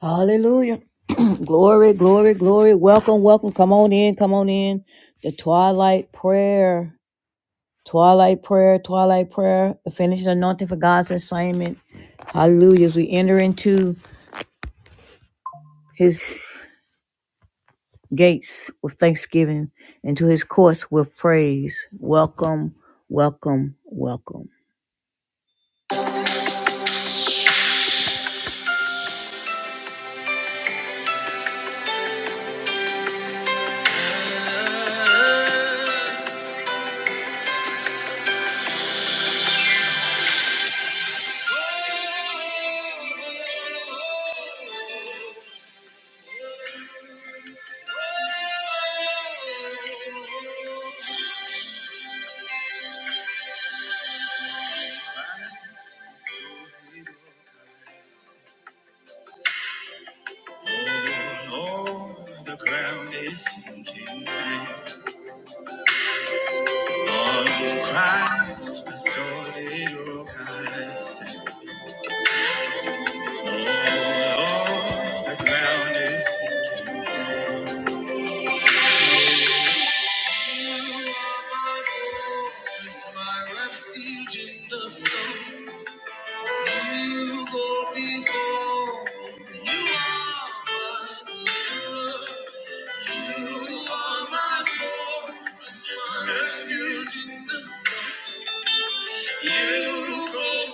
Hallelujah. glory, glory, glory. Welcome, welcome. Come on in, come on in. The twilight prayer. Twilight prayer, twilight prayer. The finishing anointing for God's assignment. Hallelujah. As we enter into his gates with thanksgiving, into his courts with praise. Welcome, welcome, welcome. The ground is sinking sand. On Christ, the solid rock I stand. Oh, the ground is sinking sand. You go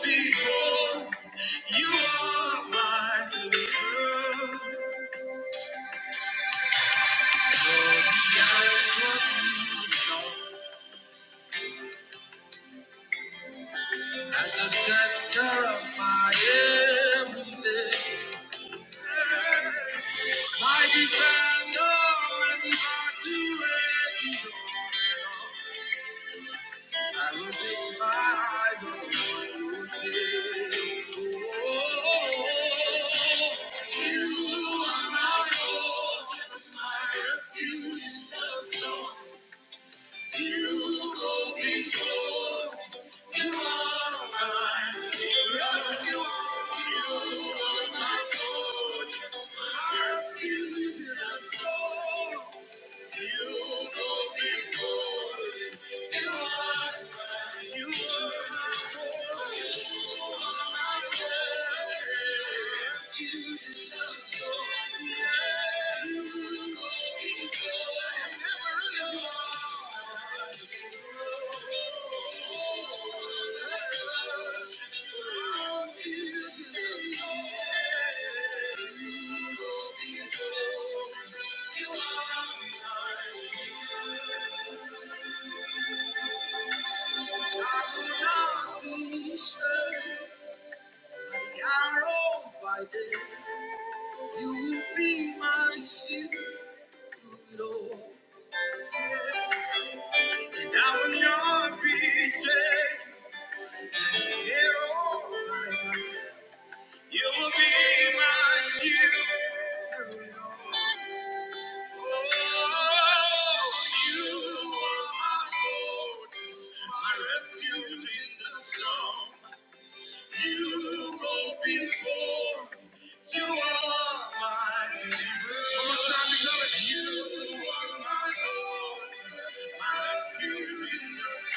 before. You are my deliverer. At the center of my everything. My defender and the artillery. I will fix my eyes on the one who saves. Oh, you are my fortress, my refuge in the storm. You go before. You are mine. Yes, you are. my fortress. I feel it in my soul. You go before. You are mine. You are my fortress. You are my fortress. Yeah, you will be my shield, Lord. And I will not be shaken. and here all my life. You will be my shield through it all. You are my fortress, my refuge in the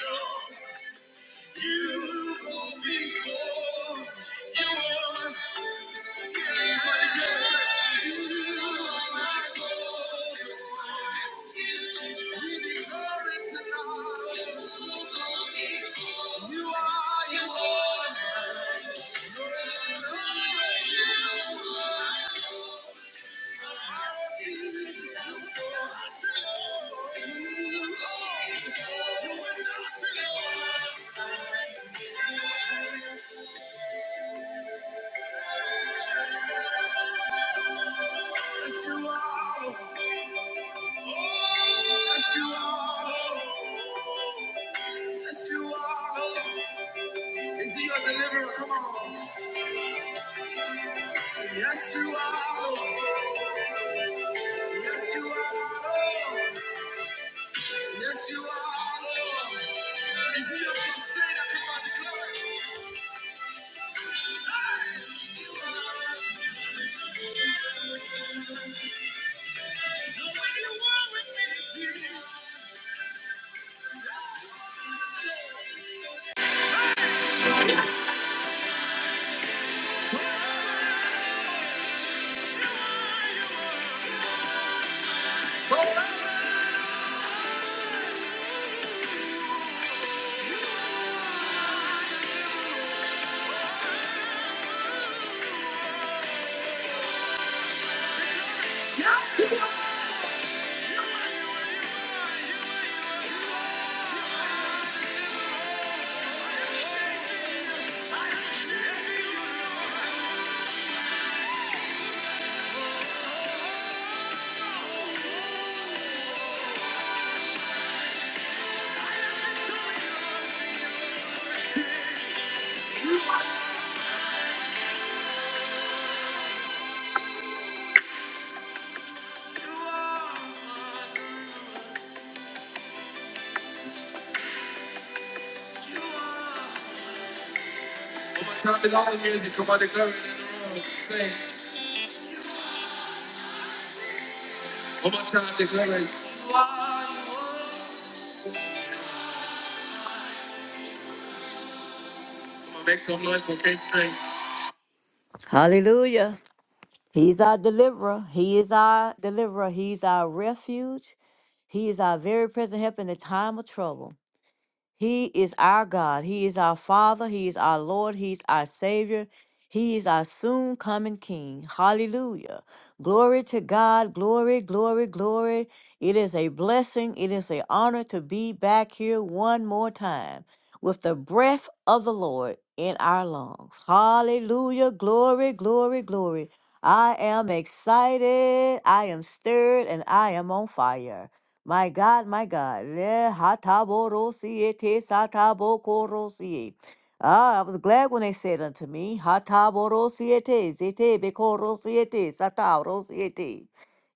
storm. You go before you are. You are not alone. Yes, you are. Lord. Yes, you are. Lord. Yes, you are. Lord. Is he your deliverer? Come on. Yes, you are. Lord. Yes, you are. Lord. Yes, you are. Lord. Is he your sustainer? Come on, declare it. Hey! You are. So when you are with me, Jesus, yes, you are. Lord. Yes, you are. One more time, all the music, come on, declare it and sing. One more time, declare it. Come on, make some noise for K-String. Hallelujah. He's our deliverer. He is our deliverer. He's our refuge. He is our very present help in the time of trouble. He is our God. He is our Father. He is our Lord. He's our Savior. He is our soon coming King. Hallelujah. Glory to God. Glory, glory, glory. It is a blessing. It is an honor to be back here one more time with the breath of the Lord in our lungs. Hallelujah. Glory, glory, glory. I am excited. I am stirred and I am on fire. My God, my God. Le hataborosie te satabokorosie. Ah, I was glad when they said unto me, hataborosie te zete bekorosie te satorosie te.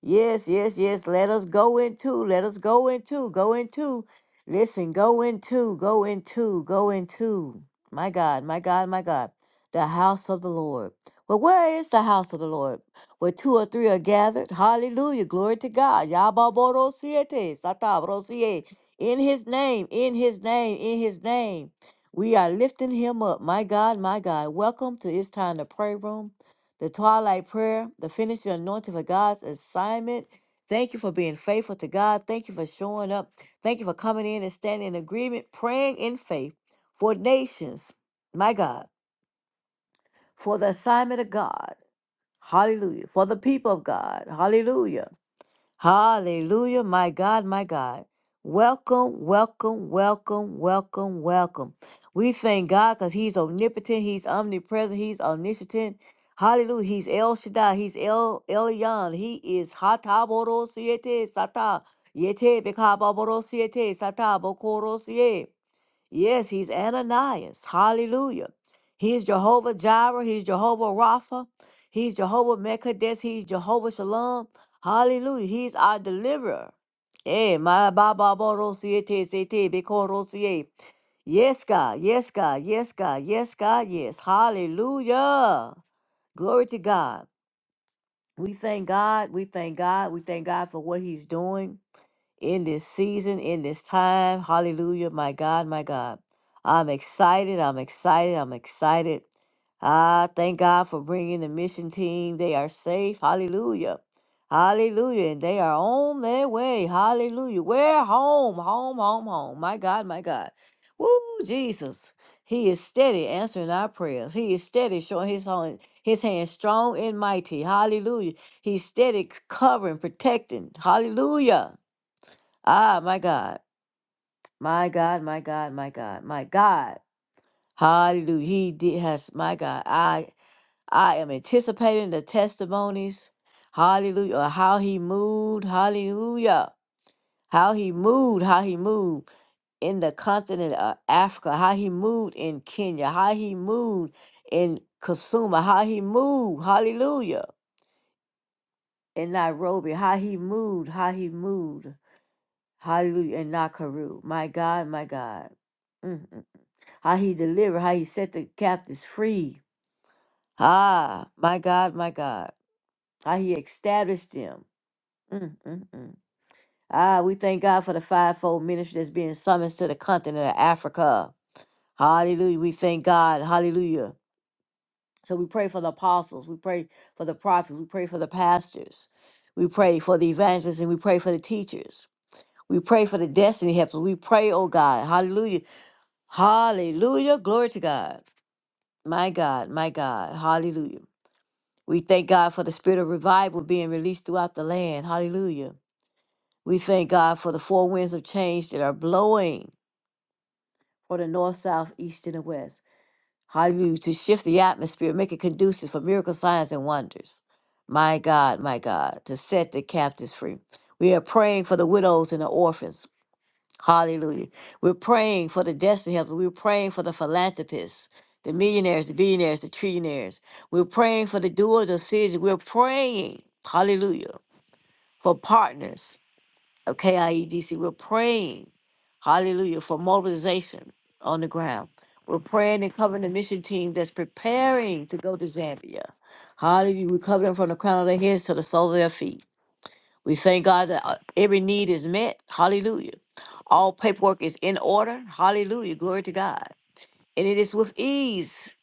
Yes, yes, yes. Let us go into, let us go into, go into. Listen, go into, go into, go into. My God, my God, my God. The house of the Lord. Well, where is the house of the Lord? where two or three are gathered. Hallelujah. Glory to God. Yababorosiete, satabrosiye. In his name, in his name, in his name. We are lifting him up. My God, my God. Welcome to It's Time to Pray Room, the twilight prayer, the finishing anointing for God's assignment. Thank you for being faithful to God. Thank you for showing up. Thank you for coming in and standing in agreement, praying in faith for nations. My God, for the assignment of God. Hallelujah. For the people of God. Hallelujah. Hallelujah. My God, my God. Welcome, welcome, welcome, welcome, welcome. We thank God because He's omnipotent, He's omnipresent, He's omniscient. Hallelujah. He's El Shaddai, He's El Elyon. He is Hataboro Siete Sata. Yete Bekababoro Siete Sata Bokoro Siete. Yes, he's Ananias. Hallelujah. He's Jehovah Jireh. He's Jehovah Rapha. He's Jehovah Mekadesh. He's Jehovah Shalom. Hallelujah. He's our deliverer. Eh, my Baba Boro Siete Sete Bekoro Sie. Yes, God. Yes, God. Yes, God. Yes, God. Yes. Hallelujah. Glory to God. We thank God. We thank God. We thank God for what He's doing in this season, in this time. Hallelujah, my God, my God. I'm excited. I'm excited. I'm excited. I thank God for bringing the mission team. They are safe. Hallelujah. Hallelujah. And they are on their way. Hallelujah. We're Home, home, home, home. My God, my God. Woo, Jesus. He is steady answering our prayers. He is steady showing his hand, his hand strong and mighty. Hallelujah. He's steady covering, protecting. Hallelujah. Ah, my God, my God, my God, my God, my God. Hallelujah. He did has my God. I I am anticipating the testimonies. Hallelujah. of How he moved. Hallelujah. How he moved. How he moved in the continent of Africa. How he moved in Kenya. How he moved in Kasuma. How he moved. Hallelujah. In Nairobi. How he moved. How he moved. Hallelujah. In Nakuru. My God, my God. Mm, how he delivered, how he set the captives free. Ah, my God, my God, how he established them. Mm, mm, mm. Ah, we thank God for the fivefold ministry that's being summoned to the continent of Africa. Hallelujah. We thank God. Hallelujah. So we pray for the apostles. We pray for the prophets. We pray for the pastors. We pray for the evangelists and we pray for the teachers. We pray for the destiny helpers. We pray, oh God. Hallelujah. Hallelujah. Glory to God. My God, my God. Hallelujah. We thank God for the spirit of revival being released throughout the land. Hallelujah. We thank God for the four winds of change that are blowing for the north, south, east, and the west. Hallelujah. To shift the atmosphere, make it conducive for miracle signs and wonders. My God, my God, to set the captives free. We are praying for the widows and the orphans. Hallelujah. We're praying for the destiny helpers. We're praying for the philanthropists, the millionaires, the billionaires, the trillionaires. We're praying for the doers of cities. We're praying, hallelujah, for partners of KIEDC. We're praying, hallelujah, for mobilization on the ground. We're praying and covering the mission team that's preparing to go to Zambia. Hallelujah. We cover them from the crown of their heads to the sole of their feet. We thank God that uh, every need is met. Hallelujah. All paperwork is in order. Hallelujah. Glory to God. And it is with ease,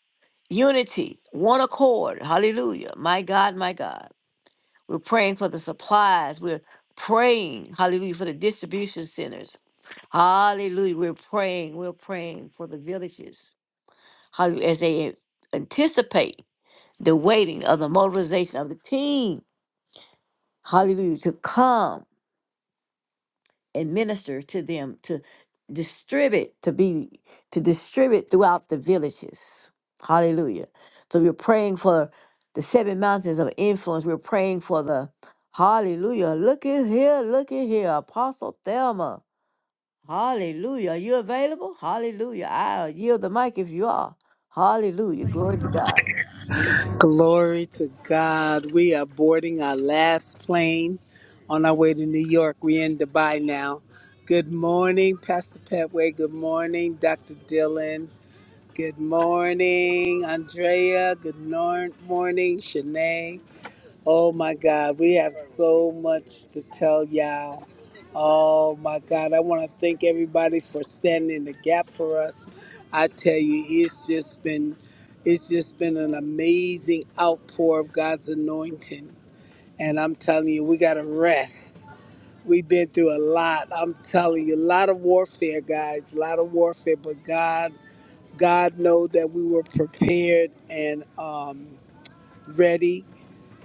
unity, one accord. Hallelujah. My God, my God. We're praying for the supplies. We're praying, hallelujah, for the distribution centers. Hallelujah. We're praying. We're praying for the villages. Hallelujah. As they anticipate the waiting of the mobilization of the team. Hallelujah. To come. and minister to them to distribute to be to distribute throughout the villages hallelujah so we're praying for the seven mountains of influence we're praying for the hallelujah look at here look at here apostle thelma hallelujah are you available hallelujah i'll yield the mic if you are hallelujah glory to god Glory to God. We are boarding our last plane on our way to New York. We're in Dubai now. Good morning, Pastor Petway. Good morning, Dr. Dillon. Good morning, Andrea. Good nor- morning, Shanae. Oh my God, we have so much to tell y'all. Oh my God, I want to thank everybody for standing in the gap for us. I tell you, it's just been it's just been an amazing outpour of God's anointing. And I'm telling you, we got to rest. We've been through a lot. I'm telling you, a lot of warfare, guys, a lot of warfare, but God God know that we were prepared and um, ready.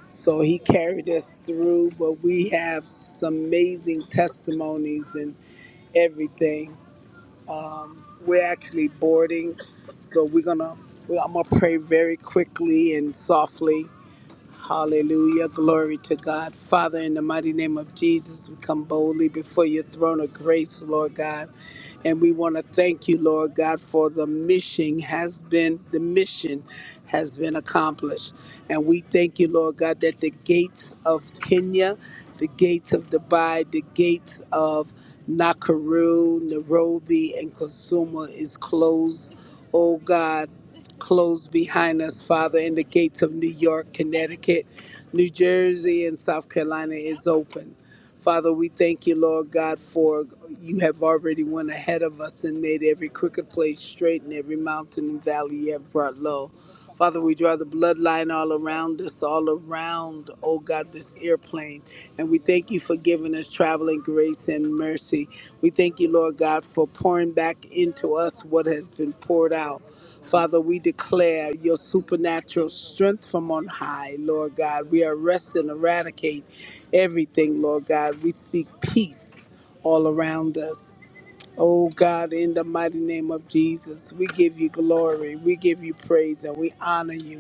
So he carried us through, but we have some amazing testimonies and everything. Um, we're actually boarding, so we're gonna. We, are going to gonna pray very quickly and softly. Hallelujah, glory to God, Father, in the mighty name of Jesus, we come boldly before your throne of grace, Lord God. And we want to thank you, Lord God, for the mission has been the mission has been accomplished. And we thank you, Lord God, that the gates of Kenya, the gates of Dubai, the gates of Nakuru, Nairobi, and Kasumu is closed. Oh God, closed behind us, Father, and the gates of New York, Connecticut, New Jersey, and South Carolina is open. Father, we thank you, Lord God, for you have already went ahead of us and made every crooked place straight and every mountain and valley you have brought low. Father, we draw the bloodline all around us, all around, oh God, this airplane. And we thank you for giving us traveling grace and mercy. We thank you, Lord God, for pouring back into us what has been poured out. Father, we declare your supernatural strength from on high, Lord God. We arrest and eradicate everything, Lord God. We speak peace all around us. Oh God, in the mighty name of Jesus, we give you glory, we give you praise, and we honor you.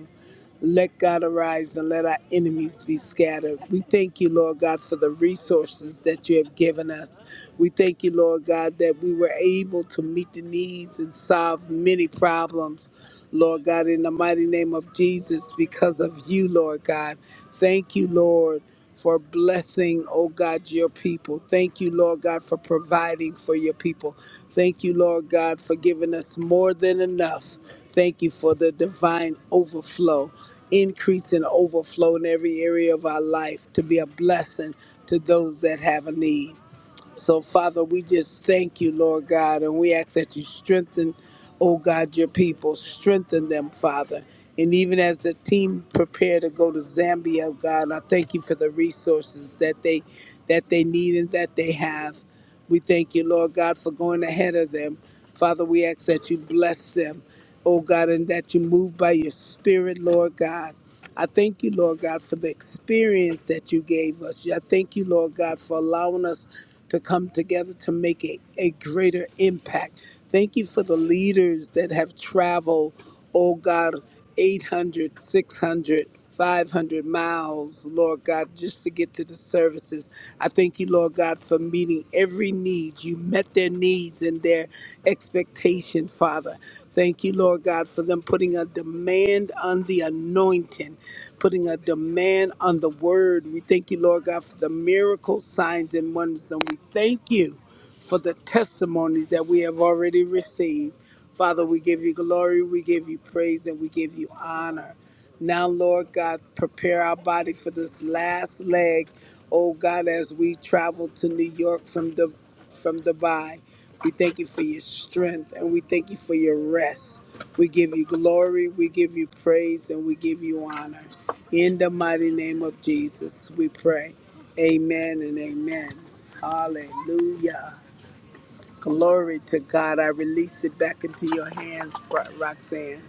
Let God arise and let our enemies be scattered. We thank you, Lord God, for the resources that you have given us. We thank you, Lord God, that we were able to meet the needs and solve many problems, Lord God, in the mighty name of Jesus, because of you, Lord God. Thank you, Lord. For blessing, oh God, your people. Thank you, Lord God, for providing for your people. Thank you, Lord God, for giving us more than enough. Thank you for the divine overflow increase and overflow in every area of our life to be a blessing to those that have a need. So, Father, we just thank you, Lord God, and we ask that you strengthen, oh God, your people. Strengthen them, Father. And even as the team prepare to go to Zambia, oh God, I thank you for the resources that they that they need and that they have. We thank you, Lord God, for going ahead of them. Father, we ask that you bless them, oh God, and that you move by your spirit, Lord God. I thank you, Lord God, for the experience that you gave us. I thank you, Lord God, for allowing us to come together to make a, a greater impact. Thank you for the leaders that have traveled, oh God, 800, 600, 500 miles, Lord God, just to get to the services. I thank you, Lord God, for meeting every need. You met their needs and their expectation, Father. Thank you, Lord God, for them putting a demand on the anointing putting a demand on the word. We thank you, Lord God, for the miracle signs and wonders. And we thank you for the testimonies that we have already received. Father, we give you glory, we give you praise, and we give you honor. Now, Lord God, prepare our body for this last leg, oh God, as we travel to New York from the from Dubai. We thank you for your strength and we thank you for your rest. We give you glory, we give you praise, and we give you honor. In the mighty name of Jesus, we pray. Amen and amen. Hallelujah. Glory to God. I release it back into your hands, Roxanne.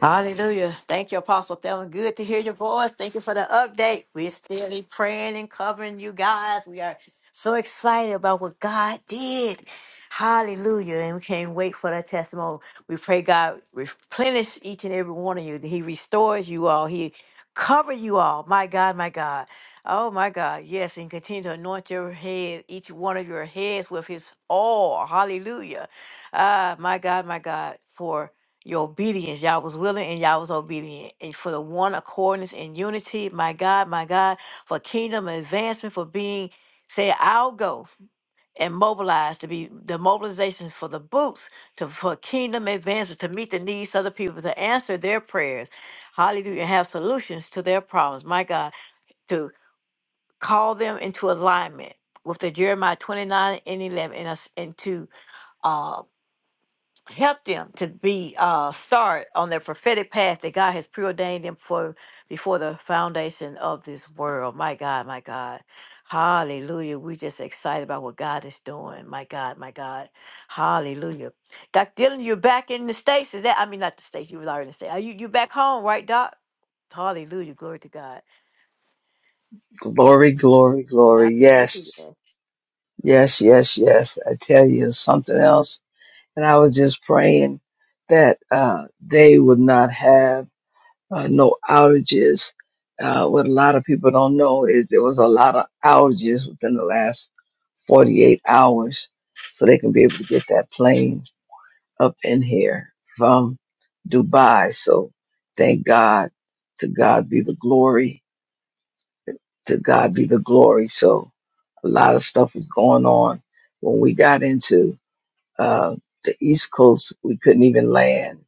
Hallelujah. Thank you, Apostle Thelma. Good to hear your voice. Thank you for the update. We're still praying and covering you guys. We are so excited about what God did. Hallelujah. And we can't wait for that testimony. We pray God replenish each and every one of you. that He restores you all. He cover you all. My God, my God. Oh my God. Yes. And continue to anoint your head, each one of your heads with his oil. Hallelujah. Ah, my God, my God. For your obedience. Y'all was willing and y'all was obedient. And for the one accordance and unity, my God, my God, for kingdom advancement, for being, say, I'll go and mobilize to be the mobilization for the boots to for kingdom advancement to meet the needs of the people to answer their prayers hallelujah and have solutions to their problems my god to call them into alignment with the jeremiah 29 and 11 and, us- and to uh, help them to be uh start on their prophetic path that God has preordained them for before the foundation of this world. My God, my God. Hallelujah. We're just excited about what God is doing. My God, my God. Hallelujah. Doc Dylan, you're back in the States. Is that I mean not the States, you was already in the States. Are you you back home, right, Doc? Hallelujah. Glory to God. Glory, glory, glory. Hallelujah. Yes, yes, yes, yes. I tell you something else. And I was just praying that uh, they would not have uh, no outages. Uh, what a lot of people don't know is there was a lot of outages within the last 48 hours. So they can be able to get that plane up in here from Dubai. So thank God. To God be the glory To God be the glory. So a lot of stuff was going on. When we got into uh, the East Coast, we couldn't even land.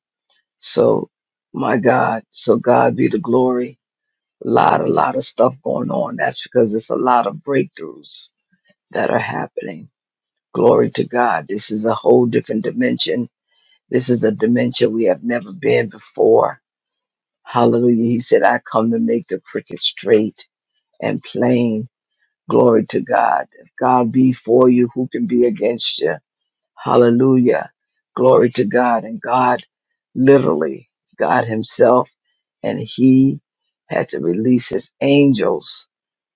So my God, so God be the glory. A lot, a lot of stuff going on. That's because it's a lot of breakthroughs that are happening. Glory to God. This is a whole different dimension. This is a dimension we have never been before. Hallelujah. He said, I come to make the cricket straight and plain Glory to God. If God be for you, who can be against you? Hallelujah. Glory to God. And God, literally, God Himself, and He had to release His angels.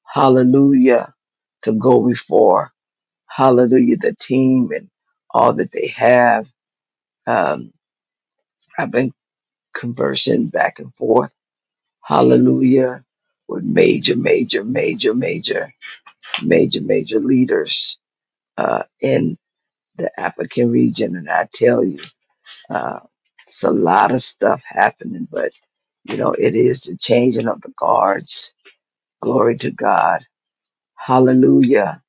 Hallelujah. To go before. Hallelujah. The team and all that they have. Um, I've been conversing back and forth. Hallelujah. With major, major, major, major, major, major leaders uh, in the African region, and I tell you, uh, it's a lot of stuff happening, but you know, it is the changing of the guards. Glory to God. Hallelujah.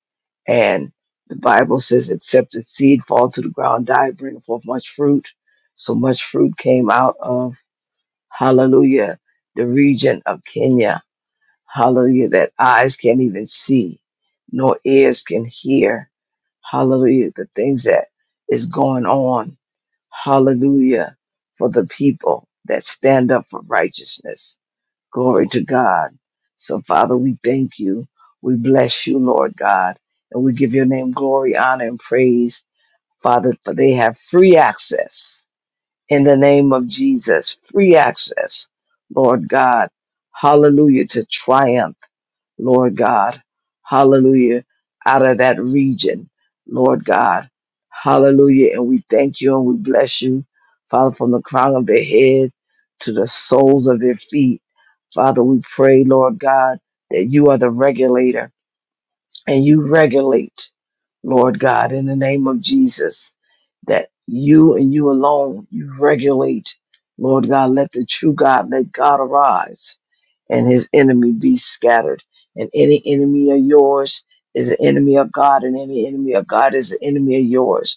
And the Bible says, except the seed fall to the ground, die, bring forth much fruit. So much fruit came out of, hallelujah, the region of Kenya. Hallelujah, that eyes can't even see, nor ears can hear. Hallelujah, the things that is going on Hallelujah for the people that stand up for righteousness. Glory to God. So, Father, we thank you. We bless you, Lord God. And we give your name glory, honor, and praise, Father, for they have free access in the name of Jesus. Free access, Lord God. Hallelujah to triumph. Lord God. Hallelujah. Out of that region, Lord God. Hallelujah. And we thank you and we bless you, Father, from the crown of their head to the soles of their feet. Father, we pray, Lord God, that you are the regulator and you regulate, Lord God, in the name of Jesus, that you and you alone, you regulate, Lord God, let the true God, let God arise and his enemy be scattered. And any enemy of yours is an enemy of God, and any enemy of God is an enemy of yours.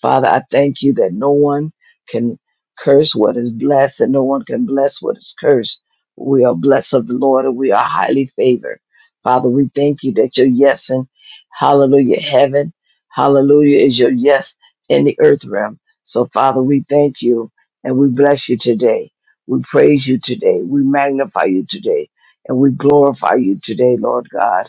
Father, I thank you that no one can curse what is blessed and no one can bless what is cursed. We are blessed of the Lord and we are highly favored. Father, we thank you that your yes in hallelujah heaven, hallelujah is your yes in the earth realm. So, Father, we thank you and we bless you today. We praise you today. We magnify you today and we glorify you today, Lord God.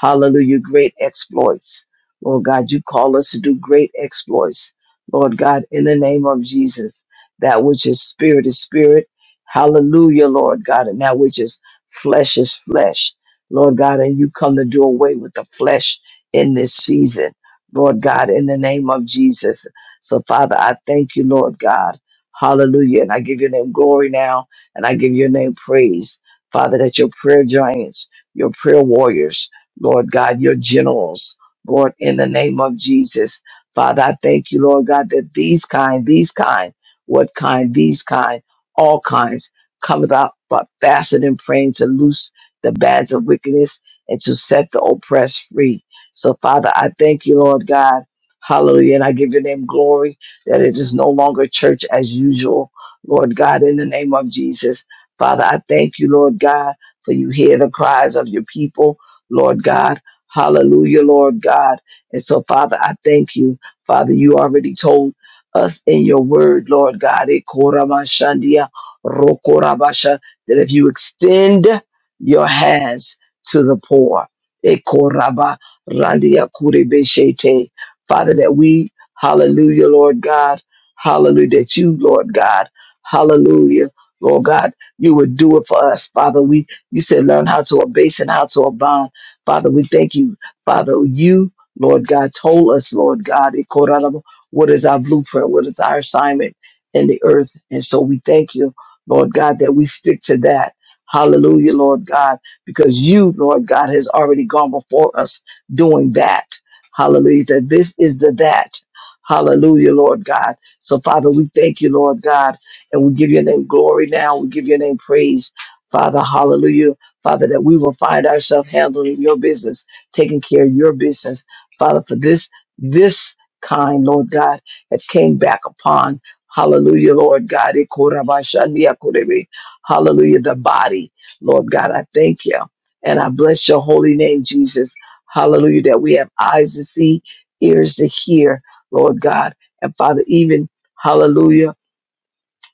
Hallelujah, great exploits. Lord God, you call us to do great exploits. Lord God, in the name of Jesus, that which is spirit is spirit. Hallelujah, Lord God. And that which is flesh is flesh. Lord God, and you come to do away with the flesh in this season. Lord God, in the name of Jesus. So, Father, I thank you, Lord God. Hallelujah. And I give your name glory now, and I give your name praise. Father, that your prayer giants, your prayer warriors, Lord God, your generals, Lord, in the name of Jesus. Father, I thank you, Lord God, that these kind, these kind, what kind, these kind, all kinds, cometh up, but fasting and praying to loose the bands of wickedness and to set the oppressed free. So, Father, I thank you, Lord God. Hallelujah. And I give your name glory that it is no longer church as usual, Lord God, in the name of Jesus. Father, I thank you, Lord God, for you hear the cries of your people, Lord God. Hallelujah, Lord God. And so, Father, I thank you. Father, you already told us in your word, Lord God, eh, koramashandia, rokorabasha, that if you extend your hands to the poor, eh, koraba, kurebeshete, Father, that we, hallelujah, Lord God, hallelujah, that you, Lord God, hallelujah, Lord God, you would do it for us, Father. We, you said, learn how to abase and how to abound. Father, we thank you. Father, you, Lord God, told us, Lord God, in Korana, what is our blueprint, what is our assignment in the earth. And so we thank you, Lord God, that we stick to that. Hallelujah, Lord God, because you, Lord God, has already gone before us doing that. Hallelujah. That this is the that. Hallelujah, Lord God. So, Father, we thank you, Lord God, and we give your name glory now. We give your name praise, Father. Hallelujah. Father, that we will find ourselves handling your business, taking care of your business. Father, for this, this kind, Lord God, that came back upon, hallelujah, Lord God, Ikorabashandiakorebe. hallelujah, the body. Lord God, I thank you. And I bless your holy name, Jesus. Hallelujah, that we have eyes to see, ears to hear, Lord God. And Father, even, hallelujah,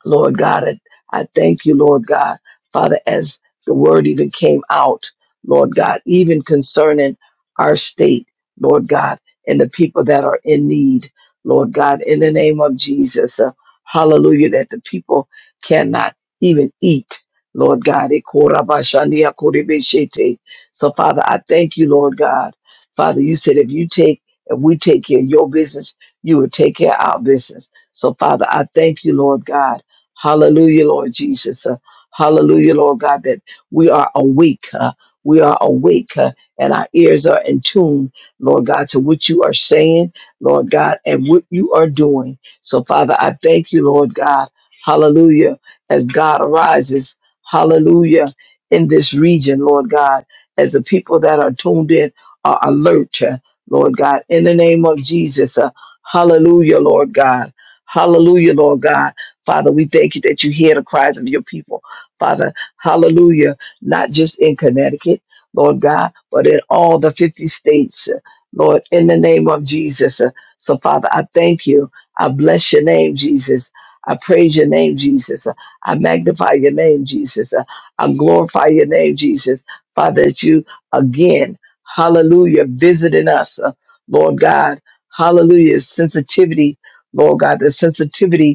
Lord God. I, I thank you, Lord God, Father, as the word even came out, Lord God, even concerning our state, Lord God, and the people that are in need, Lord God, in the name of Jesus. Uh, hallelujah, that the people cannot even eat. Lord God, Ekorabashandia korebeshete. so Father, I thank you, Lord God. Father, you said if you take, if we take care of your business, you will take care of our business. So Father, I thank you, Lord God Hallelujah, Lord Jesus. Uh, hallelujah, Lord God, that we are awake. uh, we are awake uh, and our ears are in tune, Lord God, to what you are saying, Lord God, and what you are doing. So, Father, I thank you, Lord God. Hallelujah. As God arises, hallelujah, in this region, Lord God, as the people that are tuned in are alert, uh, Lord God, in the name of Jesus. uh, hallelujah, Lord God. Hallelujah, Lord God. Father, we thank you that you hear the cries of your people. Father, hallelujah, not just in Connecticut, Lord God, but in all the 50 states, uh, Lord, in the name of Jesus. Uh, So, Father, I thank you. I bless your name, Jesus. I praise your name, Jesus. Uh, I magnify your name, Jesus. Uh, I glorify your name, Jesus. Father, that you again, hallelujah, visiting us, uh, Lord God. Hallelujah, sensitivity, Lord God, the sensitivity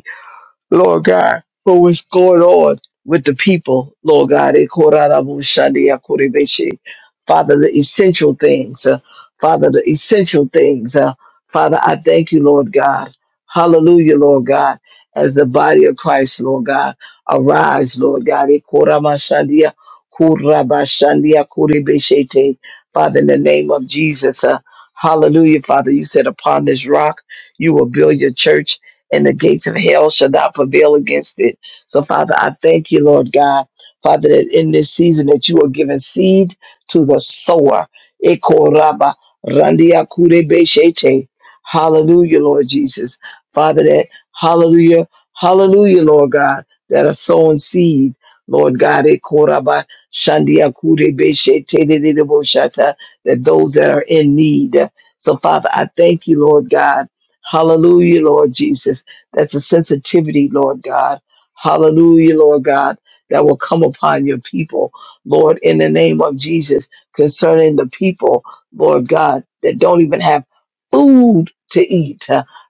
Lord God, for what's going on with the people, Lord God. Eh, korarabushandi akorebeshi. Father, the essential things, uh, Father, the essential things. uh, Father, I thank you, Lord God. Hallelujah, Lord God. As the body of Christ, Lord God, arise, Lord God. Eh, koramashandia, korabashandia korebeshete. Father, in the name of Jesus, uh, hallelujah, Father. You said, upon this rock, you will build your church and the gates of hell shall not prevail against it. So, Father, I thank you, Lord God, Father, that in this season that you are giving seed to the sower. Eko raba, randia kure be shete. Hallelujah, Lord Jesus. Father, that hallelujah, hallelujah, Lord God, that are sowing seed. Lord God, Eko raba, shandia kure be shete de de de bo shata, that those that are in need. So, Father, I thank you, Lord God. Hallelujah, Lord Jesus that's a sensitivity, Lord God. Hallelujah, Lord God, that will come upon your people, Lord, in the name of Jesus, concerning the people, Lord God, that don't even have food to eat.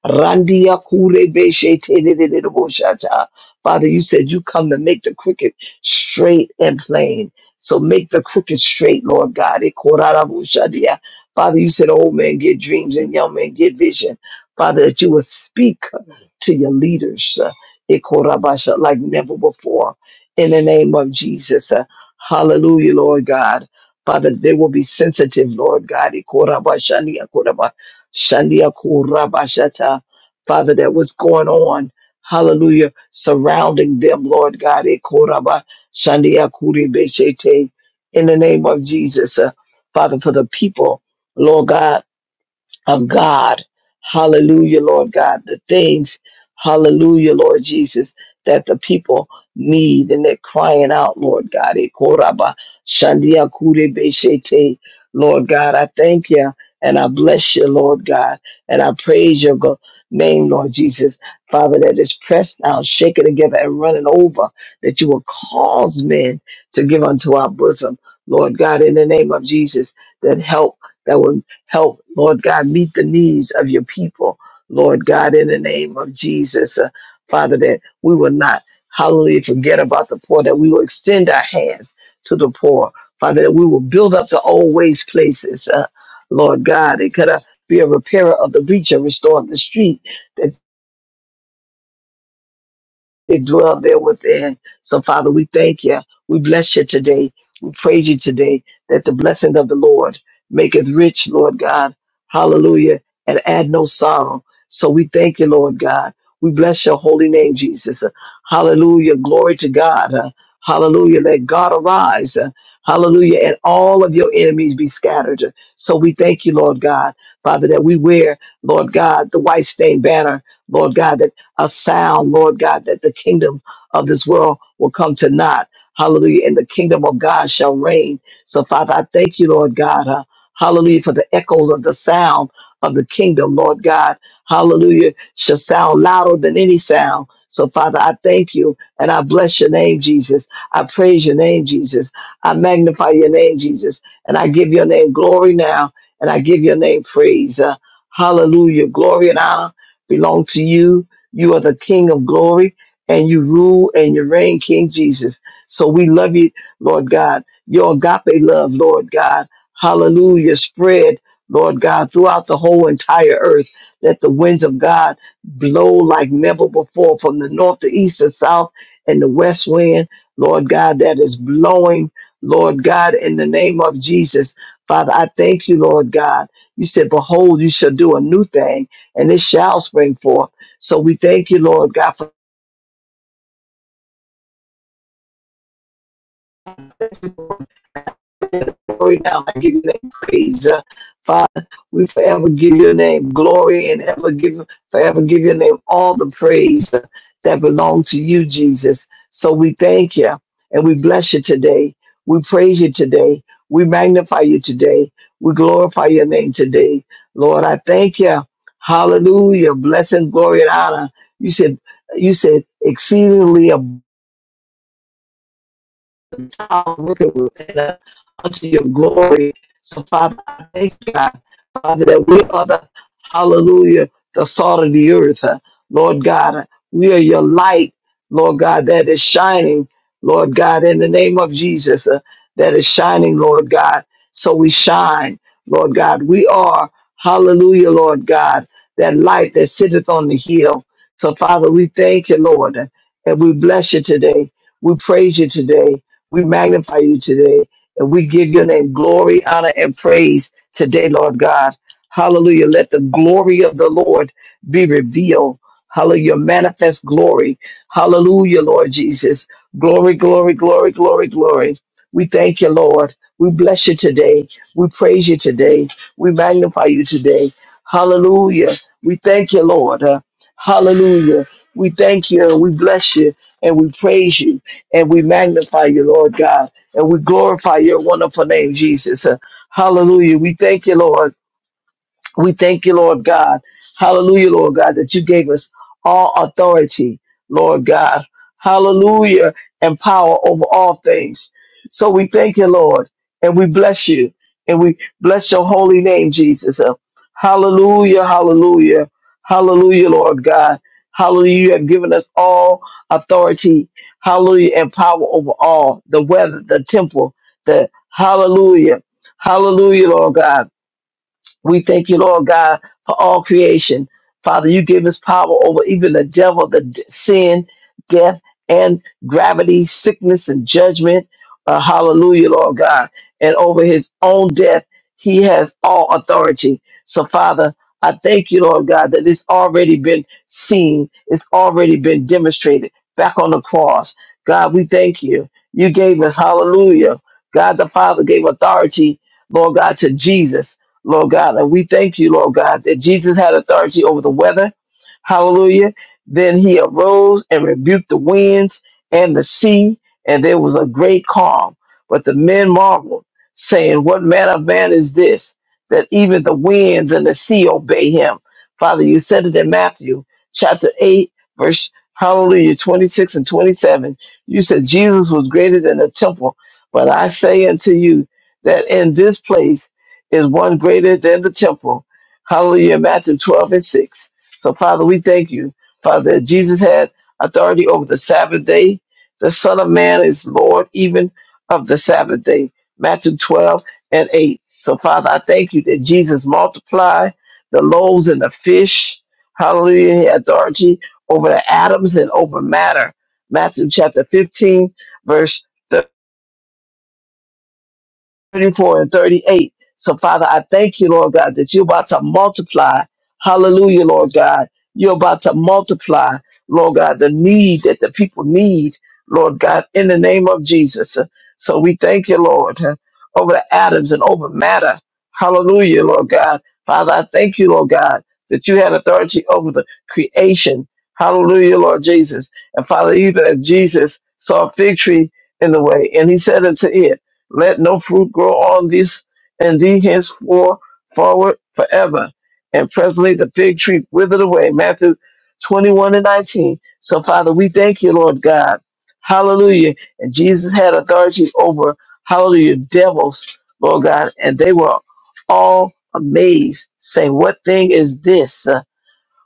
Randia kure beshe te de Father, you said you come to make the crooked straight and plain. So make the crooked straight, Lord God. E korara Father, you said old men get dreams and young men get vision. Father, that you will speak to your leaders, uh, Ikorabasha, like never before. In the name of Jesus, uh, hallelujah, Lord God. Father, they will be sensitive, Lord God. Ikorabashani, Ikoraba- Shani, Ikorabashata. Father, that what's going on, hallelujah, surrounding them, Lord God. Ikoraba- Shani, Ikoribeshete. In the name of Jesus, uh, Father, for the people, Lord God of God. Hallelujah, Lord God. The things, hallelujah, Lord Jesus, that the people need and they're crying out, Lord God. E koraba shandia kure beshete. Lord God, I thank you and I bless you, Lord God, and I praise your go- name, Lord Jesus. Father, that is pressed down, shaken together, and running over, that you will cause men to give unto our bosom, Lord God, in the name of Jesus, that help that will Help, Lord God, meet the needs of your people, Lord God, in the name of Jesus. Uh, Father, that we will not, hallelujah, forget about the poor, that we will extend our hands to the poor. Father, that we will build up the old waste places, uh, Lord God. It could uh, be a repairer of the breach, a restorer of the street, that dwell there within. So, Father, we thank you. We bless you today. We praise you today that the blessing of the Lord maketh rich, Lord God. Hallelujah. And add no sorrow. So we thank you, Lord God. We bless your holy name, Jesus. Hallelujah. Glory to God. Uh, Hallelujah. Let God arise. Uh, Hallelujah. And all of your enemies be scattered. So we thank you, Lord God, Father, that we wear, Lord God, the white stained banner, Lord God, that a sound, Lord God, that the kingdom of this world will come to naught. Hallelujah. And the kingdom of God shall reign. So, Father, I thank you, Lord God. uh, hallelujah. For the echoes of the sound of the kingdom, Lord God. Hallelujah. Shall sound louder than any sound. So, Father, I thank you and I bless your name, Jesus. I praise your name, Jesus. I magnify your name, Jesus. And I give your name glory now and I give your name praise. Uh, hallelujah. Glory and honor belong to you you are the King of glory, and you rule and you reign, King Jesus. So we love you, Lord God. Your agape love, Lord God. Hallelujah. Spread, Lord God, throughout the whole entire earth. Let the winds of God blow like never before from the north, the east, the south, and the west wind, Lord God, that is blowing, Lord God, in the name of Jesus. Father, I thank you, Lord God. You said, Behold, you shall do a new thing, and it shall spring forth. So we thank you, Lord God, for glory now. I give you name praise. Uh, Father, we forever give your name glory and ever give forever give your name all the praise uh, that belong to you, Jesus. So we thank you and we bless you today. We praise you today. We magnify you today. We glorify your name today. Lord, I thank you. Hallelujah. Blessing, glory, and honor. You said, you said exceedingly abundant. the tower wicked will set up unto your glory. So, Father, I thank you, God, Father, that we are the hallelujah, the salt of the earth, huh? Lord God. We are your light, Lord God, that is shining, Lord God, in the name of Jesus, uh, that is shining, Lord God. So we shine, Lord God. We are, hallelujah, Lord God, that light that sitteth on the hill. So, Father, we thank you, Lord, and we bless you today. We praise you today. We magnify you today and we give your name glory, honor, and praise today, Lord God. Hallelujah. Let the glory of the Lord be revealed. Hallelujah. Manifest glory. Hallelujah, Lord Jesus. Glory, glory, glory, glory, glory. We thank you, Lord. We bless you today. We praise you today. We magnify you today. Hallelujah. We thank you, Lord. Uh, hallelujah. We thank you. We bless you and we praise you and we magnify you, Lord God, and we glorify your wonderful name, Jesus. Uh, Hallelujah. We thank you, Lord. We thank you, Lord God. Hallelujah, Lord God, that you gave us all authority, Lord God. Hallelujah, and power over all things. So we thank you, Lord, and we bless you, and we bless your holy name, Jesus. Uh, Hallelujah, hallelujah, hallelujah, Lord God. Hallelujah, you have given us all authority, hallelujah, and power over all the weather, the temple, the hallelujah, hallelujah, Lord God. We thank you, Lord God, for all creation. Father, you give us power over even the devil, the d- sin, death, and gravity, sickness, and judgment. Uh, hallelujah, Lord God. And over his own death, he has all authority. So, Father, I thank you, Lord God, that it's already been seen, it's already been demonstrated back on the cross. God, we thank you. You gave us, hallelujah. God the Father gave authority, Lord God, to Jesus. Lord God. And we thank you, Lord God, that Jesus had authority over the weather. Hallelujah. Then he arose and rebuked the winds and the sea, and there was a great calm. But the men marveled, saying, What manner of man is this, that even the winds and the sea obey him? Father, you said it in Matthew chapter 8, verse hallelujah, 26 and 27. You said Jesus was greater than the temple. But I say unto you that in this place, is one greater than the temple. Hallelujah. Matthew 12 and 6. So, Father, we thank you, Father, that Jesus had authority over the Sabbath day. The Son of Man is Lord even of the Sabbath day. Matthew 12 and 8. So, Father, I thank you that Jesus multiplied the loaves and the fish. Hallelujah. He had authority over the atoms and over matter. Matthew chapter 15, verse 34 and 38. So, Father, I thank you, Lord God, that you're about to multiply. Hallelujah, Lord God. You're about to multiply, Lord God, the need that the people need, Lord God, in the name of Jesus. So we thank you, Lord, over the atoms and over matter. Hallelujah, Lord God. Father, I thank you, Lord God, that you had authority over the creation. Hallelujah, Lord Jesus. And Father, even if Jesus saw a fig tree in the way, and he said unto it, let no fruit grow on these and thee henceforth forward forever. And presently the fig tree withered away. Matthew 21 and 19. So, Father, we thank you, Lord God. Hallelujah. And Jesus had authority over, hallelujah, devils, Lord God. And they were all amazed, saying, What thing is this?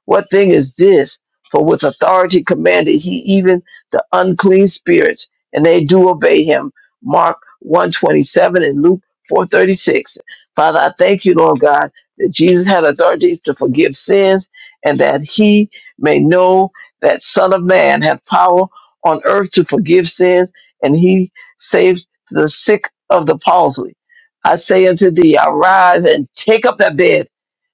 What thing is this? For with authority commanded he even the unclean spirits, and they do obey him. Mark 127 and Luke 436. Father, I thank you, Lord God, that Jesus had authority to forgive sins, and that he may know that Son of Man hath power on earth to forgive sins, and he saved the sick of the palsy. I say unto thee, arise and take up that bed.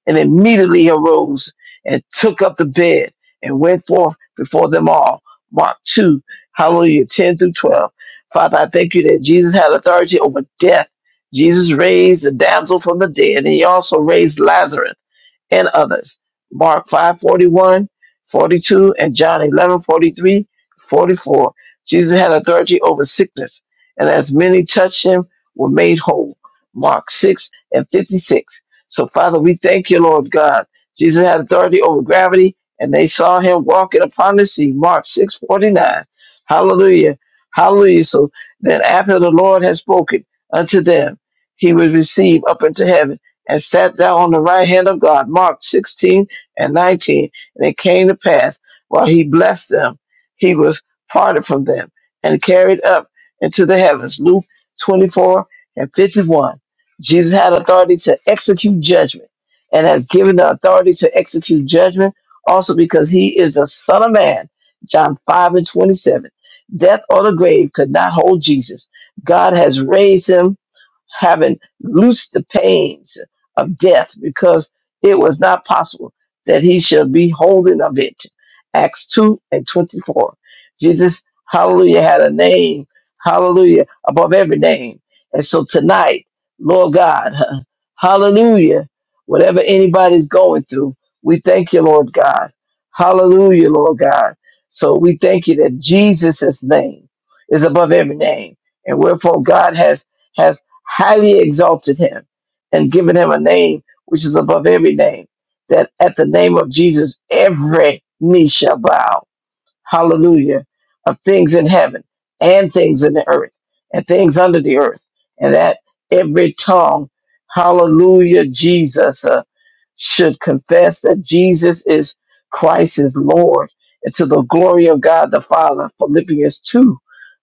And immediately he arose and took up the bed and went forth before them all. Mark 2, hallelujah, 10 through 12. Father, I thank you that Jesus had authority over death. Jesus raised the damsel from the dead, and he also raised Lazarus and others. Mark 5 41, 42, and John 11 43, 44. Jesus had authority over sickness, and as many touched him were made whole. Mark 6 and 56. So, Father, we thank you, Lord God. Jesus had authority over gravity, and they saw him walking upon the sea. Mark 6 49. Hallelujah. Hallelujah. So then, after the Lord has spoken unto them, he was received up into heaven and sat down on the right hand of God. Mark 16 and 19. And it came to pass while he blessed them, he was parted from them and carried up into the heavens. Luke 24 and 51. Jesus had authority to execute judgment and has given the authority to execute judgment also because he is the Son of Man. John 5 and 27. Death or the grave could not hold Jesus. God has raised him, having loosed the pains of death because it was not possible that he should be holding of it. Acts 2 and 24. Jesus, hallelujah, had a name, hallelujah, above every name. And so tonight, Lord God, hallelujah, whatever anybody's going through, we thank you, Lord God. Hallelujah, Lord God. So we thank you that Jesus' name is above every name. And wherefore God has has highly exalted him and given him a name which is above every name, that at the name of Jesus every knee shall bow hallelujah, of things in heaven and things in the earth and things under the earth, and that every tongue, hallelujah, Jesus, uh, should confess that Jesus is Christ is Lord, and to the glory of God the Father. Philippians 2,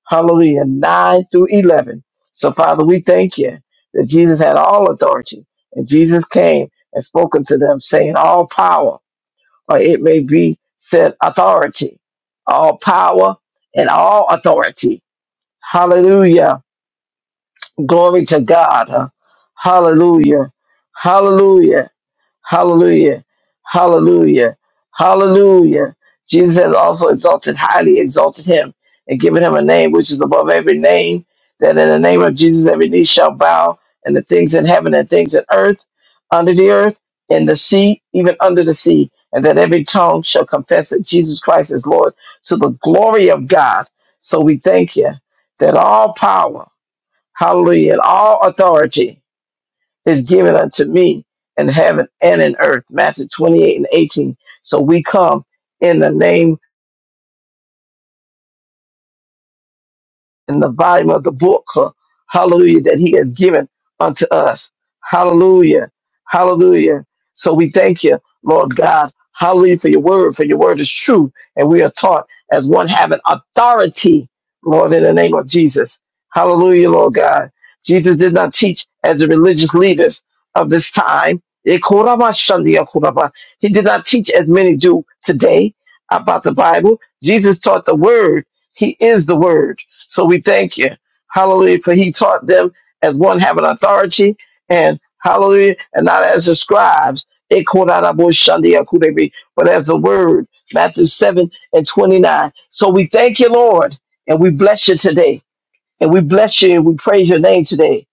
hallelujah, 9 through 11. So, Father, we thank you that Jesus had all authority, and Jesus came and spoken to them, saying, All power or it may be said authority, all power and all authority. Hallelujah. Glory to God. Hallelujah. Hallelujah. Hallelujah. Hallelujah. Hallelujah. Jesus has also exalted, highly exalted him, and given him a name which is above every name, that in the name of Jesus every knee shall bow, and the things in heaven and things in earth, under the earth, in the sea, even under the sea, and that every tongue shall confess that Jesus Christ is Lord to the glory of God. So we thank you that all power, hallelujah, and all authority is given unto me in heaven and in earth. Matthew 28 and 18. So we come in the name in the volume of the book, uh, hallelujah, that he has given unto us. Hallelujah. Hallelujah. So we thank you, Lord God. Hallelujah for your word, for your word is true. And we are taught as one having authority, Lord, in the name of Jesus. Hallelujah, Lord God. Jesus did not teach as the religious leaders of this time. He did not teach as many do today about the Bible. Jesus taught the word. He is the word. So we thank you. Hallelujah. For he taught them as one having authority and hallelujah, and not as the scribes. They called out Abu Shandia Kudebi, but as the word, Matthew 7 and 29. So we thank you, Lord, and we bless you today. And we bless you and we praise your name today.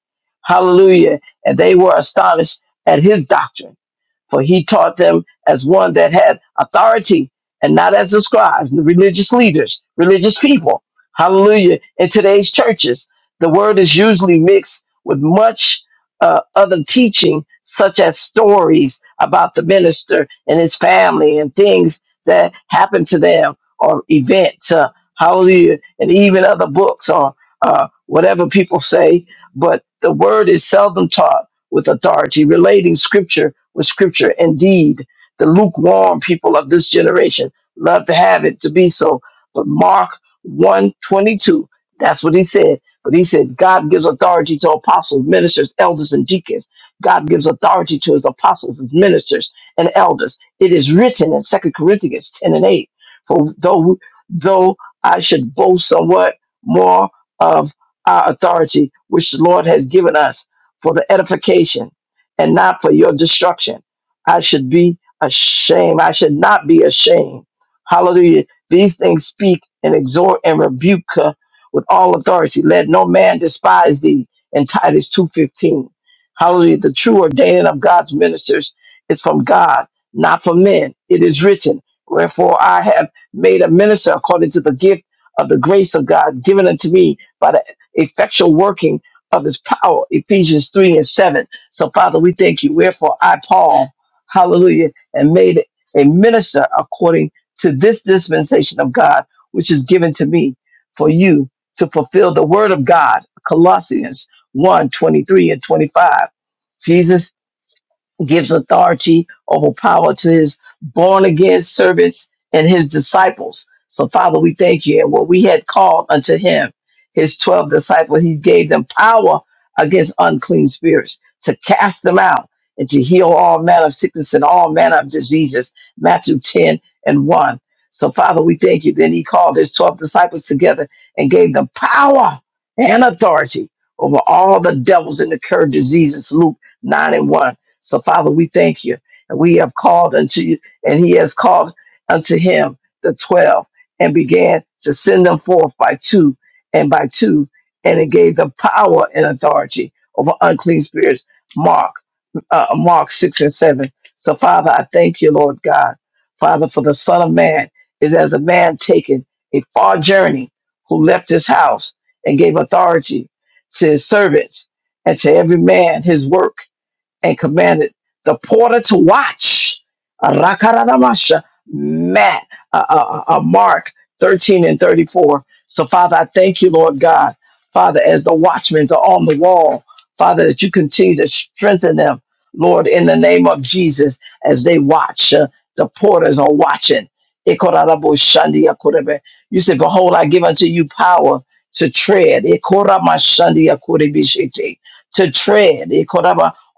Hallelujah. And they were astonished at his doctrine, for he taught them as one that had authority and not as the scribes, the religious leaders, religious people. Hallelujah. In today's churches, the word is usually mixed with much uh, other teaching, such as stories about the minister and his family and things that happened to them or events. Uh, hallelujah. And even other books. or uh, whatever people say, but the word is seldom taught with authority, relating scripture with scripture. Indeed, the lukewarm people of this generation love to have it to be so. But Mark one twenty-two, that's what he said. But he said, God gives authority to apostles, ministers, elders, and deacons. God gives authority to his apostles, his ministers, and elders. It is written in Second Corinthians 10 and 8. For though, though I should boast somewhat, more of our authority, which the Lord has given us for the edification and not for your destruction. I should be ashamed. I should not be ashamed. Hallelujah. These things speak and exhort and rebuke uh, with all authority. Let no man despise thee in Titus 2.15. Hallelujah. The true ordaining of God's ministers is from God, not from men. It is written, Wherefore I have made a minister according to the gift of the grace of God given unto me by the effectual working of his power, Ephesians 3 and 7. So, Father, we thank you. Wherefore, I, Paul, hallelujah, and made a minister according to this dispensation of God, which is given to me for you to fulfill the word of God, Colossians 1 and 25. Jesus gives authority over power to his born again servants and his disciples. So, Father, we thank you. And what we had called unto him, his 12 disciples, he gave them power against unclean spirits to cast them out and to heal all manner of sickness and all manner of diseases. Matthew 10 and 1. So, Father, we thank you. Then he called his 12 disciples together and gave them power and authority over all the devils and the current diseases. Luke 9 and 1. So, Father, we thank you. And we have called unto you, and he has called unto him the twelve, and began to send them forth by two and by two, and it gave them power and authority over unclean spirits. Mark, uh, Mark six and seven. So, Father, I thank you, Lord God, Father, for the Son of Man is as a man taken a far journey who left his house and gave authority to his servants and to every man his work and commanded the porter to watch. Rakaramasha, Matt, uh, uh, uh, uh, Mark 13 and 34. So, Father, I thank you, Lord God. Father, as the watchmen are on the wall, Father, that you continue to strengthen them, Lord, in the name of Jesus, as they watch. Uh, the porters are watching. Ikoraraboshandiakorebe. You said, Behold, I give unto you power to tread. Ikoramashandiakorebishete. To tread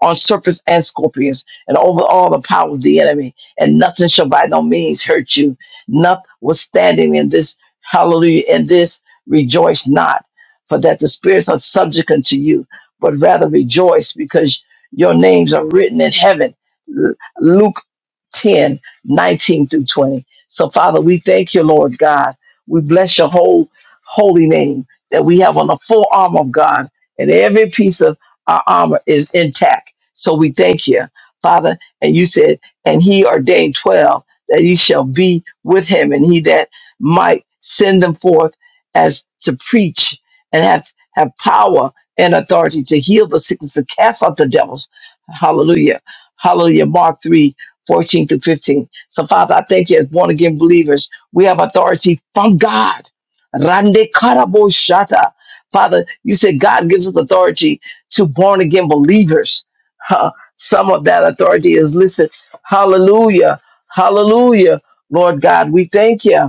on serpents and scorpions and over all the power of the enemy, and nothing shall by no means hurt you. Notwithstanding in this, hallelujah, in this, rejoice not, for that the spirits are subject unto you, but rather rejoice because your names are written in heaven. L- Luke 10:19 through 20. So, Father, we thank you, Lord God. We bless your whole holy name that we have on the full armor of God, and every piece of our armor is intact so we thank you, Father. And you said, and he ordained 12 that he shall be with him, and he that might send them forth as to preach and have, have power and authority to heal the sickness and cast out the devils. Hallelujah. Hallelujah. Mark three fourteen 14 through 15. So, Father, I thank you as born again believers, we have authority from God. Rande karabo shata. Father, you said God gives us authority to born again believers. Ha, some of that authority is listen. Hallelujah. Hallelujah. Lord God, we thank you.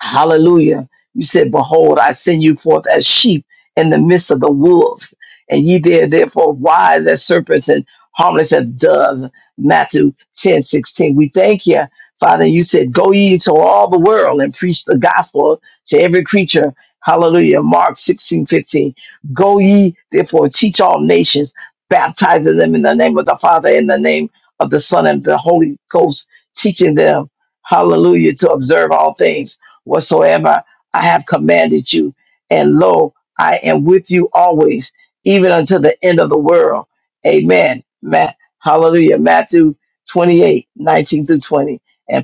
Hallelujah. You said, Behold, I send you forth as sheep in the midst of the wolves, and ye there therefore wise as serpents and harmless as doves. Matthew 10 16. We thank you, Father. You said, Go ye into all the world and preach the gospel to every creature. Hallelujah. Mark 16 15. Go ye therefore teach all nations, baptizing them in the name of the Father, in the name of the Son, and the Holy Ghost, teaching them, hallelujah, to observe all things whatsoever I have commanded you. And lo, I am with you always, even unto the end of the world. Amen. Ma- Hallelujah. Matthew twenty-eight nineteen 19 through 20. And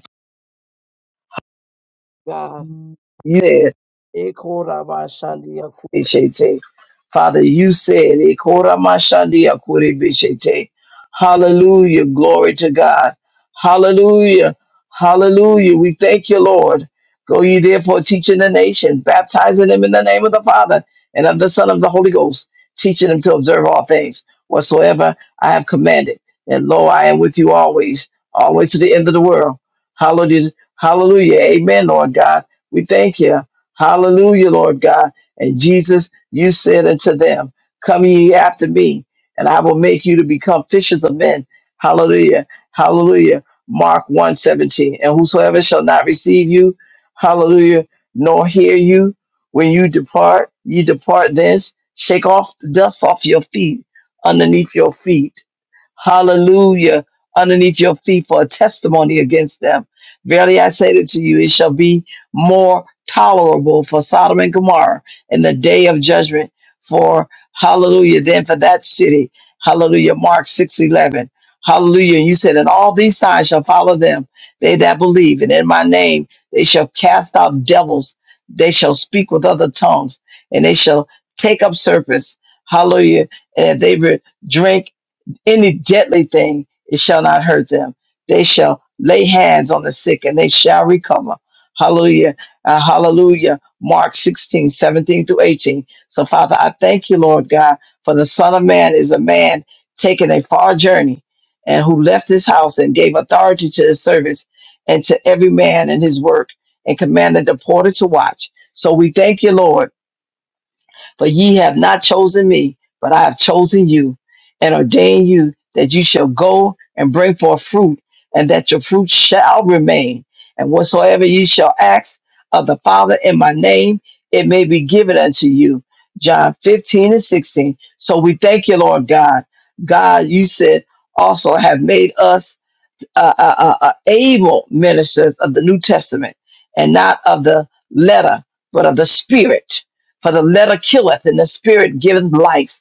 God. Yes, Ekorabashandiyaku- Bishete. Father, you said, "Ekora mashandi akuri bishete." Hallelujah. Glory to God. Hallelujah. Hallelujah. We thank you, Lord. Go ye therefore teaching the nation, baptizing them in the name of the Father and of the Son of the Holy Ghost, teaching them to observe all things whatsoever I have commanded. And lo, I am with you always, always to the end of the world. Hallelujah. Amen, Lord God. We thank you. Hallelujah, Lord God. And Jesus, you said unto them, Come ye after me, and I will make you to become fishers of men. Hallelujah. Hallelujah. Mark one seventeen, And whosoever shall not receive you, hallelujah, nor hear you, when you depart, ye depart thence, shake off the dust off your feet, underneath your feet hallelujah, underneath your feet for a testimony against them. Verily I say to you, it shall be more tolerable for Sodom and Gomorrah in the day of judgment for hallelujah than for that city. Hallelujah. Mark six eleven. Hallelujah. And you said, and all these signs shall follow them, they that believe. And in my name, they shall cast out devils. They shall speak with other tongues and they shall take up serpents. Hallelujah. And if they re- drink, any deadly thing, it shall not hurt them. They shall lay hands on the sick and they shall recover. Hallelujah. Uh, hallelujah. Mark sixteen, seventeen 17 through 18. So, Father, I thank you, Lord God, for the Son of Man is a man taking a far journey and who left his house and gave authority to his servants and to every man in his work and commanded the porter to watch. So we thank you, Lord for ye have not chosen me, but I have chosen you, and ordained you that you shall go and bring forth fruit, and that your fruit shall remain. And whatsoever ye shall ask of the Father in my name, it may be given unto you. John 15 and 16. So we thank you, Lord God. God, you said, also have made us uh, uh, uh, uh, able ministers of the New Testament and not of the letter, but of the spirit. For the letter killeth and the spirit giveth life.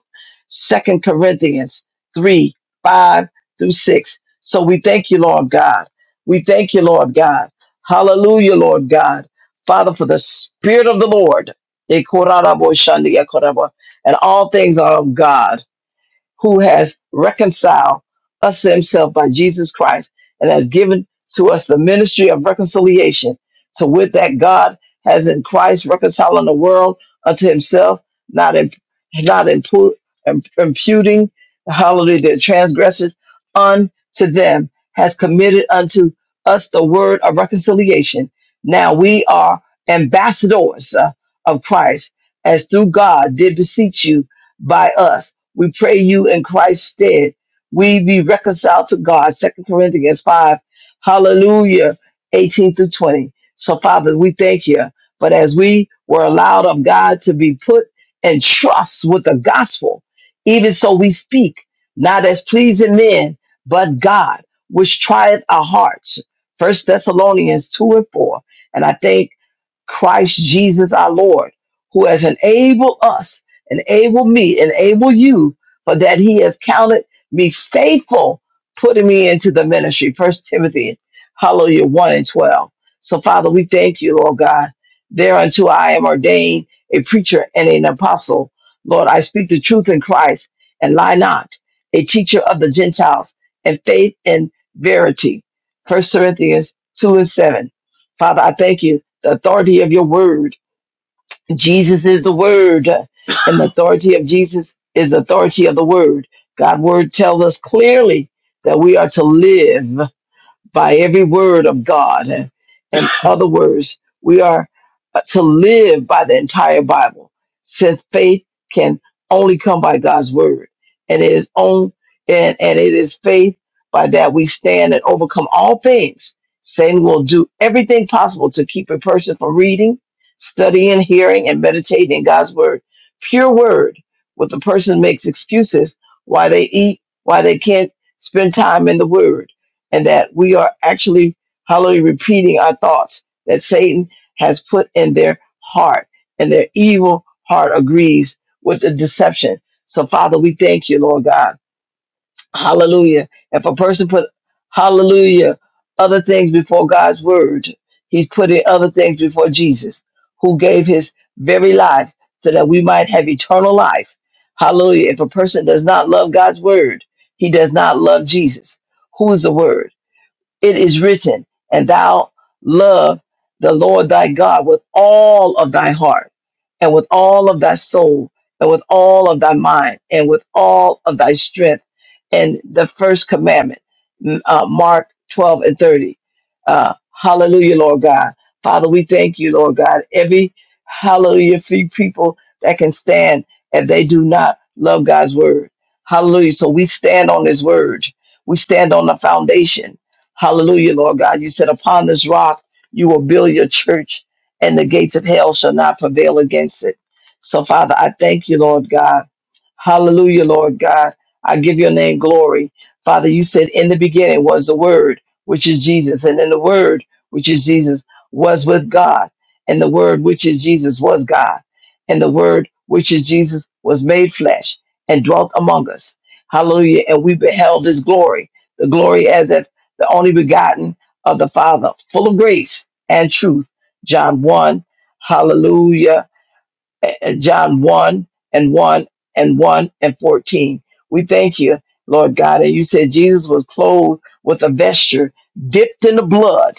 Second Corinthians 3 5 through 6. So we thank you, Lord God. We thank you, Lord God. Hallelujah, Lord God. Father, for the spirit of the Lord. And all things are of God who has reconciled us to himself by Jesus Christ and has given to us the ministry of reconciliation, to wit that God has in Christ reconciling the world unto himself, not in, not impu- im- imputing hallelujah their transgressions unto them, has committed unto us the word of reconciliation. Now we are ambassadors uh, of Christ, as through God did beseech you by us we pray you in Christ's stead. We be reconciled to God. Second Corinthians 5. Hallelujah. 18 through 20. So, Father, we thank you. But as we were allowed of God to be put in trust with the gospel, even so we speak, not as pleasing men, but God, which trieth our hearts. First Thessalonians 2 and 4. And I thank Christ Jesus our Lord, who has enabled us, enabled me, enabled you, for that he has counted me faithful, putting me into the ministry. First Timothy, hallelujah, 1 and 12. So, Father, we thank you, Lord God. Thereunto I am ordained a preacher and an apostle. Lord, I speak the truth in Christ and lie not, a teacher of the Gentiles, and faith and verity. First Corinthians 2 and 7. Father, I thank you the authority of your word. Jesus is the word, and the authority of Jesus is the authority of the word. God's word tells us clearly that we are to live by every word of God. And in other words, we are uh, to live by the entire Bible, since faith can only come by God's word. And it is on and, and it is faith by that we stand and overcome all things. Satan will do everything possible to keep a person from reading, studying, hearing, and meditating God's word. Pure word, where the person makes excuses why they eat, why they can't spend time in the word and that we are actually hallelujah repeating our thoughts that Satan has put in their heart, and their evil heart agrees with the deception. So, Father, we thank you, Lord God. Hallelujah. If a person put hallelujah other things before God's word, he's putting other things before Jesus, who gave his very life so that we might have eternal life. Hallelujah. If a person does not love God's word, he does not love Jesus, who is the word it is written, and thou love the Lord thy God with all of thy heart, and with all of thy soul, and with all of thy mind, and with all of thy strength. And the first commandment, m- uh, Mark 12 and 30. Uh, hallelujah, Lord God. Father, we thank you, Lord God. Every hallelujah free people that can stand if they do not love God's word. Hallelujah. So we stand on his word. We stand on the foundation Hallelujah, Lord God. You said, Upon this rock you will build your church, and the gates of hell shall not prevail against it. So, Father, I thank you, Lord God. Hallelujah, Lord God. I give your name glory. Father, you said, In the beginning was the Word, which is Jesus, and in the Word, which is Jesus, was with God, and the Word, which is Jesus, was God, and the Word, which is Jesus, was made flesh and dwelt among us. Hallelujah. And we beheld his glory, the glory as that the only begotten of the Father, full of grace and truth. John 1, hallelujah uh, John 1 and 1 and 1 and 14. We thank you, Lord God. And you said Jesus was clothed with a vesture dipped in the blood,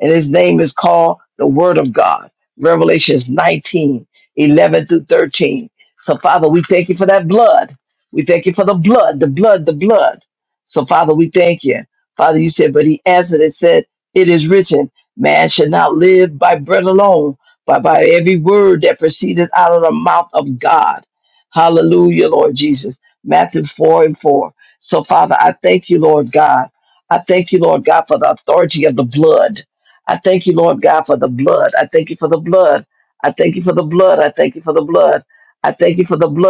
and his name is called the Word of God. Revelations 19 11 through 13. So, Father, we thank you for that blood. We thank you for the blood, the blood, the blood. So, Father, we thank you. Father, you said, but he answered and said, It is written, man shall not live by bread alone, but by every word that proceeded out of the mouth of God. Hallelujah, Lord Jesus. Matthew 4 and 4. So, Father, I thank you, Lord God. I thank you, Lord God, for the authority of the blood. I thank you, Lord God, for the blood. I thank you for the blood. I thank you for the blood. I thank you for the blood. I thank you for the blood.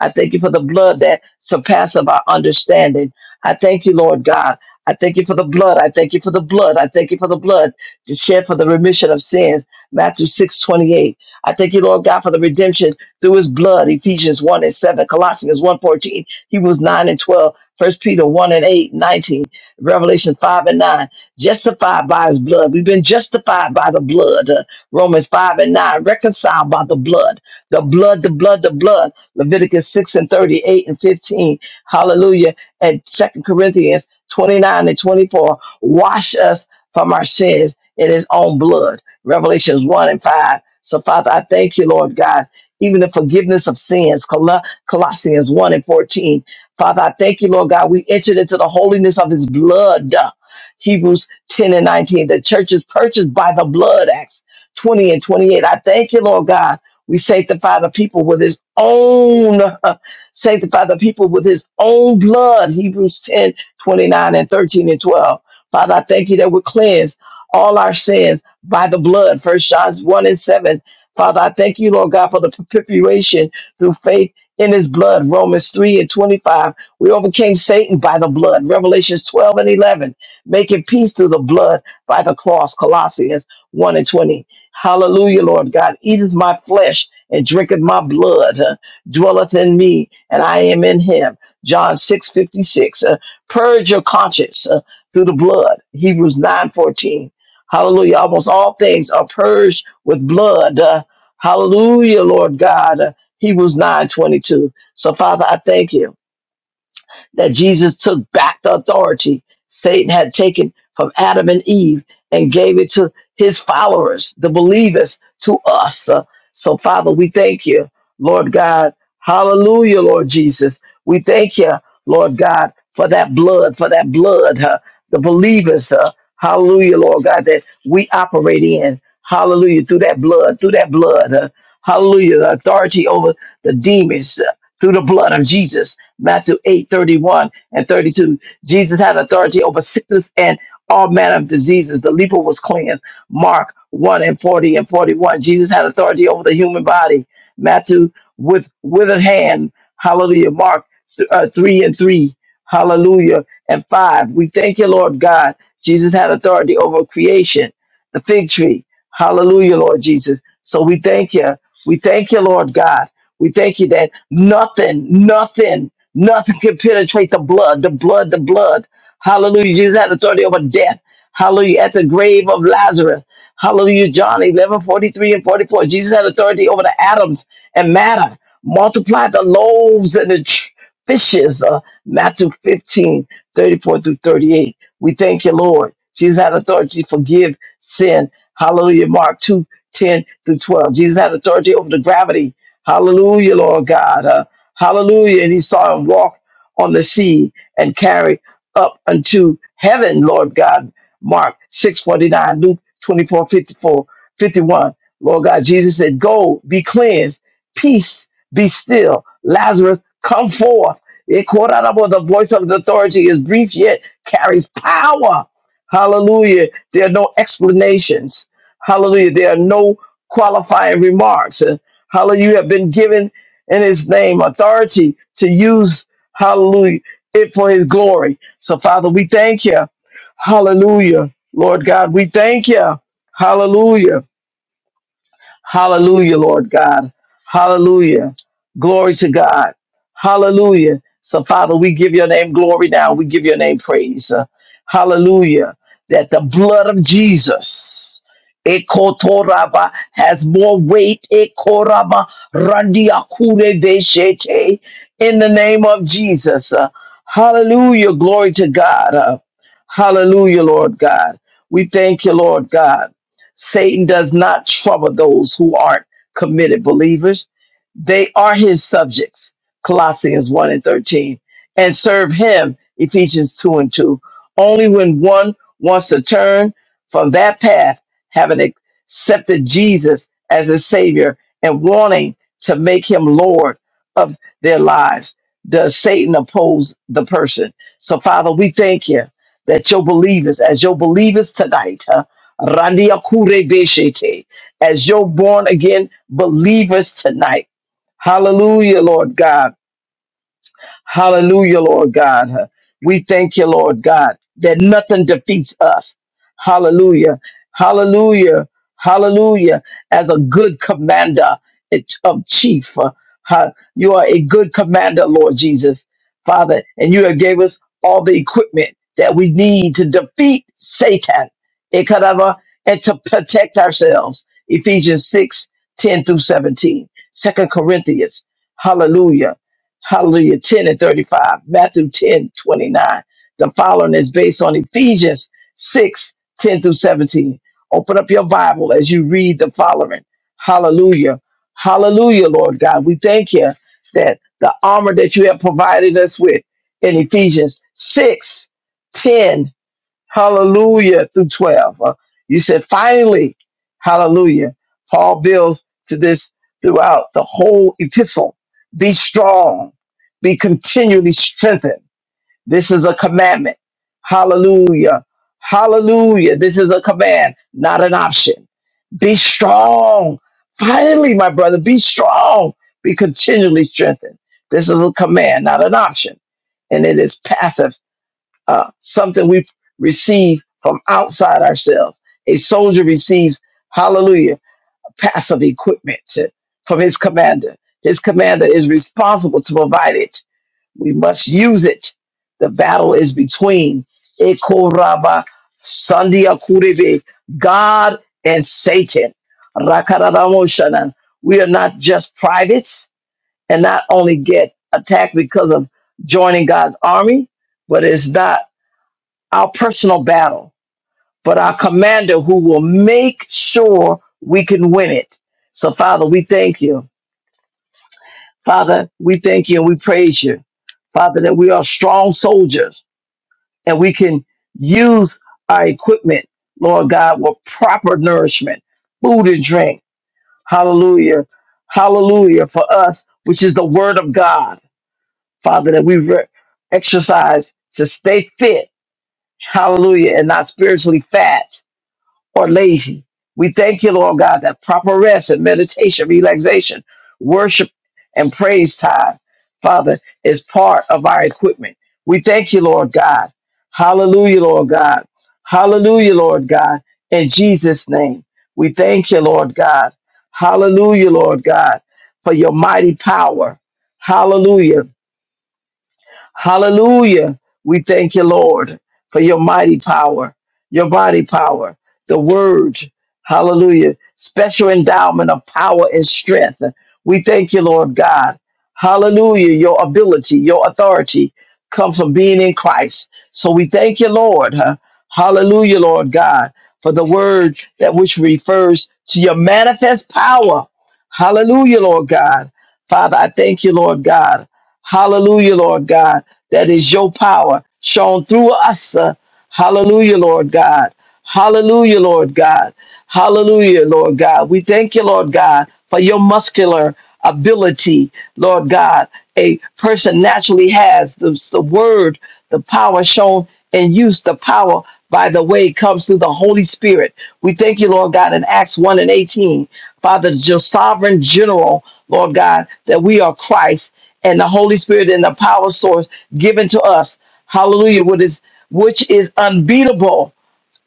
I thank you for the blood that surpasses our understanding. I thank you, Lord God. I thank you for the blood. I thank you for the blood. I thank you for the blood to shed for the remission of sins. Matthew 6 28. I thank you, Lord God, for the redemption through his blood, Ephesians 1 and 7, Colossians one fourteen. 14, Hebrews 9 and 12, 1 Peter 1 and 8 19. Revelation 5 and 9. Justified by his blood. We've been justified by the blood. Uh, Romans 5 and 9, reconciled by the blood. The blood, the blood, the blood. Leviticus 6 and 38 and 15. Hallelujah. And Second Corinthians 29 and 24. Wash us from our sins in his own blood. Revelations 1 and 5. So, Father, I thank you, Lord God, even the forgiveness of sins, Col- Colossians 1 and 14. Father, I thank you, Lord God, we entered into the holiness of his blood. Hebrews 10 and 19. The church is purchased by the blood, Acts 20 and 28. I thank you, Lord God. We sanctify the people with his own, uh, sanctify the people with his own blood, Hebrews 10 29 and 13 and 12. Father, I thank you that we're cleansed all our sins by the blood. First John 1 and 7. Father, I thank you, Lord God, for the perpetuation through faith in his blood. Romans 3 and 25. We overcame Satan by the blood. Revelations 12 and 11. Making peace through the blood by the cross. Colossians 1 and 20. Hallelujah, Lord God. Eateth my flesh and drinketh my blood. uh, dwelleth in me and I am in him. John 6 56. Uh, purge your conscience uh, through the blood. Hebrews 9 14. Hallelujah. Almost all things are purged with blood. Uh, hallelujah, Lord God. Uh, Hebrews 9 22. So, Father, I thank you that Jesus took back the authority Satan had taken from Adam and Eve and gave it to his followers, the believers, to us. Uh, so, Father, we thank you, Lord God. Hallelujah, Lord Jesus. We thank you, Lord God, for that blood, for that blood, uh, the believers. Uh, hallelujah, Lord God, that we operate in. Hallelujah, through that blood, through that blood. uh, hallelujah, the authority over the demons uh, through the blood of Jesus. Matthew 8 31 and 32. Jesus had authority over sickness and all manner of diseases. The leper was cleansed. Mark 1 and 40 and 41. Jesus had authority over the human body. Matthew with withered hand. Hallelujah. Mark th- uh, 3 and 3. Hallelujah. And 5. We thank you, Lord God. Jesus had authority over creation, the fig tree. Hallelujah, Lord Jesus. So we thank you. We thank you, Lord God. We thank you that nothing, nothing Nothing can penetrate the blood, the blood, the blood. Hallelujah. Jesus had authority over death. Hallelujah. At the grave of Lazarus. Hallelujah. John 11 43 and 44. Jesus had authority over the atoms and matter. Multiply the loaves and the ch- fishes. Uh, Matthew 15 34 through 38. We thank you, Lord. Jesus had authority to forgive sin. Hallelujah. Mark 2 10 through 12. Jesus had authority over the gravity. Hallelujah, Lord God. Uh, Hallelujah. And he saw him walk on the sea and carry up unto heaven, Lord God. Mark 649, Luke 24 54, 51. Lord God, Jesus said, Go, be cleansed, peace, be still. Lazarus, come forth. It called out about the voice of his authority is brief yet carries power. Hallelujah. There are no explanations. Hallelujah. There are no qualifying remarks. Uh, Hallelujah. You have been given in his name, authority to use, hallelujah, it for his glory. So, Father, we thank you. Hallelujah. Lord God, we thank you. Hallelujah. Hallelujah, Lord God. Hallelujah. Glory to God. Hallelujah. So, Father, we give your name glory now. We give your name praise. Uh, hallelujah. That the blood of Jesus ekotoraba, has more weight ekoraba, randiakure deshete, in the name of Jesus. Uh, hallelujah. Glory to God. Uh, hallelujah, Lord God. We thank you, Lord God. Satan does not trouble those who aren't committed believers. They are his subjects, Colossians 1 and 13, and serve him, Ephesians 2 and 2. Only when one wants to turn from that path, having accepted Jesus as a Savior and wanting to make him Lord of their lives, does Satan oppose the person. So, Father, we thank you that your believers, as your believers tonight, huh, Randia Kure Beshete, as your born again believers tonight. Hallelujah, Lord God. Hallelujah, Lord God. We thank you, Lord God, that nothing defeats us. Hallelujah. Hallelujah. Hallelujah. As a good commander it- of chief, uh, ha- you are a good commander, Lord Jesus, Father, and you have gave us all the equipment that we need to defeat Satan Ikadava, and to protect ourselves. Ephesians 6 10 through 17. 2 Corinthians. Hallelujah. Hallelujah, 10 and 35, Matthew 10 29. The following is based on Ephesians 6 10 through 17. Open up your Bible as you read the following. Hallelujah. Hallelujah, Lord God. We thank you that the armor that you have provided us with in Ephesians 6 10. Hallelujah through 12. Uh, you said finally, hallelujah. Paul builds to this throughout the whole epistle. Be strong, be continually strengthened. This is a commandment. Hallelujah. Hallelujah. This is a command, not an option. Be strong. Finally, my brother, be strong. Be continually strengthened. This is a command, not an option. And it is passive uh, something we receive from outside ourselves. A soldier receives, hallelujah, a passive equipment to- from his commander. His commander is responsible to provide it. We must use it. The battle is between Ekoraba, Sandia Kurebe, God and Satan. Rakaradamoshana. We are not just privates and not only get attacked because of joining God's army, but it's not our personal battle, but our commander who will make sure we can win it. So, Father, we thank you. Father, we thank you and we praise you. Father, that we are strong soldiers and we can use our equipment, Lord God, with proper nourishment, food and drink. Hallelujah. Hallelujah for us, which is the word of God. Father, that we re- exercise to stay fit. Hallelujah. And not spiritually fat. or lazy. We thank you, Lord God, that proper rest and meditation, relaxation, worship, and praise time, Father, is part of our equipment. We thank you, Lord God. Hallelujah, Lord God. Hallelujah, Lord God. In Jesus' name, we thank you, Lord God. Hallelujah, Lord God, for your mighty power. Hallelujah Hallelujah. We thank you, Lord, for your mighty power, your body power, the word. Hallelujah. Special endowment of power and strength. We thank you, Lord God. Hallelujah. Your ability, your authority comes from being in Christ. So we thank you, Lord. huh? Hallelujah, Lord God, for the word that which refers to your manifest power. Hallelujah, Lord God. Father, I thank you, Lord God. Hallelujah, Lord God that is your power shown through us. uh, Hallelujah, Lord God. Hallelujah, Lord God. Hallelujah, Lord God. We thank you, Lord God, for your muscular ability, Lord God. A person naturally has the, the word, the power shown and used, the power by the way it comes through the Holy Spirit. We thank you, Lord God, in Acts 1 and 18. Father, your sovereign general, Lord God, that we are Christ and the Holy Spirit and the power source given to us. Hallelujah. What is which is unbeatable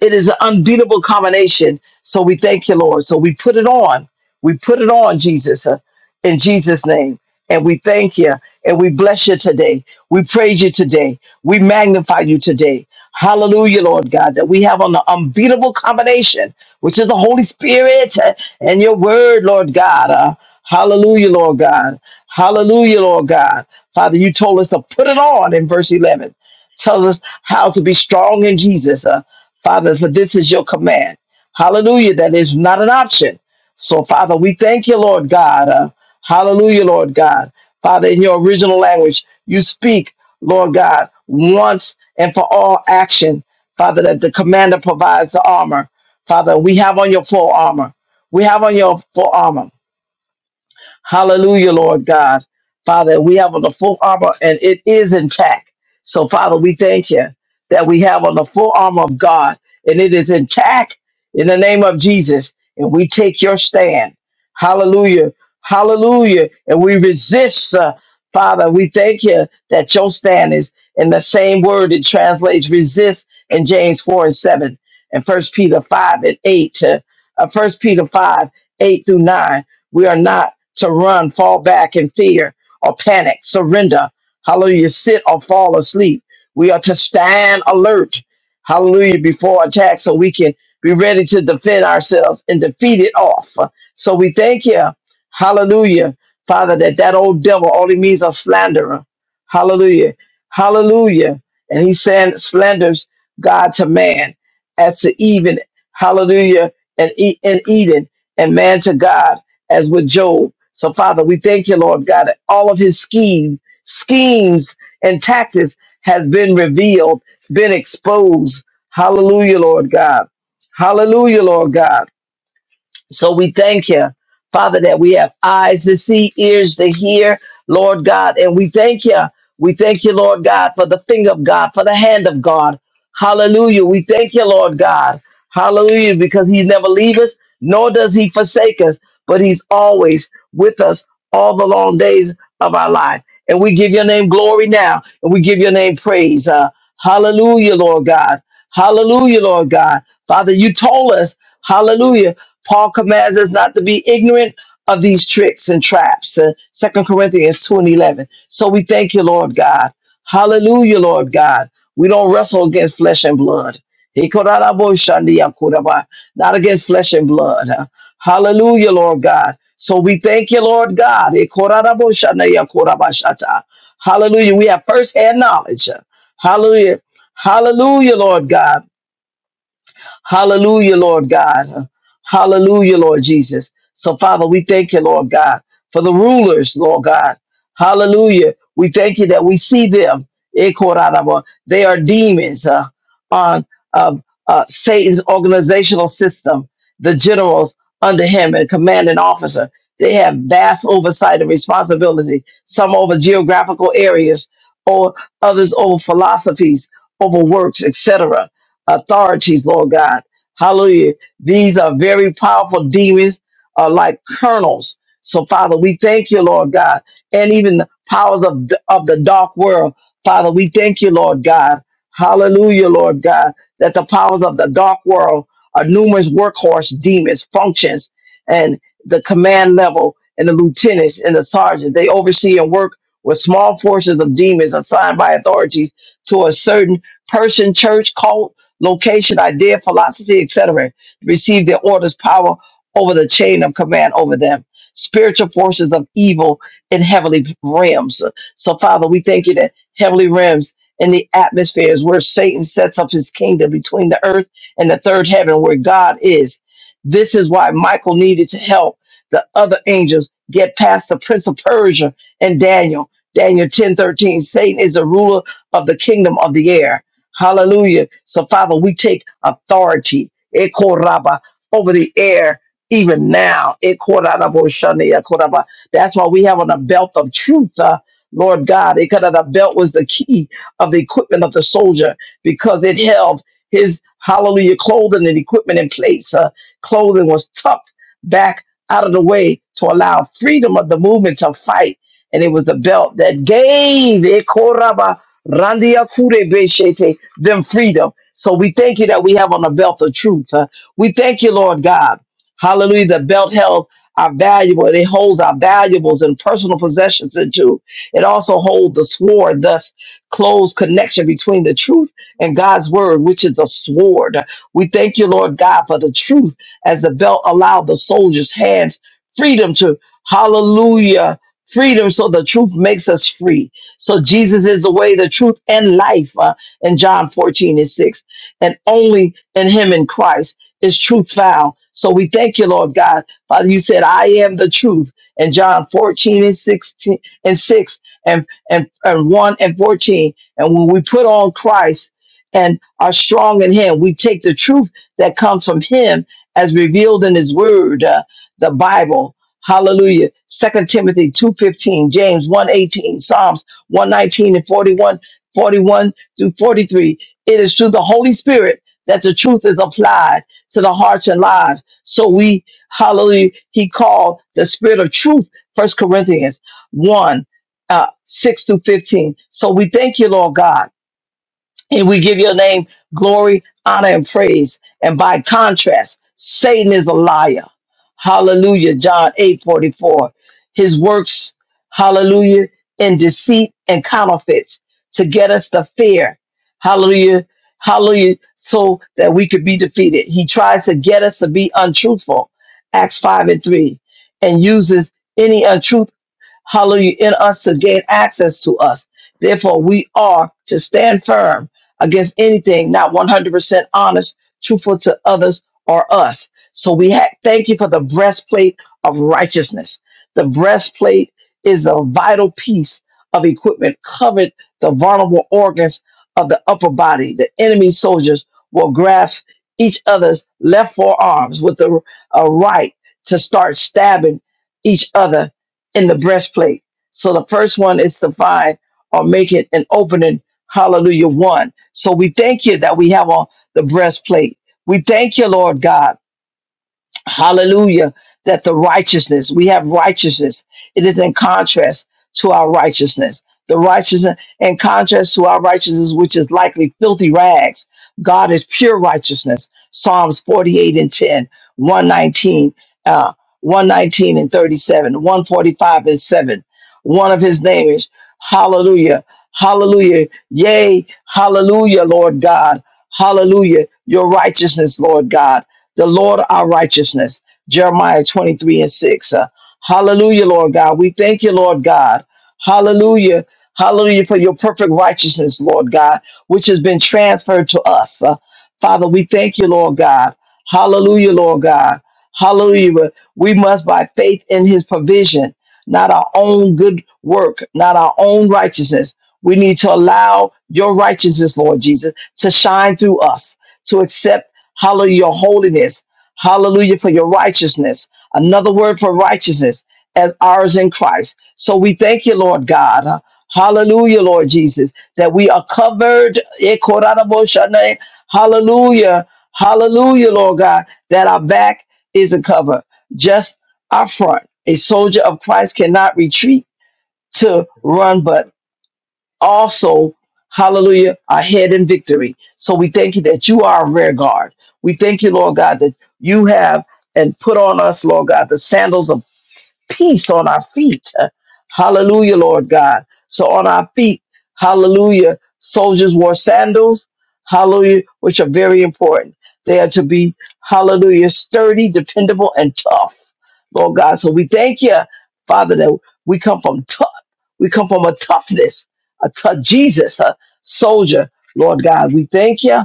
it is an unbeatable combination. So we thank you, Lord. So we put it on. We put it on, Jesus, uh, in Jesus' name. And we thank you. And we bless you today. We praise you today. We magnify you today. Hallelujah, Lord God, that we have on the unbeatable combination, which is the Holy Spirit uh, and your word, Lord God. Uh, hallelujah, Lord God. Hallelujah, Lord God. Father, you told us to put it on in verse 11. Tells us how to be strong in Jesus. Uh, Father, for this is your command. Hallelujah. That is not an option. So, Father, we thank you, Lord God. Uh, hallelujah, Lord God. Father, in your original language, you speak, Lord God, once and for all action. Father, that the commander provides the armor. Father, we have on your full armor. We have on your full armor. Hallelujah, Lord God. Father, we have on the full armor and it is intact. So, Father, we thank you that we have on the full armor of God and it is intact in the name of Jesus. And we take your stand. Hallelujah. Hallelujah. And we resist, uh, Father, we thank you that your stand is in the same word it translates resist in James 4 and 7 and First Peter 5 and 8 to uh, 1 Peter 5, 8 through 9. We are not to run, fall back in fear or panic, surrender. Hallelujah. Sit or fall asleep. We are to stand alert. Hallelujah. Before attack so we can be ready to defend ourselves and defeat it off. So we thank you. Hallelujah. Father, that that old devil only means a slanderer. Hallelujah. Hallelujah. And he send, slanders God to man. as to even. Hallelujah. And in Eden and man to God as with Job. So, Father, we thank you, Lord God, that all of his scheme, schemes and tactics has been revealed, been exposed. Hallelujah, Lord God. Hallelujah, Lord God. So we thank you, Father, that we have eyes to see, ears to hear, Lord God. And we thank you. We thank you, Lord God, for the finger of God, for the hand of God. Hallelujah. We thank you, Lord God. Hallelujah, because he never leaves us, nor does he forsake us, but he's always with us all the long days of our life. And we give your name glory now, and we give your name praise. Uh, hallelujah, Lord God. Hallelujah, Lord God. Father, you told us, hallelujah, Paul commands us not to be ignorant of these tricks and traps. Uh, 2 Corinthians 2 and 11. So we thank you, Lord God. Hallelujah, Lord God. We don't wrestle against flesh and blood. Not against flesh and blood. huh? Hallelujah, Lord God. So we thank you, Lord God. Hallelujah. We have first hand knowledge. huh? Hallelujah. Hallelujah, Lord God. Hallelujah, Lord God. Hallelujah, Lord Jesus. So, Father, we thank you, Lord God, for the rulers, Lord God. Hallelujah. We thank you that we see them. Ekorarabo. They are demons uh, on of uh, Satan's organizational system, the generals under him and commanding officer. They have vast oversight and responsibility, some over geographical areas, or others over philosophies, over works, etc authorities, Lord God. Hallelujah. These are very powerful demons, uh, like kernels. So, Father, we thank you, Lord God, and even the powers of the, of the dark world. Father, we thank you, Lord God. Hallelujah, Lord God, that the powers of the dark world are numerous workhorse demons, functions, and the command level, and the lieutenants and the sergeants. They oversee and work with small forces of demons assigned by authorities to a certain person, church, cult, location, idea, philosophy, etc., receive their orders, power over the chain of command over them, spiritual forces of evil in heavenly realms. So, Father, we thank you that heavenly realms in the atmosphere is where Satan sets up his kingdom between the earth and the third heaven, where God is. This is why Michael needed to help the other angels get past the prince of Persia and Daniel. Daniel ten thirteen. Satan is the ruler of the kingdom of the air. Hallelujah. So, Father, we take authority Ekoraba, over the air even now. Ekoraboshane, Ekoraba. That's why we have on a belt of truth, uh, Lord God. Ekada, The belt was the key of the equipment of the soldier because it held his hallelujah clothing and equipment in place. Uh, clothing was tucked back out of the way to allow freedom of the movement to fight. And it was the belt that gave Ekoraba, Randia Kure them freedom. So we thank you that we have on the belt of truth. huh? We thank you, Lord God. Hallelujah. The belt held our valuable. It holds our valuables and personal possessions into. It also holds the sword, thus close connection between the truth and God's word, which is a sword. We thank you, Lord God, for the truth as the belt allowed the soldier's hands freedom to hallelujah. Freedom, so the truth makes us free. So Jesus is the way, the truth, and life. huh? in John 14 and 6. And only in him in Christ is truth found. So we thank you, Lord God. Father, you said, I am the truth. In John 14 and 16 and 6 and, and, and 1 and 14. And when we put on Christ and are strong in him, we take the truth that comes from him as revealed in his word, uh, the Bible. Hallelujah. Second Timothy 2.15, James one eighteen, Psalms 119 and 41, through 43. It is through the Holy Spirit that the truth is applied to the hearts and lives. So we, hallelujah, he called the spirit of truth, First Corinthians 1, uh, 6 to 15. So we thank you, Lord God and we give your name glory, honor, and praise. And by contrast, Satan is a liar. Hallelujah. John 8 44. His works, hallelujah, in deceit and counterfeits to get us to fear. Hallelujah. Hallelujah. So that we could be defeated. He tries to get us to be untruthful. Acts 5 and 3. And uses any untruth hallelujah, in us to gain access to us. Therefore, we are to stand firm against anything not 100% honest, truthful to others or us. So we ha- thank you for the breastplate of righteousness. The breastplate is a vital piece of equipment covered the vulnerable organs of the upper body. The enemy soldiers will grasp each other's left forearms with the a right to start stabbing each other in the breastplate. So the first one is to find or make it an opening. Hallelujah. One. So we thank you that we have on the breastplate. We thank you, Lord God. Hallelujah. That the righteousness, we have righteousness. It is in contrast to our righteousness. The righteousness, in contrast to our righteousness, which is likely filthy rags, God is pure righteousness. Psalms 48 and 10, one nineteen, uh, 119 and 37, 145 and 7. One of his names, Hallelujah. Hallelujah. Yea, Hallelujah, Lord God. Hallelujah. Your righteousness, Lord God the Lord our righteousness. Jeremiah 23 and 6. Uh, hallelujah, Lord God. We thank you, Lord God. Hallelujah. Hallelujah for your perfect righteousness, Lord God, which has been transferred to us. Uh, Father, we thank you, Lord God. Hallelujah, Lord God. Hallelujah. But We must, by faith in his provision, not our own good work, not our own righteousness. We need to allow your righteousness, Lord Jesus, to shine through us, to accept Hallelujah, your holiness. Hallelujah for your righteousness. Another word for righteousness as ours in Christ. So we thank you, Lord God. Hallelujah, Lord Jesus, that we are covered. Ekoranaboshanay. Hallelujah. Hallelujah, Lord God, that our back is a cover, just our front. A soldier of Christ cannot retreat to run, but also, hallelujah, are ahead in victory. So we thank you that you are a rear guard. We thank you, Lord God, that you have and put on us, Lord God, the sandals of peace on our feet. Hallelujah, Lord God. So on our feet, hallelujah, soldiers wore sandals, hallelujah, which are very important. They are to be, hallelujah, sturdy, dependable, and tough, Lord God. So we thank you, Father, that we come from tough, we come from a toughness, a tough Jesus, a soldier, Lord God. We thank you.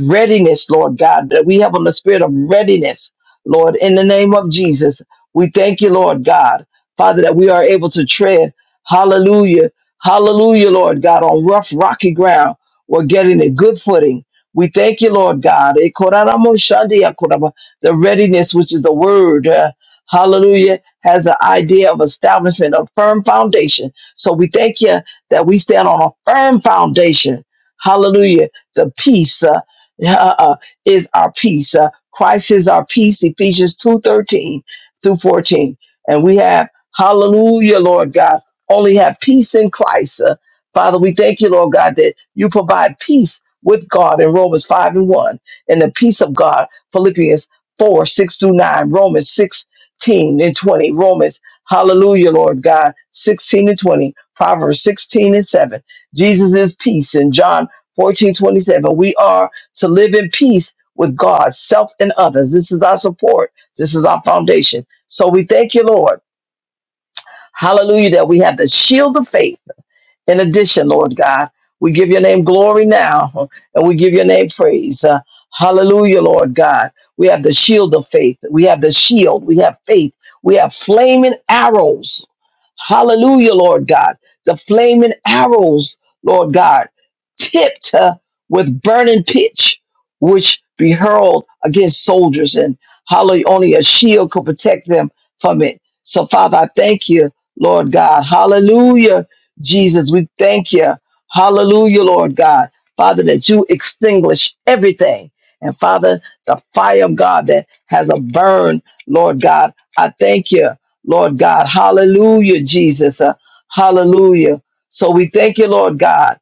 Readiness, Lord God, that we have on the spirit of readiness, Lord, in the name of Jesus. We thank you, Lord God, Father, that we are able to tread. Hallelujah. Hallelujah, Lord God, on rough, rocky ground. We're getting a good footing. We thank you, Lord God. E koraramo shandi ya koraba. The readiness, which is the word, uh, hallelujah, has the idea of establishment, a firm foundation. So we thank you that we stand on a firm foundation. Hallelujah. The peace uh, uh, uh, is our peace. Uh, Christ is our peace, Ephesians 2.13 through 14. And we have, hallelujah, Lord God, only have peace in Christ. Uh, Father, we thank you, Lord God, that you provide peace with God in Romans 5 and 1, and the peace of God, Philippians 4, 6 through 9, Romans 16 and 20, Romans, hallelujah, Lord God, 16 and 20, Proverbs 16 and 7. Jesus is peace in John 14 27. We are to live in peace with God, self, and others. This is our support. This is our foundation. So we thank you, Lord. Hallelujah, that we have the shield of faith in addition, Lord God, we give your name glory now and we give your name praise. Uh, hallelujah, Lord God. We have the shield of faith. We have the shield. We have faith. We have flaming arrows. Hallelujah, Lord God. The flaming arrows, Lord God, tipped uh, with burning pitch, which be hurled against soldiers, and hallelujah, only a shield could protect them from it. So, Father, I thank you, Lord God. Hallelujah Jesus, we thank you. Hallelujah, Lord God. Father, that you extinguish everything. And Father, the fire of God that has a burn, Lord God, I thank you, Lord God. Hallelujah, Jesus. Uh, hallelujah. So we thank you, Lord God.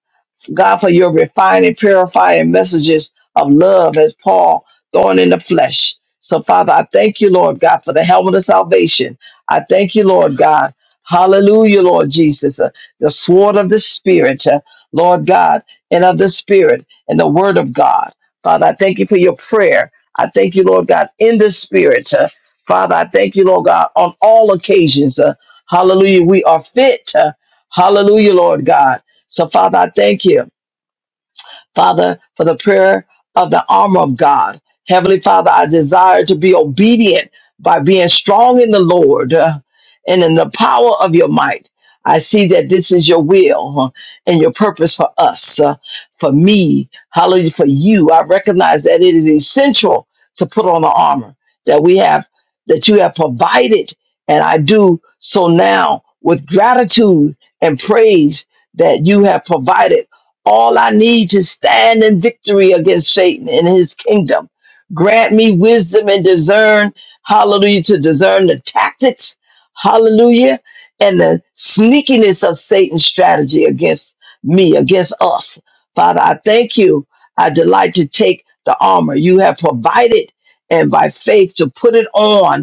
God, for your refining, purifying messages of love as Paul thorn in the flesh. So, Father, I thank you, Lord God, for the helmet of salvation. I thank you, Lord God. Hallelujah, Lord Jesus. Uh, the sword of the Spirit, uh, Lord God, and of the Spirit, and the Word of God. Father, I thank you for your prayer. I thank you, Lord God, in the Spirit. uh, Father, I thank you, Lord God, on all occasions. uh, hallelujah, we are fit. uh, hallelujah, Lord God. So, Father, I thank you, Father, for the prayer of the armor of God. Heavenly Father, I desire to be obedient by being strong in the Lord uh, and in the power of your might. I see that this is your will huh, and your purpose for us, uh, for me, hallelujah, for you. I recognize that it is essential to put on the armor that we have, that you have provided. And I do so now with gratitude and praise that you have provided all I need to stand in victory against Satan and his kingdom. Grant me wisdom and discern, hallelujah, to discern the tactics, hallelujah, and the sneakiness of Satan's strategy against me, against us. Father, I thank you. I delight to take the armor you have provided and by faith to put it on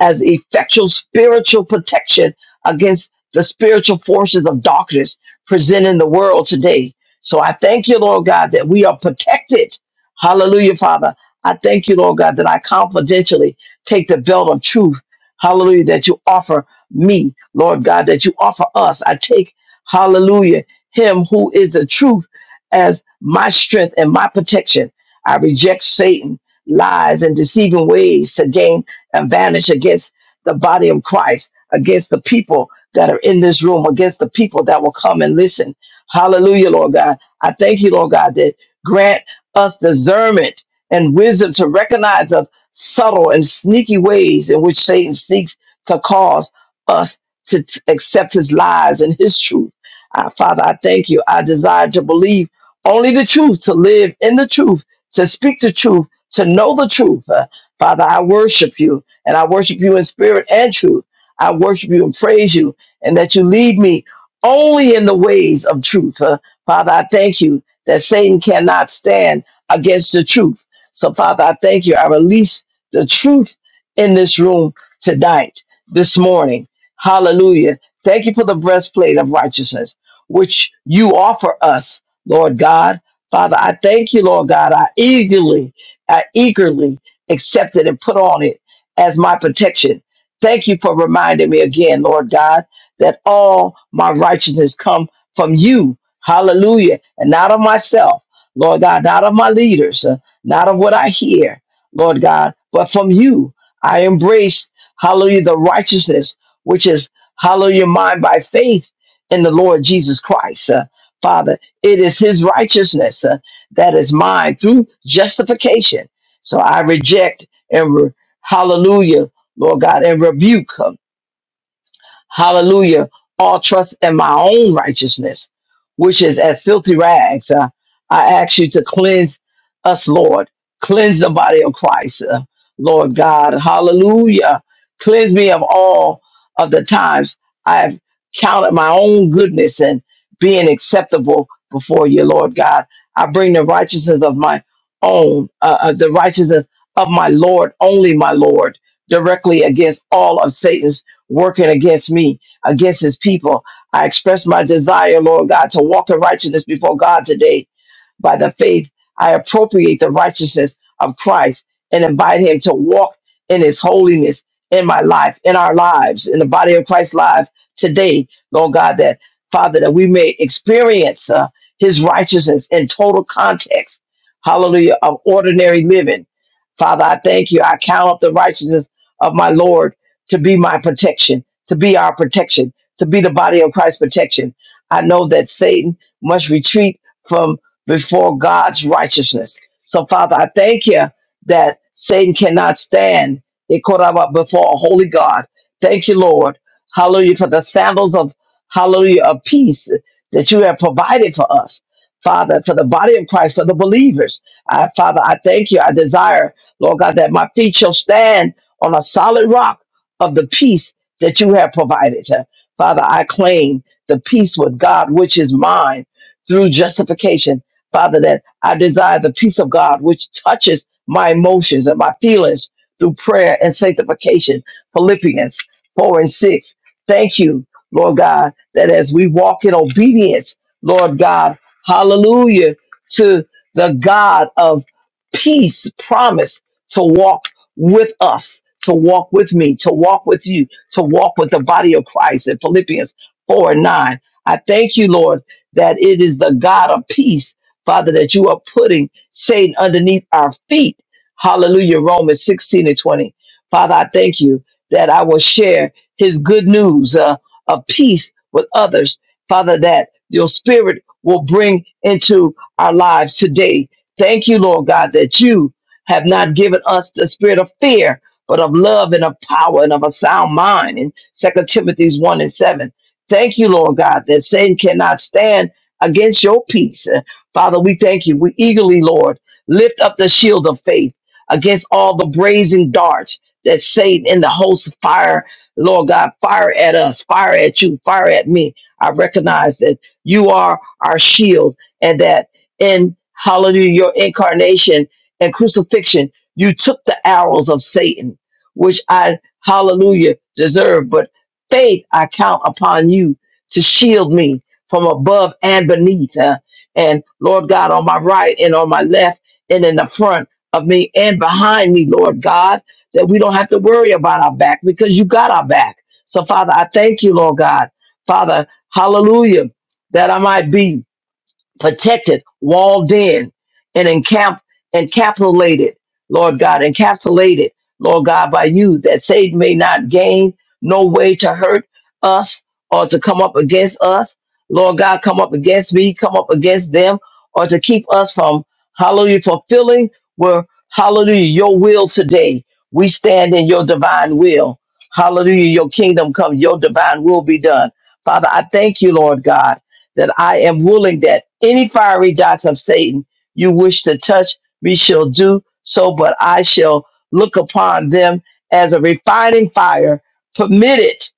as effectual spiritual protection against the spiritual forces of darkness present in the world today. So I thank you, Lord God, that we are protected. Hallelujah, Father. I thank you, Lord God, that I confidentially take the belt of truth. Hallelujah, that you offer me, Lord God, that you offer us. I take, hallelujah, him who is the truth as my strength and my protection. I reject Satan, lies, and deceiving ways to gain. And vanish against the body of Christ, against the people that are in this room, against the people that will come and listen. Hallelujah, Lord God. I thank you, Lord God, that grant us discernment and wisdom to recognize of subtle and sneaky ways in which Satan seeks to cause us to t- accept his lies and his truth. Uh, Father, I thank you. I desire to believe only the truth, to live in the truth, to speak the truth, to know the truth. Uh, Father, I worship you. And I worship you in spirit and truth. I worship you and praise you, and that you lead me only in the ways of truth. huh? Father, I thank you that Satan cannot stand against the truth. So, Father, I thank you. I release the truth in this room tonight, this morning. Hallelujah. Thank you for the breastplate of righteousness, which you offer us, Lord God. Father, I thank you, Lord God. I eagerly, I eagerly accepted and put on it as my protection. Thank you for reminding me again, Lord God, that all my righteousness come from you. Hallelujah. And not of myself, Lord God, not of my leaders, uh, not of what I hear, Lord God, but from you. I embrace, hallelujah, the righteousness, which is, hallelujah, mine by faith in the Lord Jesus Christ. Uh, Father, it is his righteousness uh, that is mine through justification. So I reject and. Hallelujah, Lord God, and rebuke her. Hallelujah. All trust in my own righteousness, which is as filthy rags. Uh, I ask you to cleanse us, Lord. Cleanse the body of Christ, uh, Lord God. Hallelujah. Cleanse me of all of the times I've counted my own goodness and being acceptable before you, Lord God. I bring the righteousness of my own, uh, uh, the righteousness of my Lord, only my Lord, directly against all of Satan's working against me, against his people. I express my desire, Lord God, to walk in righteousness before God today. By the faith, I appropriate the righteousness of Christ and invite him to walk in his holiness in my life, in our lives, in the body of Christ's life today, Lord God, that Father, that we may experience uh, his righteousness in total context, hallelujah, of ordinary living. Father, I thank you. I count up the righteousness of my Lord to be my protection, to be our protection, to be the body of Christ's protection. I know that Satan must retreat from before God's righteousness. So, Father, I thank you that Satan cannot stand They caught up before a holy God. Thank you, Lord. Hallelujah, for the sandals of hallelujah of peace that you have provided for us. Father, for the body of Christ, for the believers. I, Father, I thank you. I desire, Lord God, that my feet shall stand on a solid rock of the peace that you have provided. Father, I claim the peace with God, which is mine through justification Father, that I desire the peace of God, which touches my emotions and my feelings through prayer and sanctification. Philippians 4 and 6. Thank you, Lord God, that as we walk in obedience, Lord God, hallelujah, to the God of peace, promise to walk with us, to walk with me, to walk with you, to walk with the body of Christ in Philippians 4 and 9. I thank you, Lord, that it is the God of peace Father, that you are putting Satan underneath our feet. Hallelujah. Romans 16 and 20. Father, I thank you that I will share his good news uh, of peace with others. Father, that your spirit will bring into our lives today. Thank you, Lord God, that you have not given us the spirit of fear, but of love and of power and of a sound mind in Second Timothy 1 and 7. Thank you, Lord God, that Satan cannot stand against your peace. Father, we thank you. We eagerly, Lord, lift up the shield of faith against all the brazen darts that Satan in the host of fire, Lord God, fire at us, fire at you, fire at me. I recognize that you are our shield and that in hallelujah, your incarnation and crucifixion, you took the arrows of Satan, which I, hallelujah, deserve. But faith I count upon you to shield me from above and beneath. Uh, and Lord God on my right and on my left and in the front of me and behind me, Lord God, that we don't have to worry about our back because you got our back. So Father, I thank you, Lord God. Father, hallelujah, that I might be protected, walled in, and encamp encapsulated, Lord God, encapsulated, Lord God, by you, that Satan may not gain no way to hurt us or to come up against us. Lord God, come up against me, come up against them, or to keep us from hallelujah fulfilling where hallelujah your will today. We stand in your divine will. Hallelujah, your kingdom come, your divine will be done. Father, I thank you, Lord God that I am willing that any fiery darts of Satan you wish to touch me shall do so, but I shall look upon them as a refining fire. Permit it,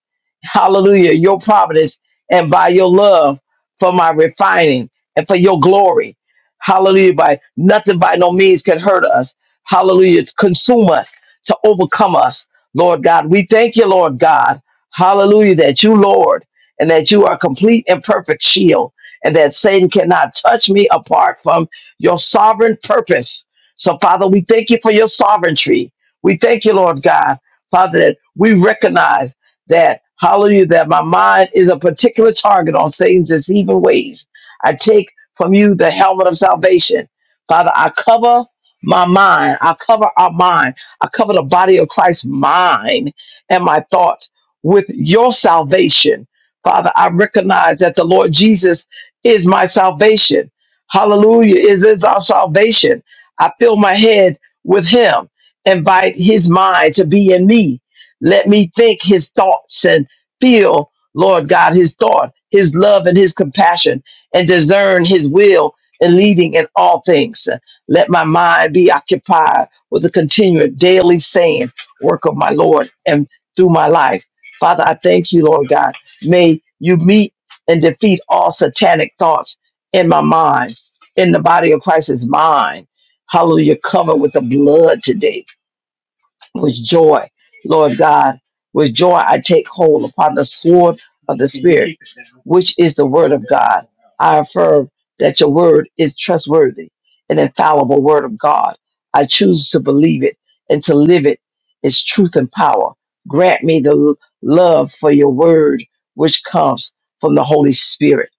hallelujah, your providence and by your love for my refining and for your glory. Hallelujah, by nothing by no means can hurt us. Hallelujah, to consume us, to overcome us. Lord God, we thank you, Lord God. Hallelujah, that you, Lord and that you are complete and perfect shield, and that Satan cannot touch me apart from your sovereign purpose. So, Father, we thank you for your sovereignty. We thank you, Lord God, Father, that we recognize that, hallelujah, that my mind is a particular target on Satan's deceiving ways. I take from you the helmet of salvation. Father, I cover my mind. I cover our mind. I cover the body of Christ's mind and my thoughts with your salvation Father, I recognize that the Lord Jesus is my salvation. Hallelujah. Is this our salvation? I fill my head with him. Invite his mind to be in me. Let me think his thoughts and feel, Lord God, his thought, his love and his compassion, and discern his will and leading in all things. Let my mind be occupied with the continued daily saying, work of my Lord and through my life. Father, I thank you, Lord God. May you meet and defeat all satanic thoughts in my mind, in the body of Christ's mind. Hallelujah. Cover with the blood today with joy, Lord God. With joy, I take hold upon the sword of the Spirit, which is the word of God. I affirm that your word is trustworthy, an infallible word of God. I choose to believe it and to live it its truth and power. Grant me the l- love for your word, which comes from the Holy Spirit.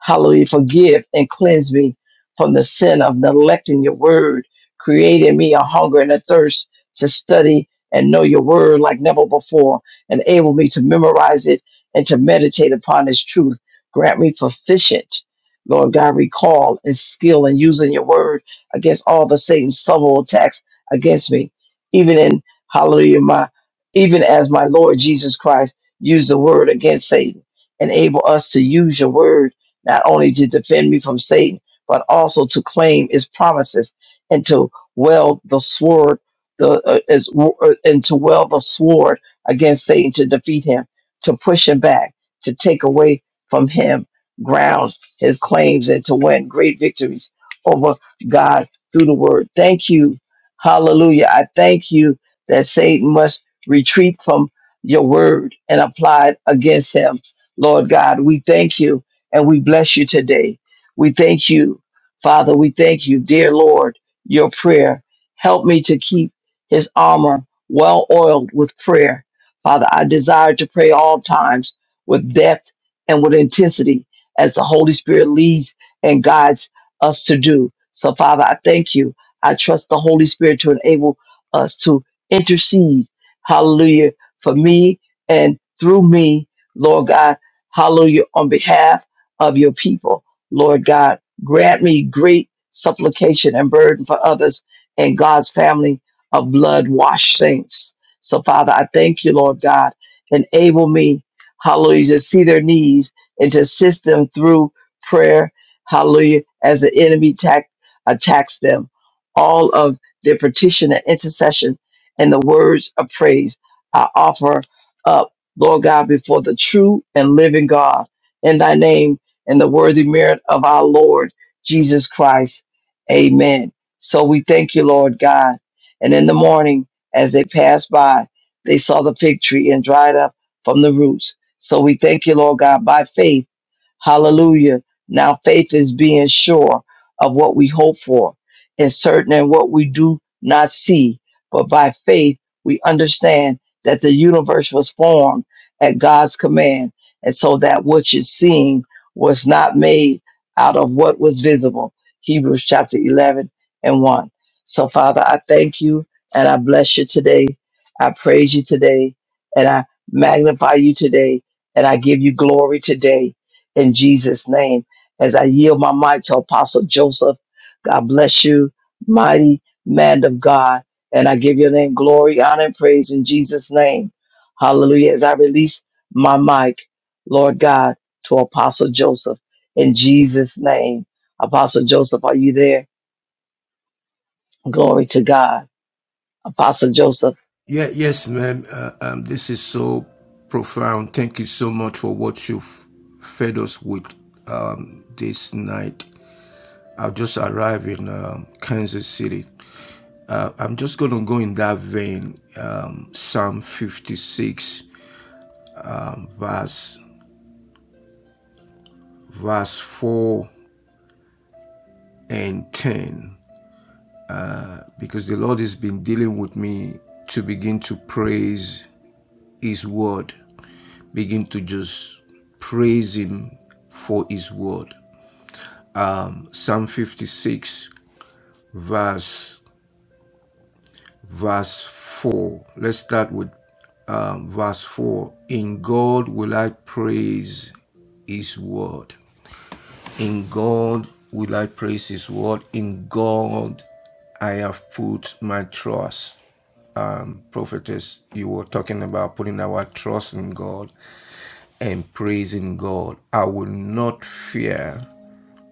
Hallelujah. Forgive and cleanse me from the sin of neglecting your word, creating me a hunger and a thirst to study and know your word like never before. Enable me to memorize it and to meditate upon its truth. Grant me proficient, Lord God, recall and skill in using your word against all the Satan's subtle attacks against me. Even in hallelujah, my even as my Lord Jesus Christ used the word against Satan. Enable us to use your word not only to defend me from Satan, but also to claim its promises and to weld the sword the, uh, as, uh, and to wield the sword against Satan to defeat him, to push him back, to take away from him ground his claims, and to win great victories over God through the word. Thank you. Hallelujah. I thank you that Satan must retreat from your word and apply it against him. Lord God, we thank you and we bless you today. We thank you, Father. We thank you, dear Lord, your prayer. Help me to keep his armor well oiled with prayer. Father, I desire to pray all times with depth and with intensity as the Holy Spirit leads and guides us to do. So, Father, I thank you. I trust the Holy Spirit to enable us to intercede, hallelujah, for me and through me, Lord God, hallelujah, on behalf of your people. Lord God, grant me great supplication and burden for others and God's family of blood washed saints. So, Father, I thank you, Lord God. Enable me, hallelujah, to see their needs and to assist them through prayer, hallelujah, as the enemy tack, attacks them. All of their petition and intercession and the words of praise I offer up, Lord God, before the true and living God in thy name and the worthy merit of our Lord Jesus Christ. Amen. So we thank you, Lord God. And in the morning, as they passed by, they saw the fig tree and dried up from the roots. So we thank you, Lord God, by faith. Hallelujah. Now faith is being sure of what we hope for and certain in what we do not see. But by faith, we understand that the universe was formed at God's command. And so that which is seen was not made out of what was visible. Hebrews chapter 11 and 1. So, Father, I thank you and I bless you today. I praise you today and I magnify you today and I give you glory today in Jesus' name. As I yield my mic to Apostle Joseph, God bless you, mighty man of God. And I give your name glory, honor, and praise in Jesus' name. Hallelujah. As I release my mic, Lord God, to Apostle Joseph in Jesus' name. Apostle Joseph, are you there? Glory to God. Apostle Joseph. Yeah, yes, ma'am. Uh, um, this is so profound. Thank you so much for what you've fed us with um, this night. I've just arrived in um, Kansas City. Uh, I'm just going to go in that vein. Um, Psalm 56, verse verse 4 and 10 because the Lord has been dealing with me to begin to praise His word, begin to just praise Him for His word. Psalm 56, verse verse 4. Let's start with um, verse 4. In God will I praise his word. In God will I praise his word. In God I have put my trust. Um, prophetess, you were talking about putting our trust in God and praising God. I will not fear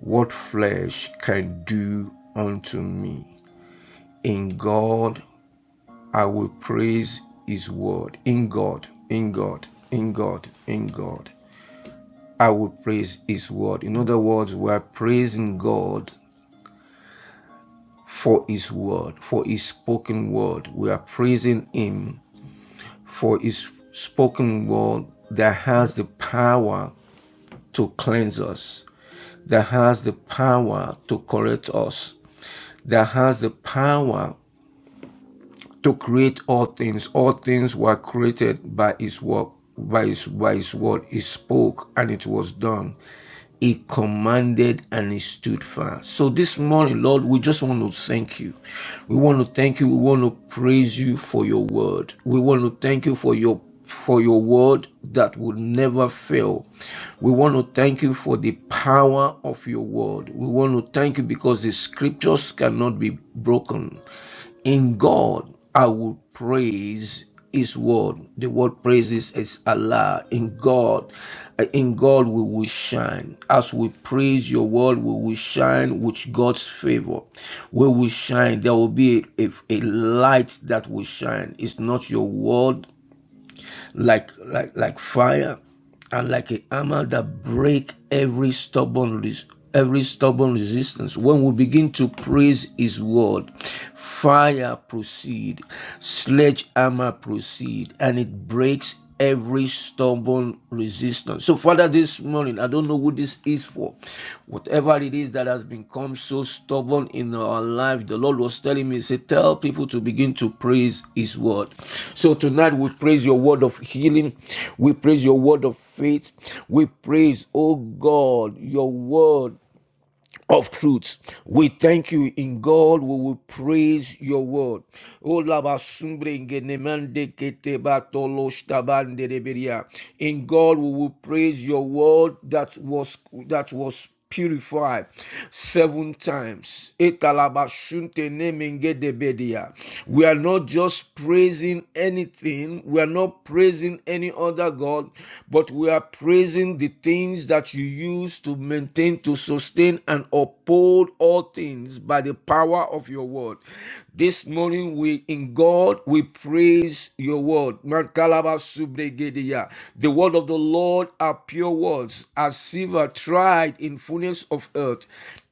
what flesh can do unto me. In God I will praise His word in God, in God, in God, in God. I will praise His word. In other words, we are praising God for His word, for His spoken word. We are praising Him for His spoken word that has the power to cleanse us, that has the power to correct us, that has the power to create all things. All things were created by his work, by his by his word. He spoke and it was done. He commanded and he stood fast. So this morning, Lord, we just want to thank you. We want to thank you. We want to praise you for your word. We want to thank you for your for your word that would never fail. We want to thank you for the power of your word. We want to thank you because the scriptures cannot be broken. In God, I will praise His word. The word praises is Allah. In God, uh, in God we will shine. As we praise Your word, we will shine with God's favor. We will shine. There will be a, a a light that will shine. It's not Your word like like like fire and like a hammer that break every stubborn every stubborn resistance when we begin to praise his word fire proceed sledgehammer proceed and it breaks every stubborn resistance so father this morning i don't don't know who this is for. Whatever it is that has become so stubborn in our life, the Lord was telling me, He said, Tell people to begin to praise His word. So tonight we praise your word of healing, we praise your word of faith, we praise, oh God, your word of truth. We thank you in God. We will praise your word. In God we will praise your word that was that was purified seven times. We are not just praising anything, we are not praising any other God, but we are praising the things that you use to maintain, to sustain, and and uphold all things by the power of your word. This morning, we in God we praise your word. Merkalaba subregedia. The word of the Lord are pure words, as silver tried in fullness of earth,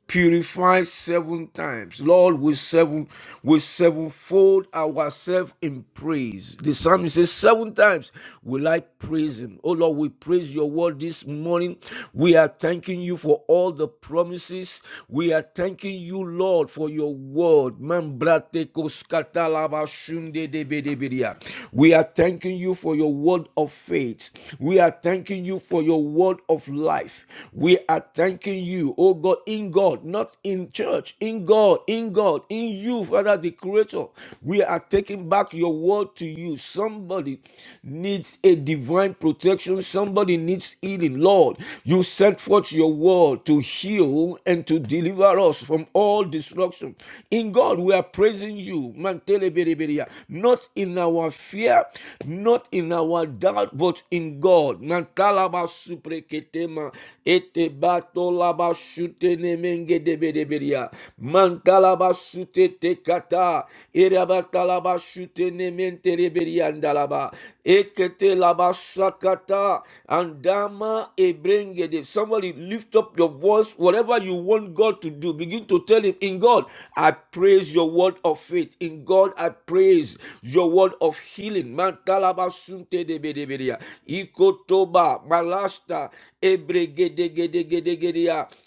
purify seven times. Lord, we seven we sevenfold ourselves in praise. The psalmist says, Seven times will I praise him. Oh Lord, we praise your word this morning. We are thanking you for all the promises. We are thanking you, Lord, for your word. Mambrate koskatalaba shunde debedebedia. We are thanking you for your word of faith. We are thanking you for your word of life. We are thanking you, oh God. God, in God, not in church, in God, in God, in you, Father, the Creator. We are taking back your word to you. Somebody needs a divine protection, somebody needs healing. Lord, you sent forth your word to heal and to deliver us from all destruction. In God, we are praising you, Mantelebereberia, not in our fear, not in our doubt, but in God. Mantalaba supreketema, laba shute ne menge Mantalaba shute te kata. Irabatalaba shute ne mente andalaba. Ekete laba sakata. Andama ebrenge de. Somebody lift up your voice. Whatever you want God to do, begin to tell him, in God, I praise your word of faith. In God, I praise your word of healing. Mantalaba shute de bede bedia. Ikotoba, malasta, Ebregede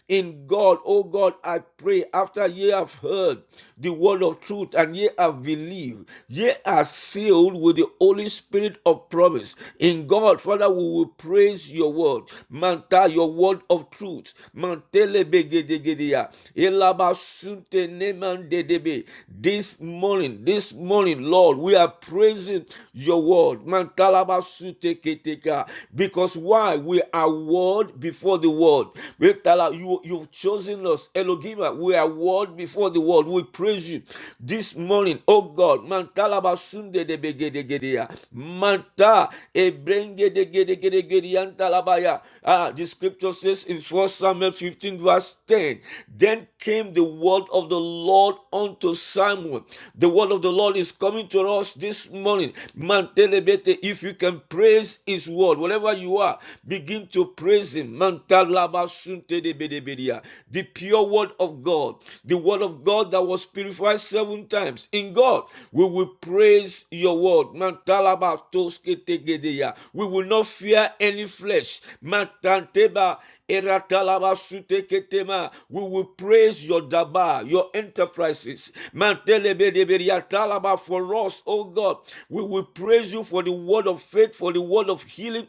in God, oh God, I pray after ye have heard the word of truth and ye have believed, ye are sealed with the Holy Spirit of promise. In God, Father, we will praise your word. Manta, your word of truth. Mantelebegedegedea. Elabasunte nemandedebe. This morning, this morning, Lord, we are praising your word. Mantalabasuteketeka. Because why? We are word before before the world. We tell you, you've chosen us. Elohim, we are world before the world. We praise you this morning. Oh God, mantala basunde de begedegedea. Manta ebrengedegedegedegediantalabaya. Ah, the scripture says in 1 Samuel 15 verse 10, then came the word of the Lord unto Samuel. The word of the Lord is coming to us this morning. Mantelebete, if you can praise his word, wherever you are, begin to praise praise Him. Mantalaba sunte de bede bedia. The pure word of God, the word of God that was purified seven times. In God, we will praise your word. Mantalaba toske tegedeya. We will not fear any flesh. Mantanteba Eratalaba sute ketema. We will praise your daba, your enterprises. Mantelebedebedea talaba For us, oh God, we will praise you for the word of faith, for the word of healing.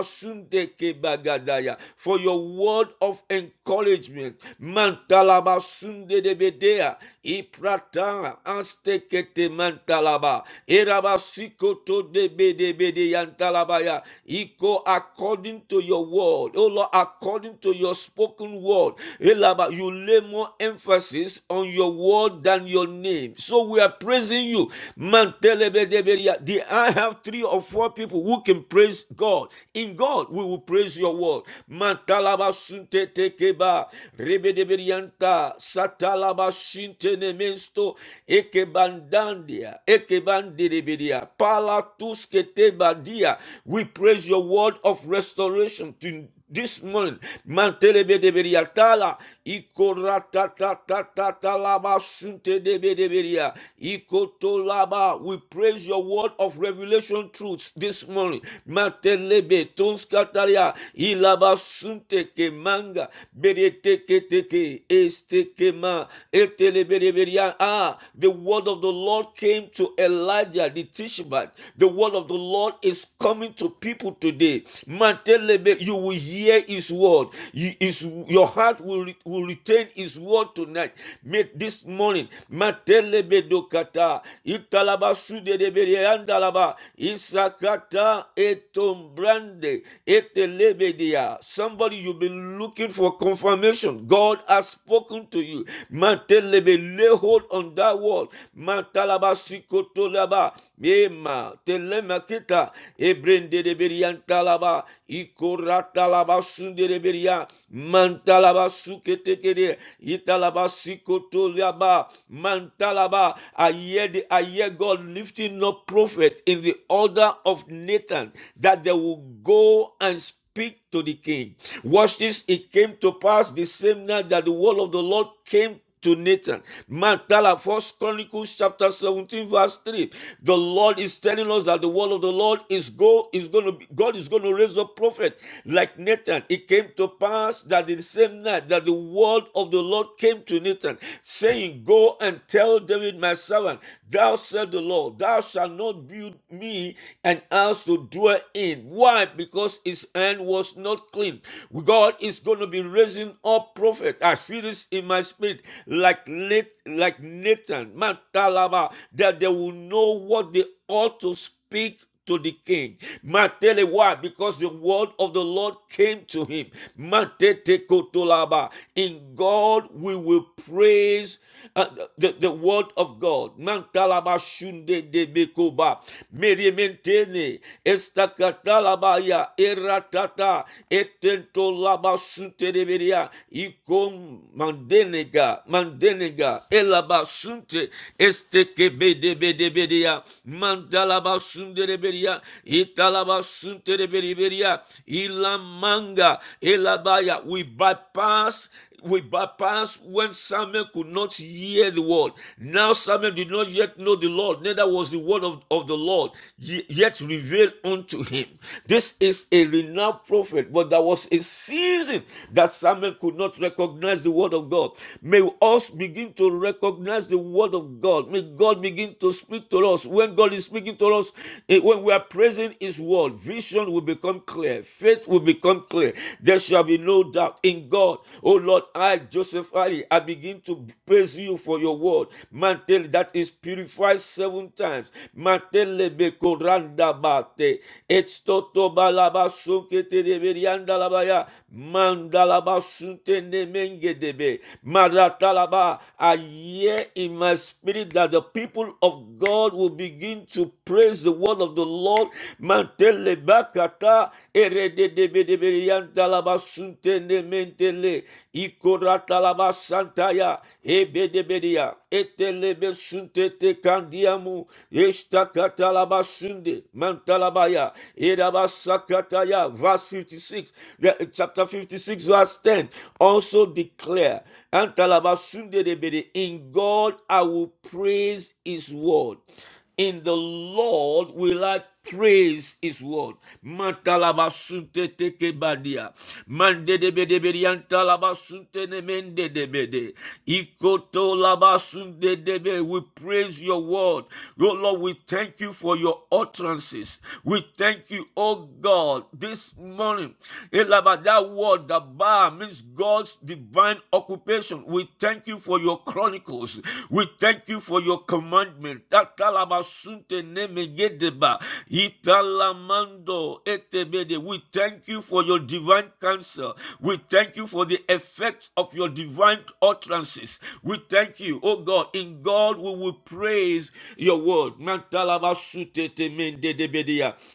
Mandalabasunde bagadaya for your word of encouragement. Mandalabasunde de bedea. Iprata astekete mantalaba. Erabasikoto de bede bede yantalabaya. Iko according to your word. O Lord, according to your spoken word. Elaba, you lay more emphasis on your word than your name. So we are praising you. Mantelebedebe- the I have three or four people who can praise God. In God, we will praise your word. Matalaba sunte tekeba, rebedeberianta, satalaba shinte nemesto, ekebandandia, ekebandedebedia, palatuske tebadia. We praise your word of restoration to, this morning. Mantelebe de beriatala, ikoratatatalaba sunte de bedeberia, ikotolaba. We praise your word of revelation truths this morning. Mantelebe tonskataria, ilaba sunte ke manga, berete ke teke, este ke ma, etelebe de beria. Ah, the word of the Lord came to Elijah the Tishbite. The word of the Lord is coming to people today. Mantelebe, you will hear hear His word, you, his, your heart will, re- will retain His word tonight. Make this morning, Matelebedokata, Italabasudedeberiandalaba, Isakata etombrande, etelebedia. somebody you've been looking for confirmation. God has spoken to you. Matelebe, Lay hold on that word. Matalabasikoto- Tolaba, Yema, telemakita, ebrende de berian talaba, ikorata laba sunde de beria, mantalaba suketekere, italaba sikotoliaba, mantalaba. I hear, the, I hear God lifting up prophet in the order of Nathan that they will go and speak speak to the king. Watch this. It came to pass the same night that the word of the Lord came to Nathan. Man, Tala, First Chronicles chapter 17, verse 3. The Lord is telling us that the word of the Lord is go is going to be, God is going to raise a prophet like Nathan. It came to pass that the same night that the word of the Lord came to Nathan, saying, Go and tell David my servant. Thou said the Lord, Thou shalt not build me an house to dwell in. Why? Because his hand was not clean. God is going to be raising up prophets. I feel this in my spirit, like like Nathan, Matalaba, that they will know what they ought to speak to the king. Matele, why? Because the word of the Lord came to him. Matete kotolaba. In God we will praise uh, the, the word of God. Mantalaba shunde de bekoba. Merimentene estakatalabaya eratata etentolaba sutereberia ikom mandenega mandenega elaba sunte estekebedebedebedea mandala basun dereberia itala basun dereberia ilamanga elabaya we bypass we bypass when Samuel could not hear the word. Now Samuel did not yet know the Lord, neither was the word of, of the Lord yet revealed unto him. This is a renowned prophet, but there was a season that Samuel could not recognize the word of God. May us begin to recognize the word of God. May God begin to speak to us, when God is speaking to us, eh, when we are praising His word, vision will become clear, faith will become clear. There shall be no doubt in God. Oh Lord, I, Joseph Ali, I begin to praise you for your word. Mantle that is purified seven times. Mantele bekoranda bate. Etstoto balaba sunkete de berianda labaya. Mandalaba sunte ne menge debe. Maratalaba aye hear in my spirit that the people of God will begin to praise the word of the Lord. Mantele bakata erededebedebeyantalabasuntelementele ikoratalabasantaya ebedebedia etelebesuntete kandiamu eshtakatalabas Sunday, Mantalabaya, Edabasakataya, verse 56, chapter 56, verse 10, also declare, anta in God I will praise his word. In the Lord will I praise his word. Matalabasunte tekebadia. Mandedebedebediantalabasunte nemendedebede. Ikotolabasundedebe. We praise your word. Oh Lord, we thank you for your utterances. We thank you, oh God, this morning. Elaba, That word, the bar, means God God's divine occupation. We thank you for your chronicles. We thank you for your commandment. We thank you for your divine counsel. We thank you for the effects of your divine utterances. We thank you, oh God. In God we will praise your word.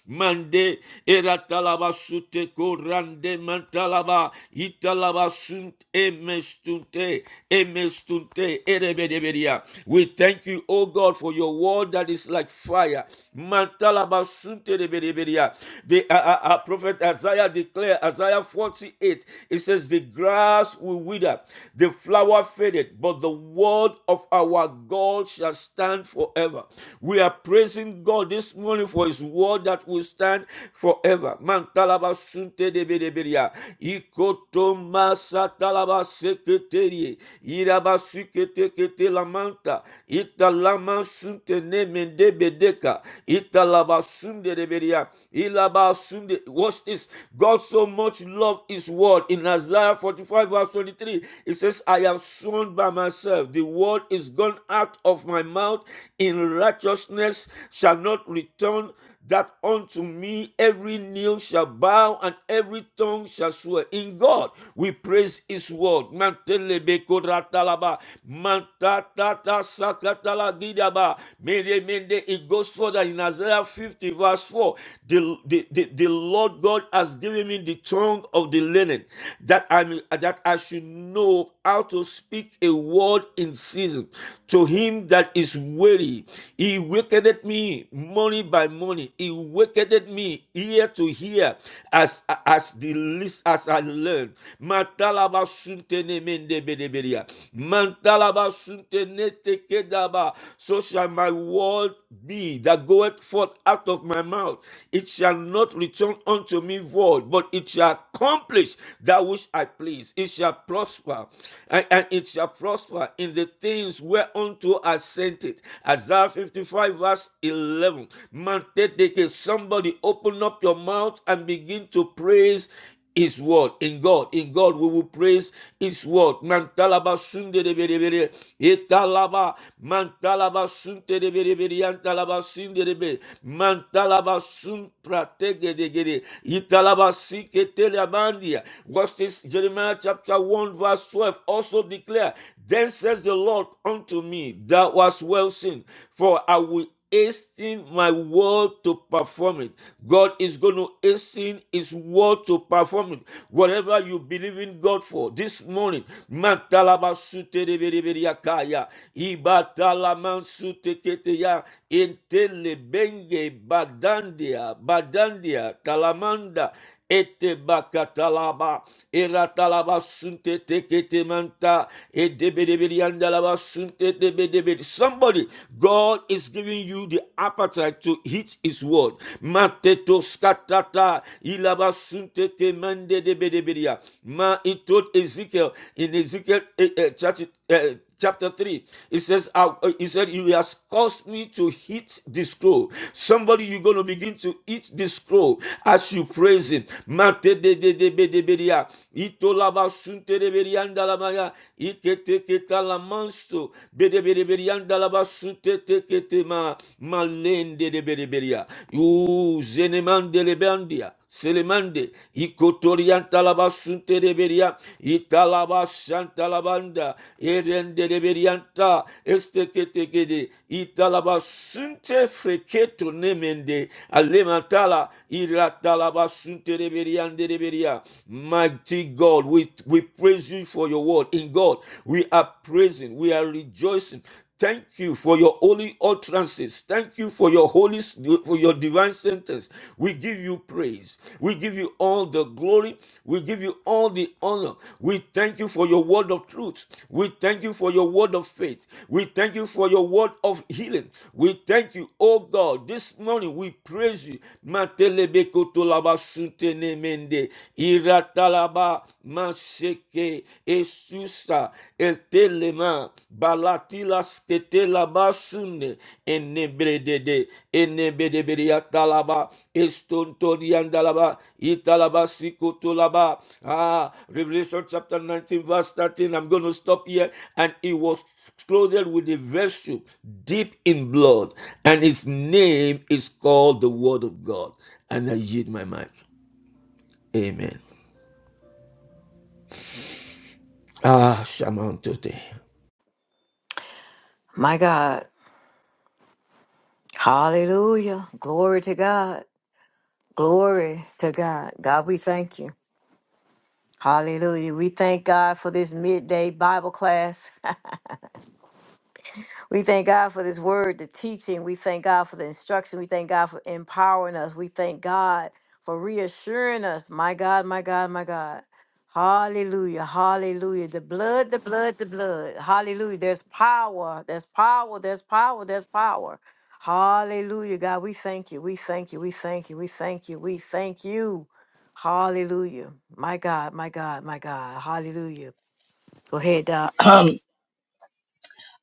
Mande eratalabasute korande mantala italaba italaba sunt emestunte emestunte erebedebedia. We thank you, O God, for your word that is like fire. Mantalaba sunt erebedebedia. The uh, uh, uh, prophet Isaiah declared, Isaiah 48, it says, The grass will wither, the flower faded, but the word of our God shall stand forever. We are praising God this morning for his word that will stand forever. Man talaba sunte de bedeberia. Ikotoma satalaba seketeri. Iraba sukete kete lamanta. Italama sunte ne mende bedeka. Italaba sunde de beria. Ilaba sunde. Watch this. God so much loved his word. In Isaiah 45 verse 23, it says, I have sworn by myself. The word is gone out of my mouth in righteousness shall not return that unto me every knee shall bow and every tongue shall swear. In God we praise His word. Mantelebe koratalaba, mantatata sakatala gidaba. Mende, mende. It goes further in Isaiah 50, verse 4. The, the, the, the Lord God has given me the tongue of the learned, that I may, that I should know how to speak a word in season to him that is weary. He wakened me me morning by money, He wakened me ear to ear as as the least as I learned. Matalaba suntene mende bedebedia. Mantalaba suntene tekedaba. So shall my word be that goeth forth out of my mouth. It shall not return unto me void, but it shall accomplish that which I please. It shall prosper, and, and it shall prosper in the things whereunto I sent it. I Isaiah 55, verse 11. Manteteke, somebody open up your mouth and begin to praise his word. In God, in God, we will praise His word. Mantalaba sunde de bere bere. Etalaba mantalaba sunte de bere bere. Yantalaba sinde de bere. Mantalaba sun pratege de gere. Italaba sike teleamandia. Watch this, Jeremiah chapter 1, verse 12. Also declare, Then says the Lord unto me me that was well seen, for I will hasten my word to perform it. God is going to hasten his word to perform it. Whatever you believe in God for this morning, matalabasutereberiakaya, ibatalamansuteketeya, intelebenge badandia, badandia, talamanda, Ete bakatalaba. Eratalaba sunte tekete manta. Edebedebediandalaba sunte debedebedi. Somebody, God is giving you the appetite to eat his word. Mateto skatata. Ilaba sunte temende debedebedia. Ma, he told Ezekiel in Ezekiel 38, chapter 3 it says uh, uh, he said you has caused me to eat this scroll somebody you're going to begin to eat this scroll as you praise him Mate de de de be de be dia. sunte de be la maya. Ike te la manso. Be de be de be rianda te ke ma. Malende de be de be zeneman de le Selemande, Ikotorian Talaba Sunte de Beria, Italaba Shantalabanda, Erende de Berianta, Esteketekede, Italaba Sunte Freketo Nemende, Alemantala, Iratalaba Sunte de Beriande de Beria. Mighty God, we, we praise you for your word. In God, we are praising, we are rejoicing. Thank you for your holy utterances. Thank you for your holy for your divine sentence. We give you praise. We give you all the glory. We give you all the honor. We thank you for your word of truth. We thank you for your word of faith. We thank you for your word of healing. We thank you, oh God. This morning we praise you. Matelebekotolabasutenemende, iratalaba, maseke, Esusa etelema balatila sketela basune enebredede enebedebria talaba estontoriandalaba italaba sikotolaba. Ah, Revelation chapter 19 verse 13. I'm going to stop here. And it was clothed with a vessel deep in blood, and his name is called the Word of God. And I yield my mic. Amen. Ah, shaman today. My God. Hallelujah. Glory to God. Glory to God. God, we thank you. Hallelujah. We thank God for this midday Bible class. We thank God for this word, the teaching. We thank God for the instruction. We thank God for empowering us. We thank God for reassuring us. My God, my God, my God. Hallelujah. Hallelujah. The blood, the blood, the blood. Hallelujah. There's power. There's power. There's power. There's power. Hallelujah. God, we thank you. We thank you. We thank you. We thank you. We thank you. Hallelujah. My God, my God, my God. Hallelujah. Go ahead, Doc. Um,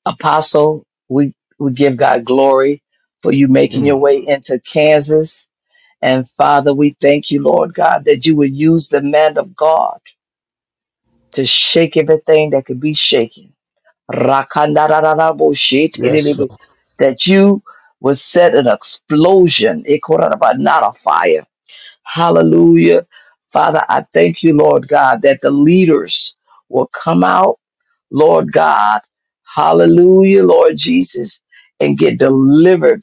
Apostle, we, we give God glory for you making Amen. your way into Kansas. And Father, we thank you, Lord God, that you would use the man of God to shake everything that could be shaken. Yes, Rakandarararaboshitidilibi. Lord. That you would set an explosion, not a fire Hallelujah. Father, I thank you, Lord God, that the leaders will come out, Lord God. Hallelujah, Lord Jesus, and get delivered,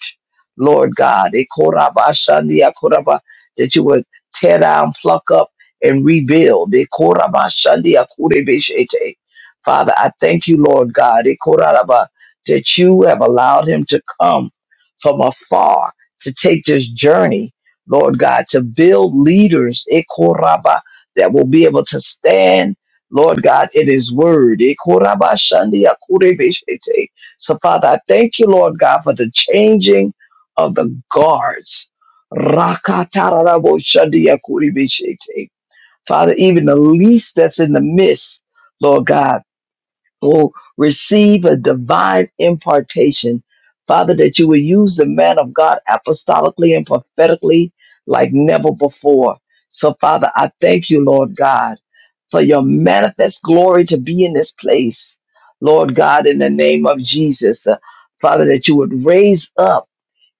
Lord God. Ekorabashandiakoraba, That you would tear down, pluck up, and rebuild. Ekorabashandiakurebeshete. Father, I thank you, Lord God, Ekoraraba, that you have allowed him to come from afar to take this journey Lord God, to build leaders, Ekoraba, that will be able to stand, Lord God, in His Word. Ekoraba shandia kurebeshete. So, Father, I thank you, Lord God, for the changing of the guards. Rakatarabo shandia kurebeshete. Father, even the least that's in the midst, Lord God will receive a divine impartation. Father, that you will use the man of God apostolically and prophetically like never before. So, Father, I thank you, Lord God, for your manifest glory to be in this place. Lord God, in the name of Jesus, uh, Father, that you would raise up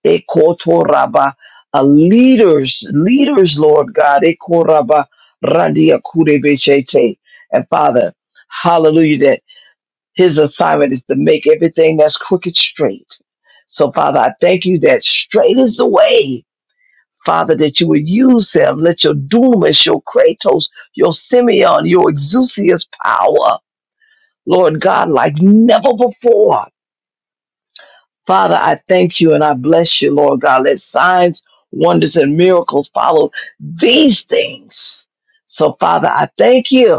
Ekotoraba, uh, leaders, leaders, Lord God, Ekoraba, Randia Kurebechete. And Father, hallelujah, his assignment is to make everything that's crooked straight. So, Father, I thank you that straight is the way, Father, that you would use him. Let your Dumas, your Kratos, your Simeon, your Exousia's power, Lord God, like never before. Father, I thank you and I bless you, Lord God. Let signs, wonders, and miracles follow these things. So, Father, I thank you.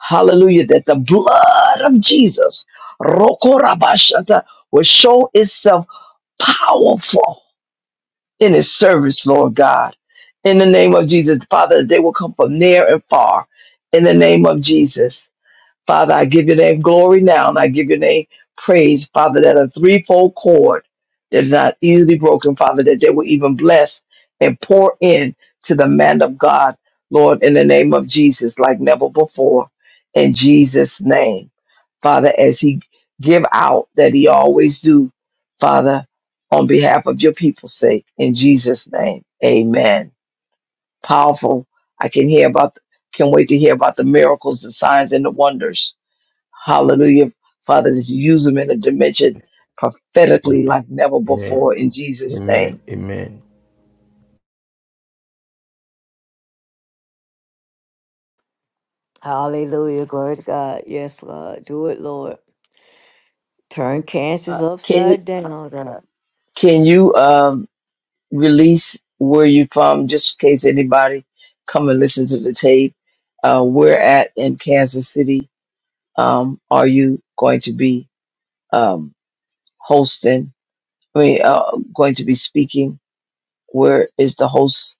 Hallelujah. That the blood of Jesus, Rokorabashata, will show itself powerful in his service, Lord God. In the name of Jesus, Father, they will come from near and far. In the name of Jesus. Father, I give your name glory now, and I give your name praise, Father, that a threefold cord that is not easily broken, Father, that they will even bless and pour in to the man of God, Lord, in the name of Jesus, like never before. In Jesus' name, Father, as he give out that he always do, Father, on behalf of your people's sake, in Jesus' name, amen. Powerful. I can hear about, can't wait to hear about the miracles, the signs, and the wonders Hallelujah. Father, just use them in a dimension prophetically Amen. like never Amen. before in Jesus' Amen. name. Amen. Hallelujah. Glory to God. Yes, Lord. Do it, Lord. Turn cancers Uh, can upside down. God. can you um, release where you from, just in case anybody come and listen to the tape? Uh, where at in Kansas City um, are you going to be um, hosting? I mean, uh, going to be speaking? Where is the host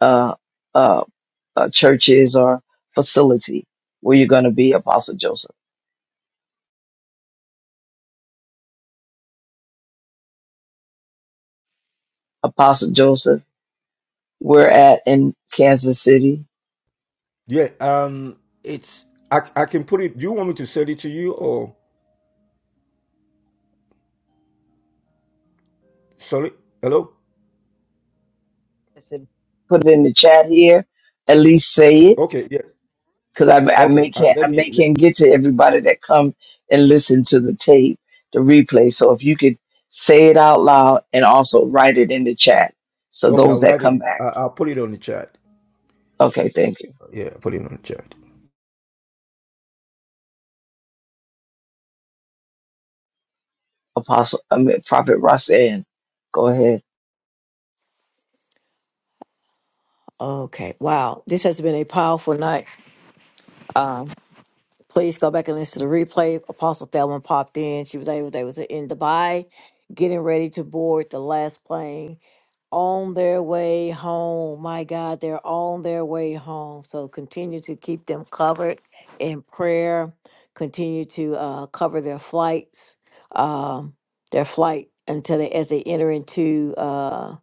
uh, uh, uh, churches or facility where you're going to be, Apostle Joseph? Apostle Joseph, we're at in Kansas City. Yeah. Um. It's. I. I can put it. Do you want me to send it to you or? Sorry. Hello. I said, put it in the chat here. At least say it, Okay. Yeah. because I, I Okay. may Uh, can't let I me. may let- can't get to everybody that come and listen to the tape, the replay. So if you could say it out loud and also write it in the chat, so okay. I'll those that write come it. I, back. I'll put it on the chat. Okay, thank you, Yeah. Put it on the chat. Apostle. I mean, Prophet Roxanne, go ahead. Okay. Wow. This has been a powerful night. Um, please go back and listen to the replay. Apostle Thelma popped in. She was able, they was in Dubai getting ready to board the last plane. on their way home. My God, they're on their way home. So continue to keep them covered in prayer. Continue to uh, cover their flights, um, their flight until they, as they enter into uh,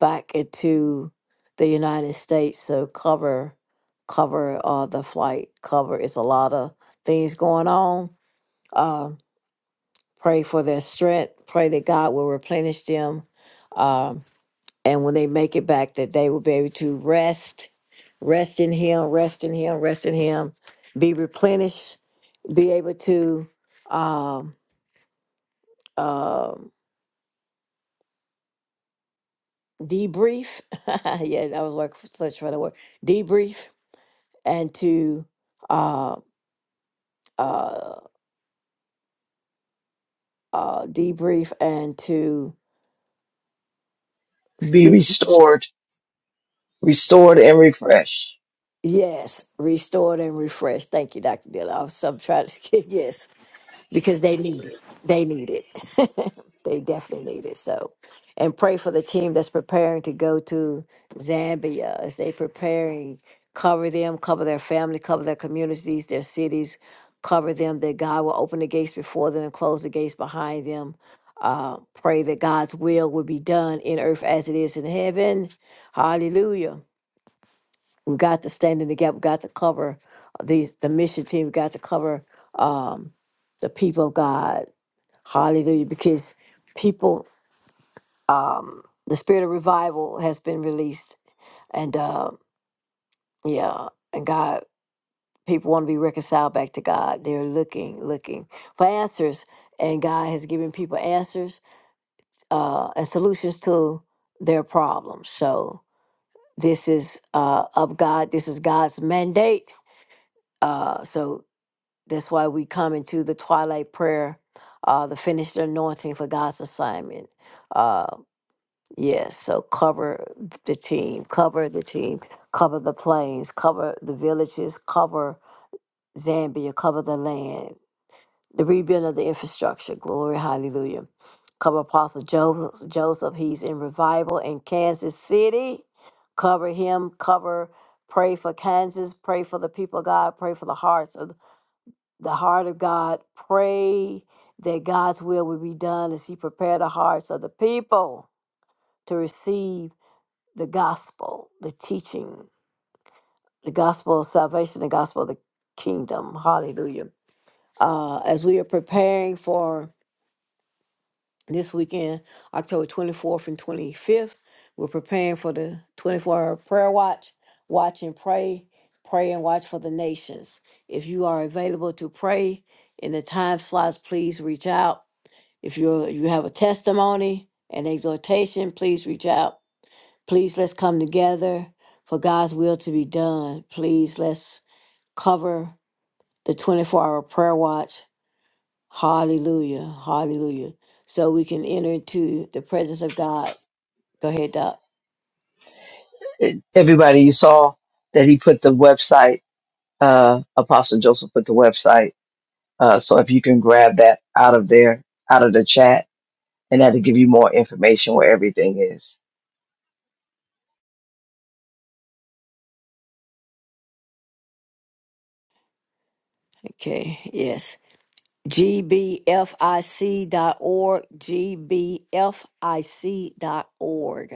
back into the United States. So cover, cover uh, the flight. Cover. It's a lot of things going on. Uh, pray for their strength. Pray that God will replenish them. Um, and when they make it back that they will be able to rest rest in him rest in him rest in him be replenished be able to um um debrief yeah I was like such for the word debrief and to uh uh uh debrief and to Be see restored, restored and refreshed. yes restored and refreshed thank you dr dilla i was some trying to yes because they need it. They need it. they definitely need it. So, and pray for the team that's preparing to go to Zambia as they preparing. Cover them, cover their family, cover their communities, their cities. Cover them that God will open the gates before them and close the gates behind them. Uh, pray that God's will will be done in earth as it is in heaven. Hallelujah. We've got to stand in the gap. We've got to cover these the mission team. We've got to cover um, the people of God Hallelujah. Because people, um, the spirit of revival has been released. And uh, yeah, and God, people want to be reconciled back to God. They're looking, looking for answers. And God has given people answers uh, and solutions to their problems. So this is uh, of God. This is God's mandate. Uh, so that's why we come into the twilight prayer, uh, the finished anointing for God's assignment. uh, Yes, so cover the team, cover the team, cover the plains, cover the villages, cover Zambia, cover the land, the rebuilding of the infrastructure. Glory, hallelujah. Cover Apostle Joseph. Joseph, he's in revival in Kansas City. Cover him, cover, pray for Kansas, pray for the people of God, pray for the hearts of the heart of God. Pray that God's will will be done as he prepared the hearts of the people to receive the gospel, the teaching, the gospel of salvation, the gospel of the kingdom. Hallelujah. Uh, as we are preparing for this weekend, October 24th and 25th, we're preparing for the 24 hour prayer watch. Watch and pray. Pray and watch for the nations. If you are available to pray in the time slots, please reach out. If you you have a testimony, an exhortation, please reach out Please let's come together for God's will to be done. Please let's cover the 24 hour prayer watch. Hallelujah. Hallelujah. So we can enter into the presence of God. Go ahead, Doc. Everybody, you saw that he put the website. uh, Apostle Joseph put the website. Uh, so if you can grab that out of there, out of the chat, and that'll give you more information where everything is. Okay. Yes. GBFIC.org. GBFIC.org.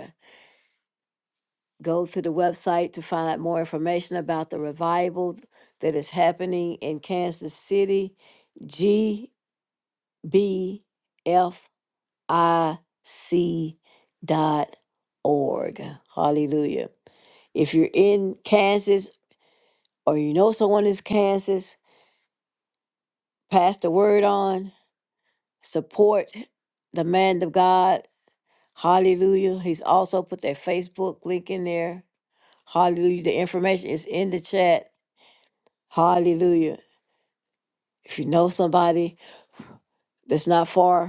Go to the website to find out more information about the revival that is happening in Kansas City. B F I C dot org. Hallelujah. If you're in Kansas or you know someone in Kansas, pass the word on, support the man of God. Hallelujah. He's also put that Facebook link in there. Hallelujah. The information is in the chat. Hallelujah. If you know somebody that's not far,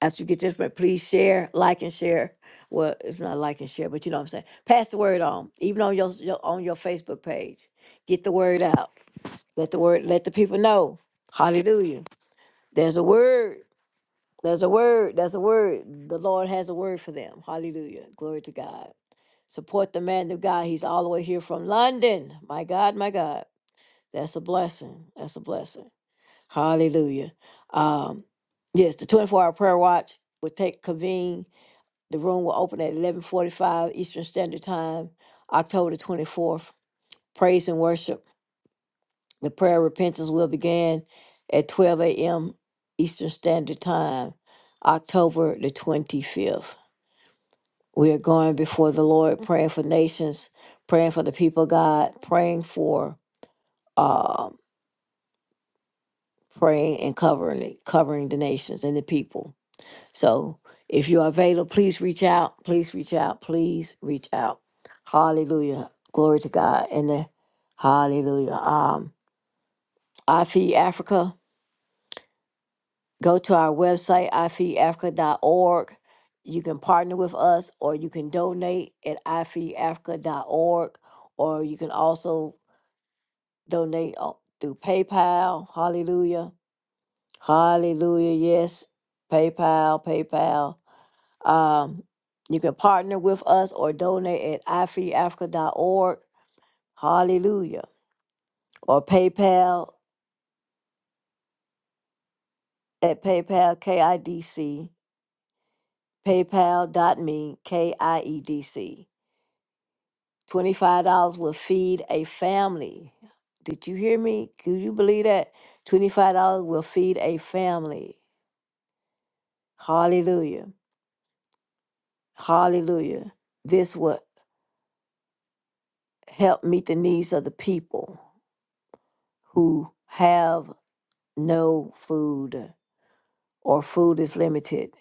after you get this, but please share, like, and share. Well, it's not like and share, but you know what I'm saying. Pass the word on, even on your, your on your Facebook page. Get the word out. Let the word let the people know. Hallelujah. There's a word. There's a word. There's a word. The Lord has a word for them. Hallelujah. Glory to God. Support the man of God. He's all the way here from London. My God, my God. That's a blessing. That's a blessing. Hallelujah. Um, yes, the 24 hour prayer watch will take convene the room will open at eleven forty-five Eastern Standard Time, October twenty-fourth. Praise and worship. The prayer of repentance will begin at twelve a.m. Eastern Standard Time, October the twenty-fifth. We are going before the Lord, praying for nations, praying for the people of God, praying for um, praying and covering covering the nations and the people. So if you're available, please reach out. Please reach out. Please reach out. Hallelujah. Glory to God. And the hallelujah. Um, iFeed Africa. Go to our website, i feed africa dot org. You can partner with us or you can donate at i feed africa dot org, or you can also donate o- through PayPal. Hallelujah. Hallelujah. Yes. PayPal, PayPal. Um, you can partner with us or donate at ifreeafrica.org. Hallelujah. Or PayPal at PayPal KIDC, paypal.me KIEDC. $25 will feed a family. Did you hear me? Could you believe that? $25 will feed a family. Hallelujah. Hallelujah. This will help meet the needs of the people who have no food. or food is limited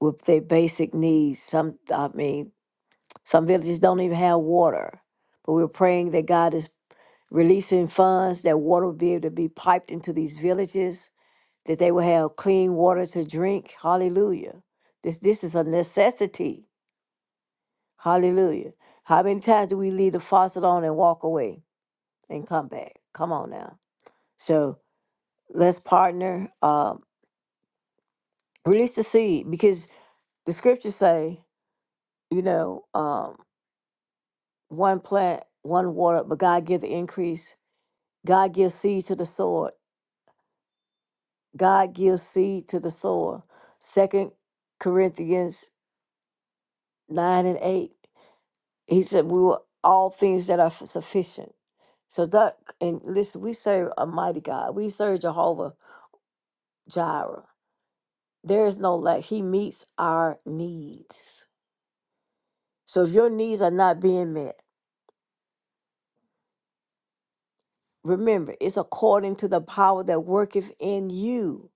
with their basic needs. Some, I mean, some villages don't even have water. But we're praying that God is releasing funds, that water will be able to be piped into these villages, that they will have clean water to drink. Hallelujah. This, this is a necessity. Hallelujah. How many times do we leave the faucet on and walk away and come back? Come on now. So let's partner, um, release the seed because the scriptures say, you know, um, one plant, one water, but God gives the increase. God gives seed to the sower. God gives seed to the sower. Second Corinthians nine and eight. He said, "We were all things that are f- sufficient." So that and listen, we serve a mighty God. We serve Jehovah Jireh. There is no lack. He meets our needs. So if your needs are not being met, Remember, it's according to the power that worketh in you.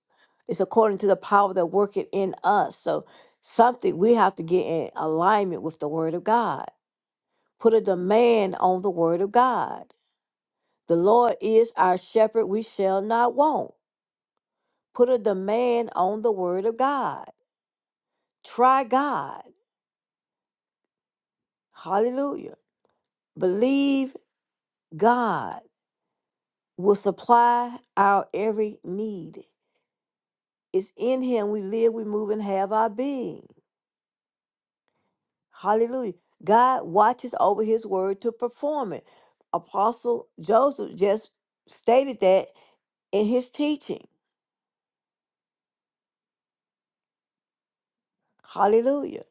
It's according to the power that worketh in us. So something we have to get in alignment with the word of God. Put a demand on the word of God. The Lord is our shepherd, we shall not want. Put a demand on the word of God. Try God. Hallelujah. Believe God will supply our every need. It's in him we live, we move, and have our being. Hallelujah. God watches over his word to perform it. Apostle Joseph just stated that in his teaching. Hallelujah.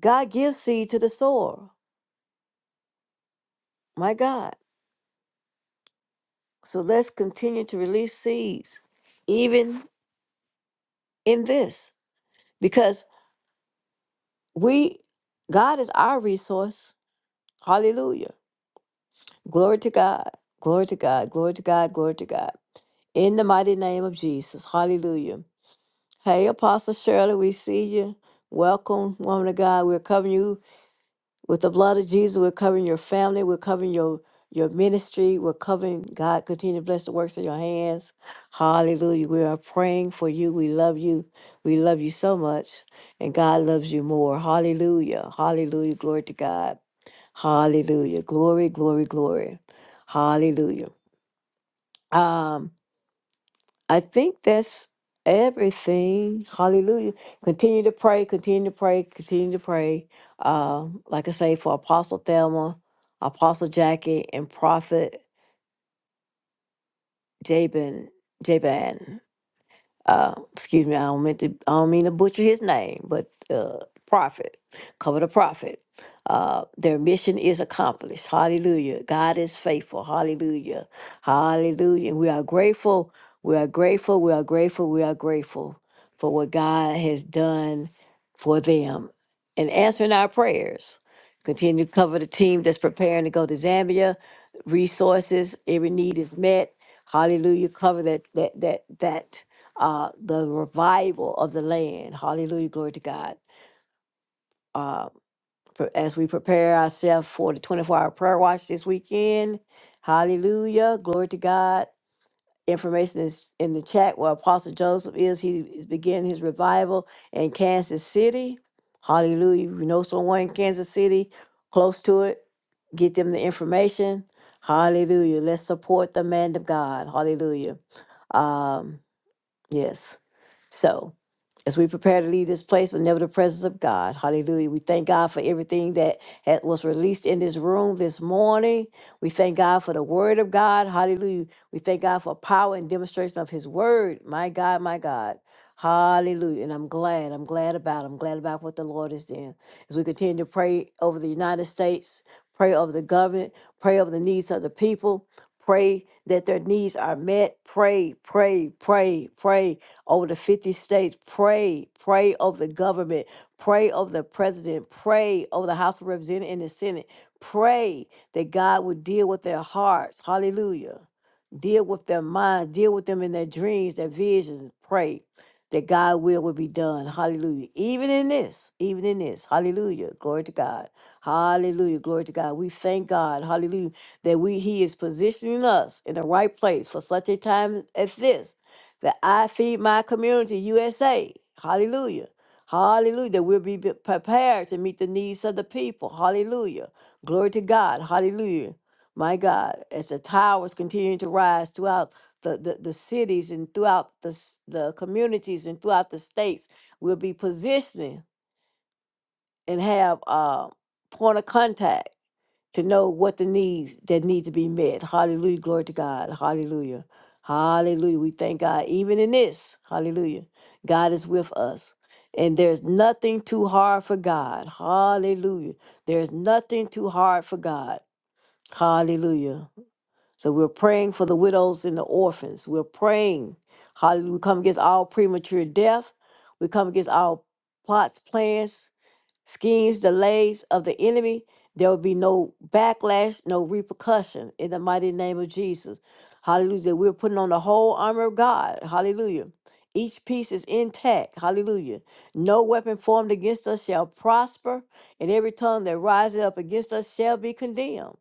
God gives seed to the sower. My God. So let's continue to release seeds, even in this, because we, God is our resource. Hallelujah. Glory to God. Glory to God. Glory to God. Glory to God. In the mighty name of Jesus. Hallelujah. Hey, Apostle Shirley, we see you. Welcome, woman of God. We're covering you with the blood of Jesus. We're covering your family. We're covering your your ministry. We're covering God. Continue to bless the works of your hands. Hallelujah. We are praying for you. We love you. We love you so much. And God loves you more. Hallelujah. Hallelujah. Glory to God. Hallelujah. Glory, glory, glory. Hallelujah. Um, I think that's everything. Hallelujah. Continue to pray, continue to pray, continue to pray. Uh, like I say, for Apostle Thelma, Apostle Jackie, and Prophet Jabin, Jaban uh, excuse me, I don't mean to, I don't mean to butcher his name, but uh, prophet, cover the prophet. Uh, their mission is accomplished. Hallelujah. God is faithful. Hallelujah. Hallelujah. We are grateful. We are grateful. We are grateful. We are grateful for what God has done for them and answering our prayers. Continue to cover the team that's preparing to go to Zambia. Resources, every need is met. Hallelujah. Cover that that that that uh, the revival of the land. Hallelujah. Glory to God. Uh, pre- as we prepare ourselves for the 24 hour prayer watch this weekend, hallelujah. Glory to God. Information is in the chat where Apostle Joseph is. He is beginning his revival in Kansas City. Hallelujah. If you know someone in Kansas City close to it, get them the information. Hallelujah. Let's support the man of God. Hallelujah. Um, yes. So, as we prepare to leave this place, but never the presence of God, hallelujah. We thank God for everything that had, was released in this room this morning. We thank God for the word of God, hallelujah. We thank God for power and demonstration of his word, my God, my God. Hallelujah. And I'm glad. I'm glad about. I'm glad about what the Lord is doing. As we continue to pray over the United States, pray over the government, pray over the needs of the people, pray that their needs are met. Pray, pray, pray, pray over the 50 states. Pray, pray over the government, pray over the president, pray over the House of Representatives and the Senate. Pray that God would deal with their hearts. Hallelujah. Deal with their minds, deal with them in their dreams, their visions. Pray that God's will will be done. Hallelujah. Even in this, even in this. Hallelujah. Glory to God. Hallelujah. Glory to God. We thank God. Hallelujah. That we He is positioning us in the right place for such a time as this that I feed my community, USA. Hallelujah. Hallelujah. That we'll be prepared to meet the needs of the people. Hallelujah. Glory to God. Hallelujah. My God, as the towers continue to rise throughout the, the, the cities and throughout the, s- the communities and throughout the states, we'll be positioning and have uh, point of contact to know what the needs that need to be met. Hallelujah. Glory to God. Hallelujah. Hallelujah. We thank God even in this. Hallelujah. God is with us. And there's nothing too hard for God. Hallelujah. There's nothing too hard for God. Hallelujah. So we're praying for the widows and the orphans. We're praying. Hallelujah. We come against all premature death. We come against all plots, plans schemes, delays of the enemy. There will be no backlash, no repercussion in the mighty name of Jesus. Hallelujah. We're putting on the whole armor of God. Hallelujah. Each piece is intact. Hallelujah. No weapon formed against us shall prosper, and every tongue that rises up against us shall be condemned.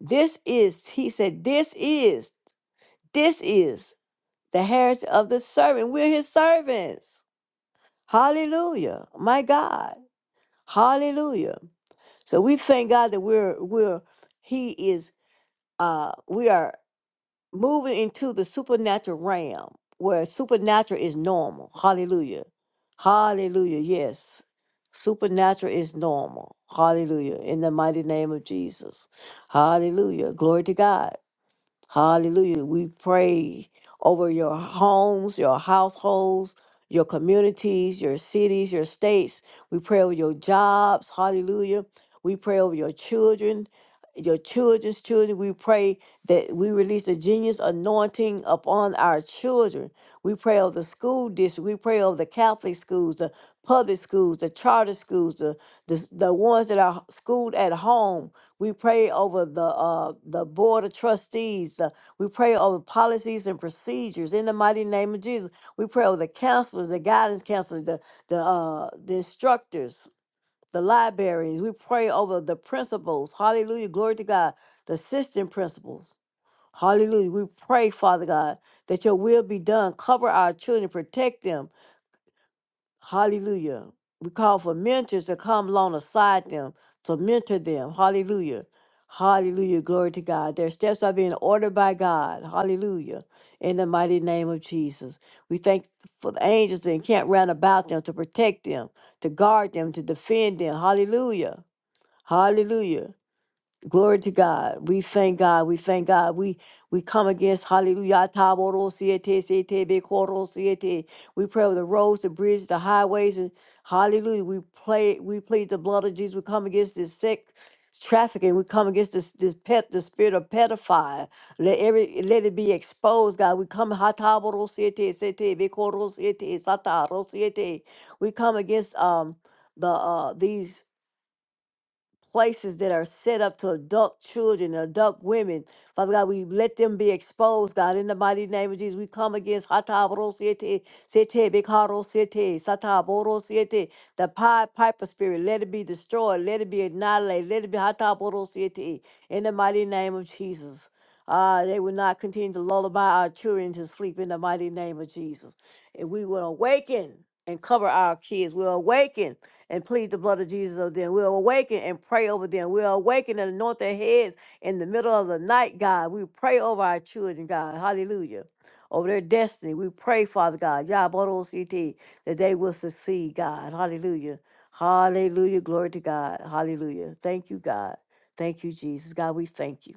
This is, he said, this is, this is the heritage of the servant. We're his servants. Hallelujah. My God. Hallelujah. So we thank God that we're we're He is uh we are moving into the supernatural realm where supernatural is normal. Hallelujah. Hallelujah. Yes. Supernatural is normal. Hallelujah. In the mighty name of Jesus. Hallelujah. Glory to God. Hallelujah. We pray over your homes, your households, your communities, your cities, your states. We pray over your jobs. Hallelujah. We pray over your children, your children's children. We pray that we release the genius anointing upon our children. We pray over the school district. We pray over the Catholic schools, the public schools, the charter schools, the, the, the ones that are schooled at home. We pray over the uh, the board of trustees. uh, we pray over policies and procedures in the mighty name of Jesus. We pray over the counselors, the guidance counselors, the the uh, the instructors, the libraries. We pray over the principals. Hallelujah, glory to God. The assistant principals. Hallelujah. We pray, Father God, that your will be done. Cover our children, protect them. Hallelujah. We call for mentors to come alongside them, to mentor them. Hallelujah. Hallelujah. Glory to God. Their steps are being ordered by God. Hallelujah. In the mighty name of Jesus. We thank for the angels that encamp round about them to protect them, to guard them, to defend them. Hallelujah. Hallelujah. Glory to God. We thank God. We thank God. We we come against hallelujah. taborosiete, siete, bekorosiete. We pray over the roads, the bridges, the highways, and hallelujah. We play we plead the blood of Jesus. We come against this sex trafficking. We come against this this pet, the spirit of pedophile. Let every let it be exposed, God. We come hataborosiete, siete, bekorosiete, satarosiete. We come against um the uh these places that are set up to adult children, adult women. Father God, we let them be exposed, God. In the mighty name of Jesus, we come against Hataboro Siete, Siete, Bikaro Siete, Sataboro Siete, the Pied Piper spirit. Let it be destroyed. Let it be annihilated. Let it be Hataboro Siete. In the mighty name of Jesus. Uh, they will not continue to lullaby our children to sleep in the mighty name of Jesus. And we will awaken and cover our kids. We'll awaken and plead the blood of Jesus over them. We'll awaken and pray over them. We'll awaken and anoint their heads in the middle of the night, God. We pray over our children, God. Hallelujah. Over their destiny. We pray, Father God, Yabodo-CT, that they will succeed, God. Hallelujah. Hallelujah. Glory to God. Hallelujah. Thank you, God. Thank you, Jesus. God, we thank you.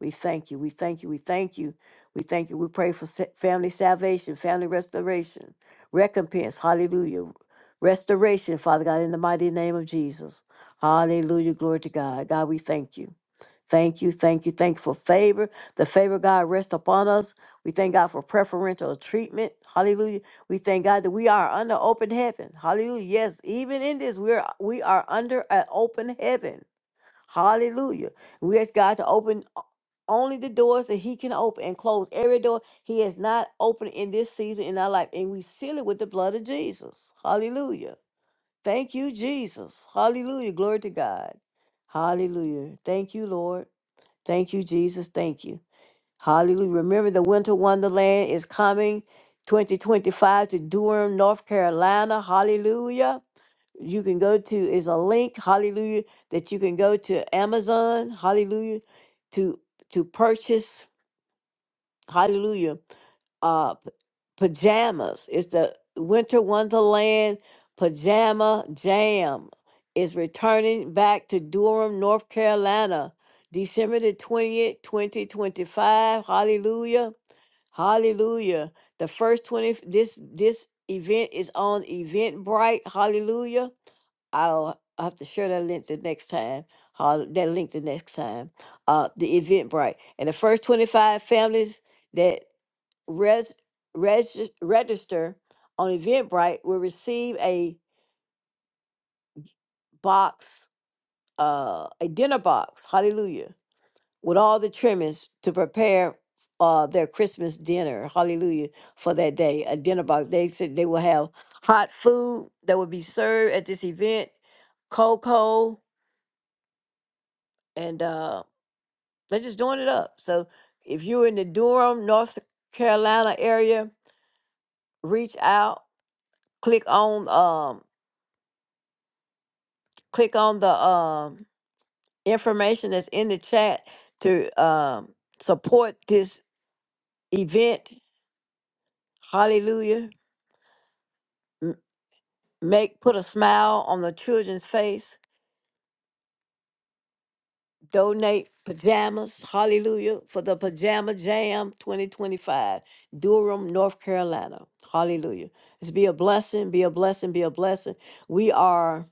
We thank you. We thank you. We thank you. We thank you. We pray for sa- family salvation, family restoration, recompense. Hallelujah restoration, Father God, in the mighty name of Jesus. Hallelujah. Glory to God. God, we thank you. Thank you, thank you, thank you for favor. The favor, God, rest upon us. We thank God for preferential treatment. Hallelujah. We thank God that we are under open heaven. Hallelujah. Yes, even in this, we are we are under an open heaven. Hallelujah. We ask God to open only the doors that He can open and close every door He has not opened in this season in our life. And we seal it with the blood of Jesus. Hallelujah. Thank you, Jesus. Hallelujah. Glory to God. Hallelujah. Thank you, Lord. Thank you, Jesus. Thank you. Hallelujah. Remember, the Winter Wonderland is coming 2025 to Durham, North Carolina. Hallelujah. You can go to, is a link, hallelujah, that you can go to Amazon, hallelujah, to to purchase Hallelujah. Uh, p- pajamas. It's the Winter Wonderland Pajama Jam. Is returning back to Durham, North Carolina, December the 20th, 2025. Hallelujah. Hallelujah. The first 20 this this event is on Eventbrite. Hallelujah. I'll have to share that link the next time. Hall- That link the next time. Uh the Eventbrite. And the first 25 families that res, regis, register on Eventbrite will receive a box, uh, a dinner box, hallelujah, with all the trimmings to prepare uh, their Christmas dinner, hallelujah, for that day. A dinner box. They said they will have hot food that will be served at this event, cocoa, and uh, they're just doing it up. So if you're in the Durham, North Carolina area, reach out, click on. um, click on the um, information that's in the chat to um, support this event. Hallelujah. M- Make put a smile on the children's face. Donate pajamas. Hallelujah. For the Pajama Jam 2025, Durham, North Carolina. Hallelujah. It's be a blessing, be a blessing, be a blessing. We are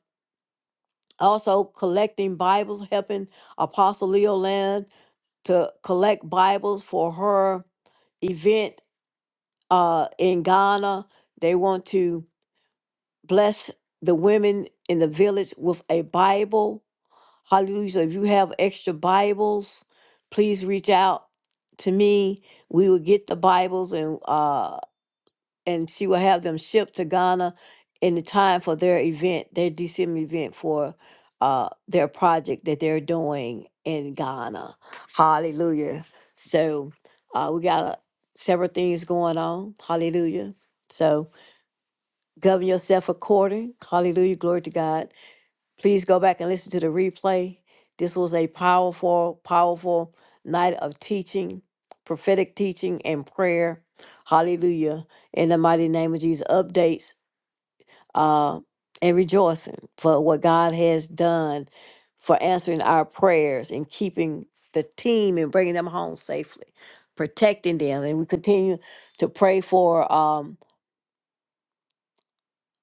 also collecting Bibles, helping Apostle Leo Land to collect Bibles for her event uh, in Ghana. They want to bless the women in the village with a Bible. Hallelujah. So if you have extra Bibles, please reach out to me. We will get the Bibles and uh, and she will have them shipped to Ghana in the time for their event, their DCM event for uh, their project that they're doing in Ghana. Hallelujah. So uh, we got uh, several things going on. Hallelujah. So govern yourself according. Hallelujah. Glory to God Please go back and listen to the replay. This was a powerful, powerful night of teaching, prophetic teaching and prayer. Hallelujah. In the mighty name of Jesus, updates uh, and rejoicing for what God has done for answering our prayers and keeping the team and bringing them home safely, protecting them. And we continue to pray for. Um,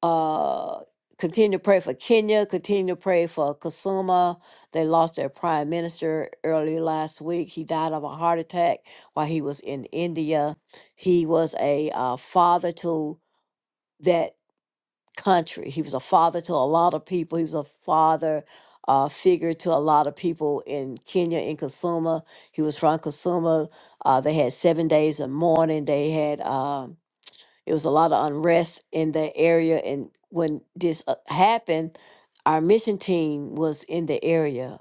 uh continue to pray for Kenya, continue to pray for Kasuma. They lost their prime minister early last week. He died of a heart attack while he was in India. He was a uh, father to that country. He was a father to a lot of people. He was a father uh, figure to a lot of people in Kenya, in Kasuma. He was from Kasuma. Uh, they had seven days of mourning. They had. um. It was a lot of unrest in that area. And when this uh, happened, our mission team was in the area.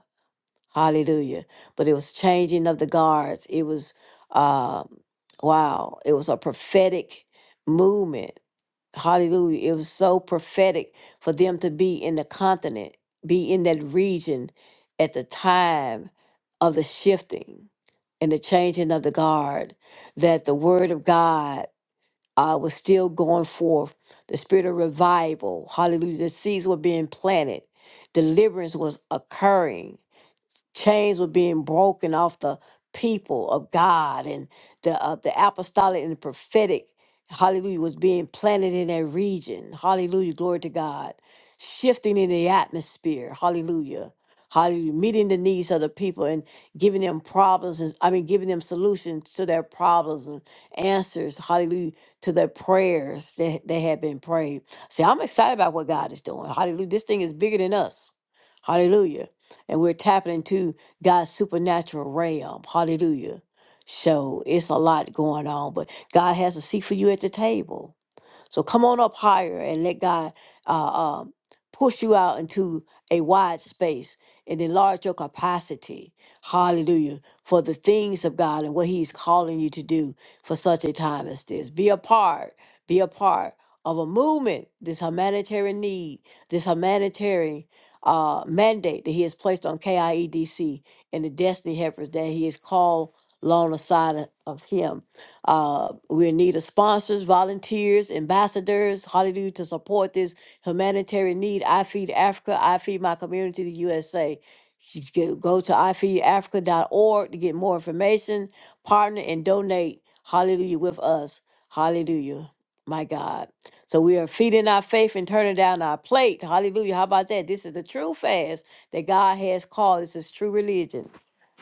Hallelujah. But it was changing of the guards. It was, um, wow, it was a prophetic movement. Hallelujah. It was so prophetic for them to be in the continent, be in that region at the time of the shifting and the changing of the guard, that the word of God uh, was still going forth. The spirit of revival, hallelujah, the seeds were being planted, deliverance was occurring chains were being broken off the people of God and the uh, the apostolic and the prophetic hallelujah was being planted in that region hallelujah glory to God shifting in the atmosphere hallelujah hallelujah meeting the needs of the people and giving them problems and I mean giving them solutions to their problems and answers hallelujah to their prayers that they have been prayed see I'm excited about what God is doing hallelujah this thing is bigger than us hallelujah and we're tapping into God's supernatural realm. Hallelujah. So it's a lot going on, but God has a seat for you at the table. So come on up higher and let God uh, um, push you out into a wide space and enlarge your capacity. Hallelujah. For the things of God and what He's calling you to do for such a time as this. Be a part, be a part of a movement, this humanitarian need, this humanitarian uh, mandate that He has placed on KIEDC and the destiny helpers that He has called alongside of Him uh, we're in need of sponsors, volunteers, ambassadors, hallelujah, to support this humanitarian need. I Feed Africa, I Feed My Community, the USA. You can Go to ifeedafrica.org to get more information, partner, and donate, hallelujah, with us. Hallelujah, my God. So we are feeding our faith and turning down our plate. Hallelujah. How about that? This is the true fast that God has called. This is true religion.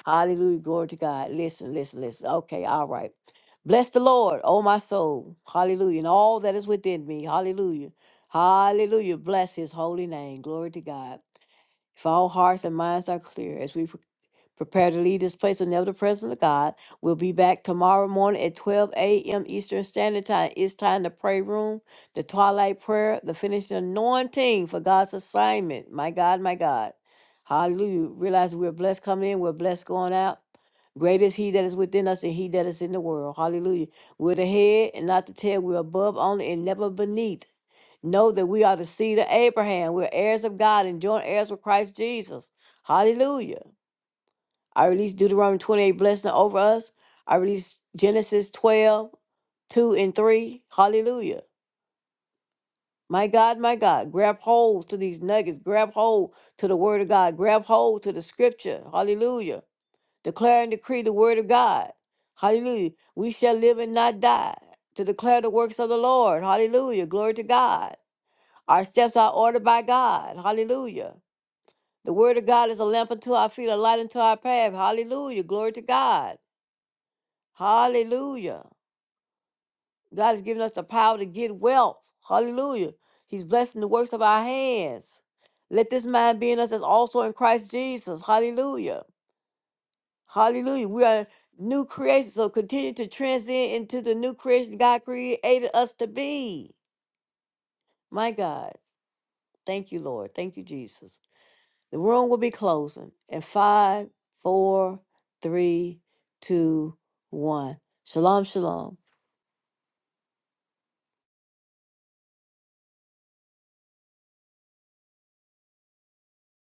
Hallelujah. Glory to God. Listen, listen, listen. Okay, all right. Bless the Lord, oh my soul. Hallelujah. And all that is within me. Hallelujah. Hallelujah. Bless his holy name. Glory to God. If all hearts and minds are clear as we Prepare to leave this place with never the presence of God. We'll be back tomorrow morning at 12 a.m. Eastern Standard Time. It's time to pray room, the twilight prayer, the finishing anointing for God's assignment. My God, my God. Hallelujah. Realize we're blessed coming in, we're blessed going out. Great is he that is within us and he that is in the world. Hallelujah. We're the head and not the tail. We're above only and never beneath. Know that we are the seed of Abraham. We're heirs of God and joint heirs with Christ Jesus. Hallelujah. I release Deuteronomy 28 blessing over us. I release Genesis 12, 2 and 3. Hallelujah. My God, my God, grab hold to these nuggets. Grab hold to the word of God. Grab hold to the scripture. Hallelujah. Declare and decree the word of God. Hallelujah. We shall live and not die to declare the works of the Lord. Hallelujah. Glory to God. Our steps are ordered by God. Hallelujah. The word of God is a lamp unto our feet, a light unto our path. Hallelujah. Glory to God. Hallelujah. God has given us the power to get wealth. Hallelujah. He's blessing the works of our hands. Let this mind be in us as also in Christ Jesus. Hallelujah. Hallelujah. We are new creations, so continue to transcend into the new creation God created us to be. My God. Thank you, Lord. Thank you, Jesus. The room will be closing in five, four, three, two, one. Shalom, shalom.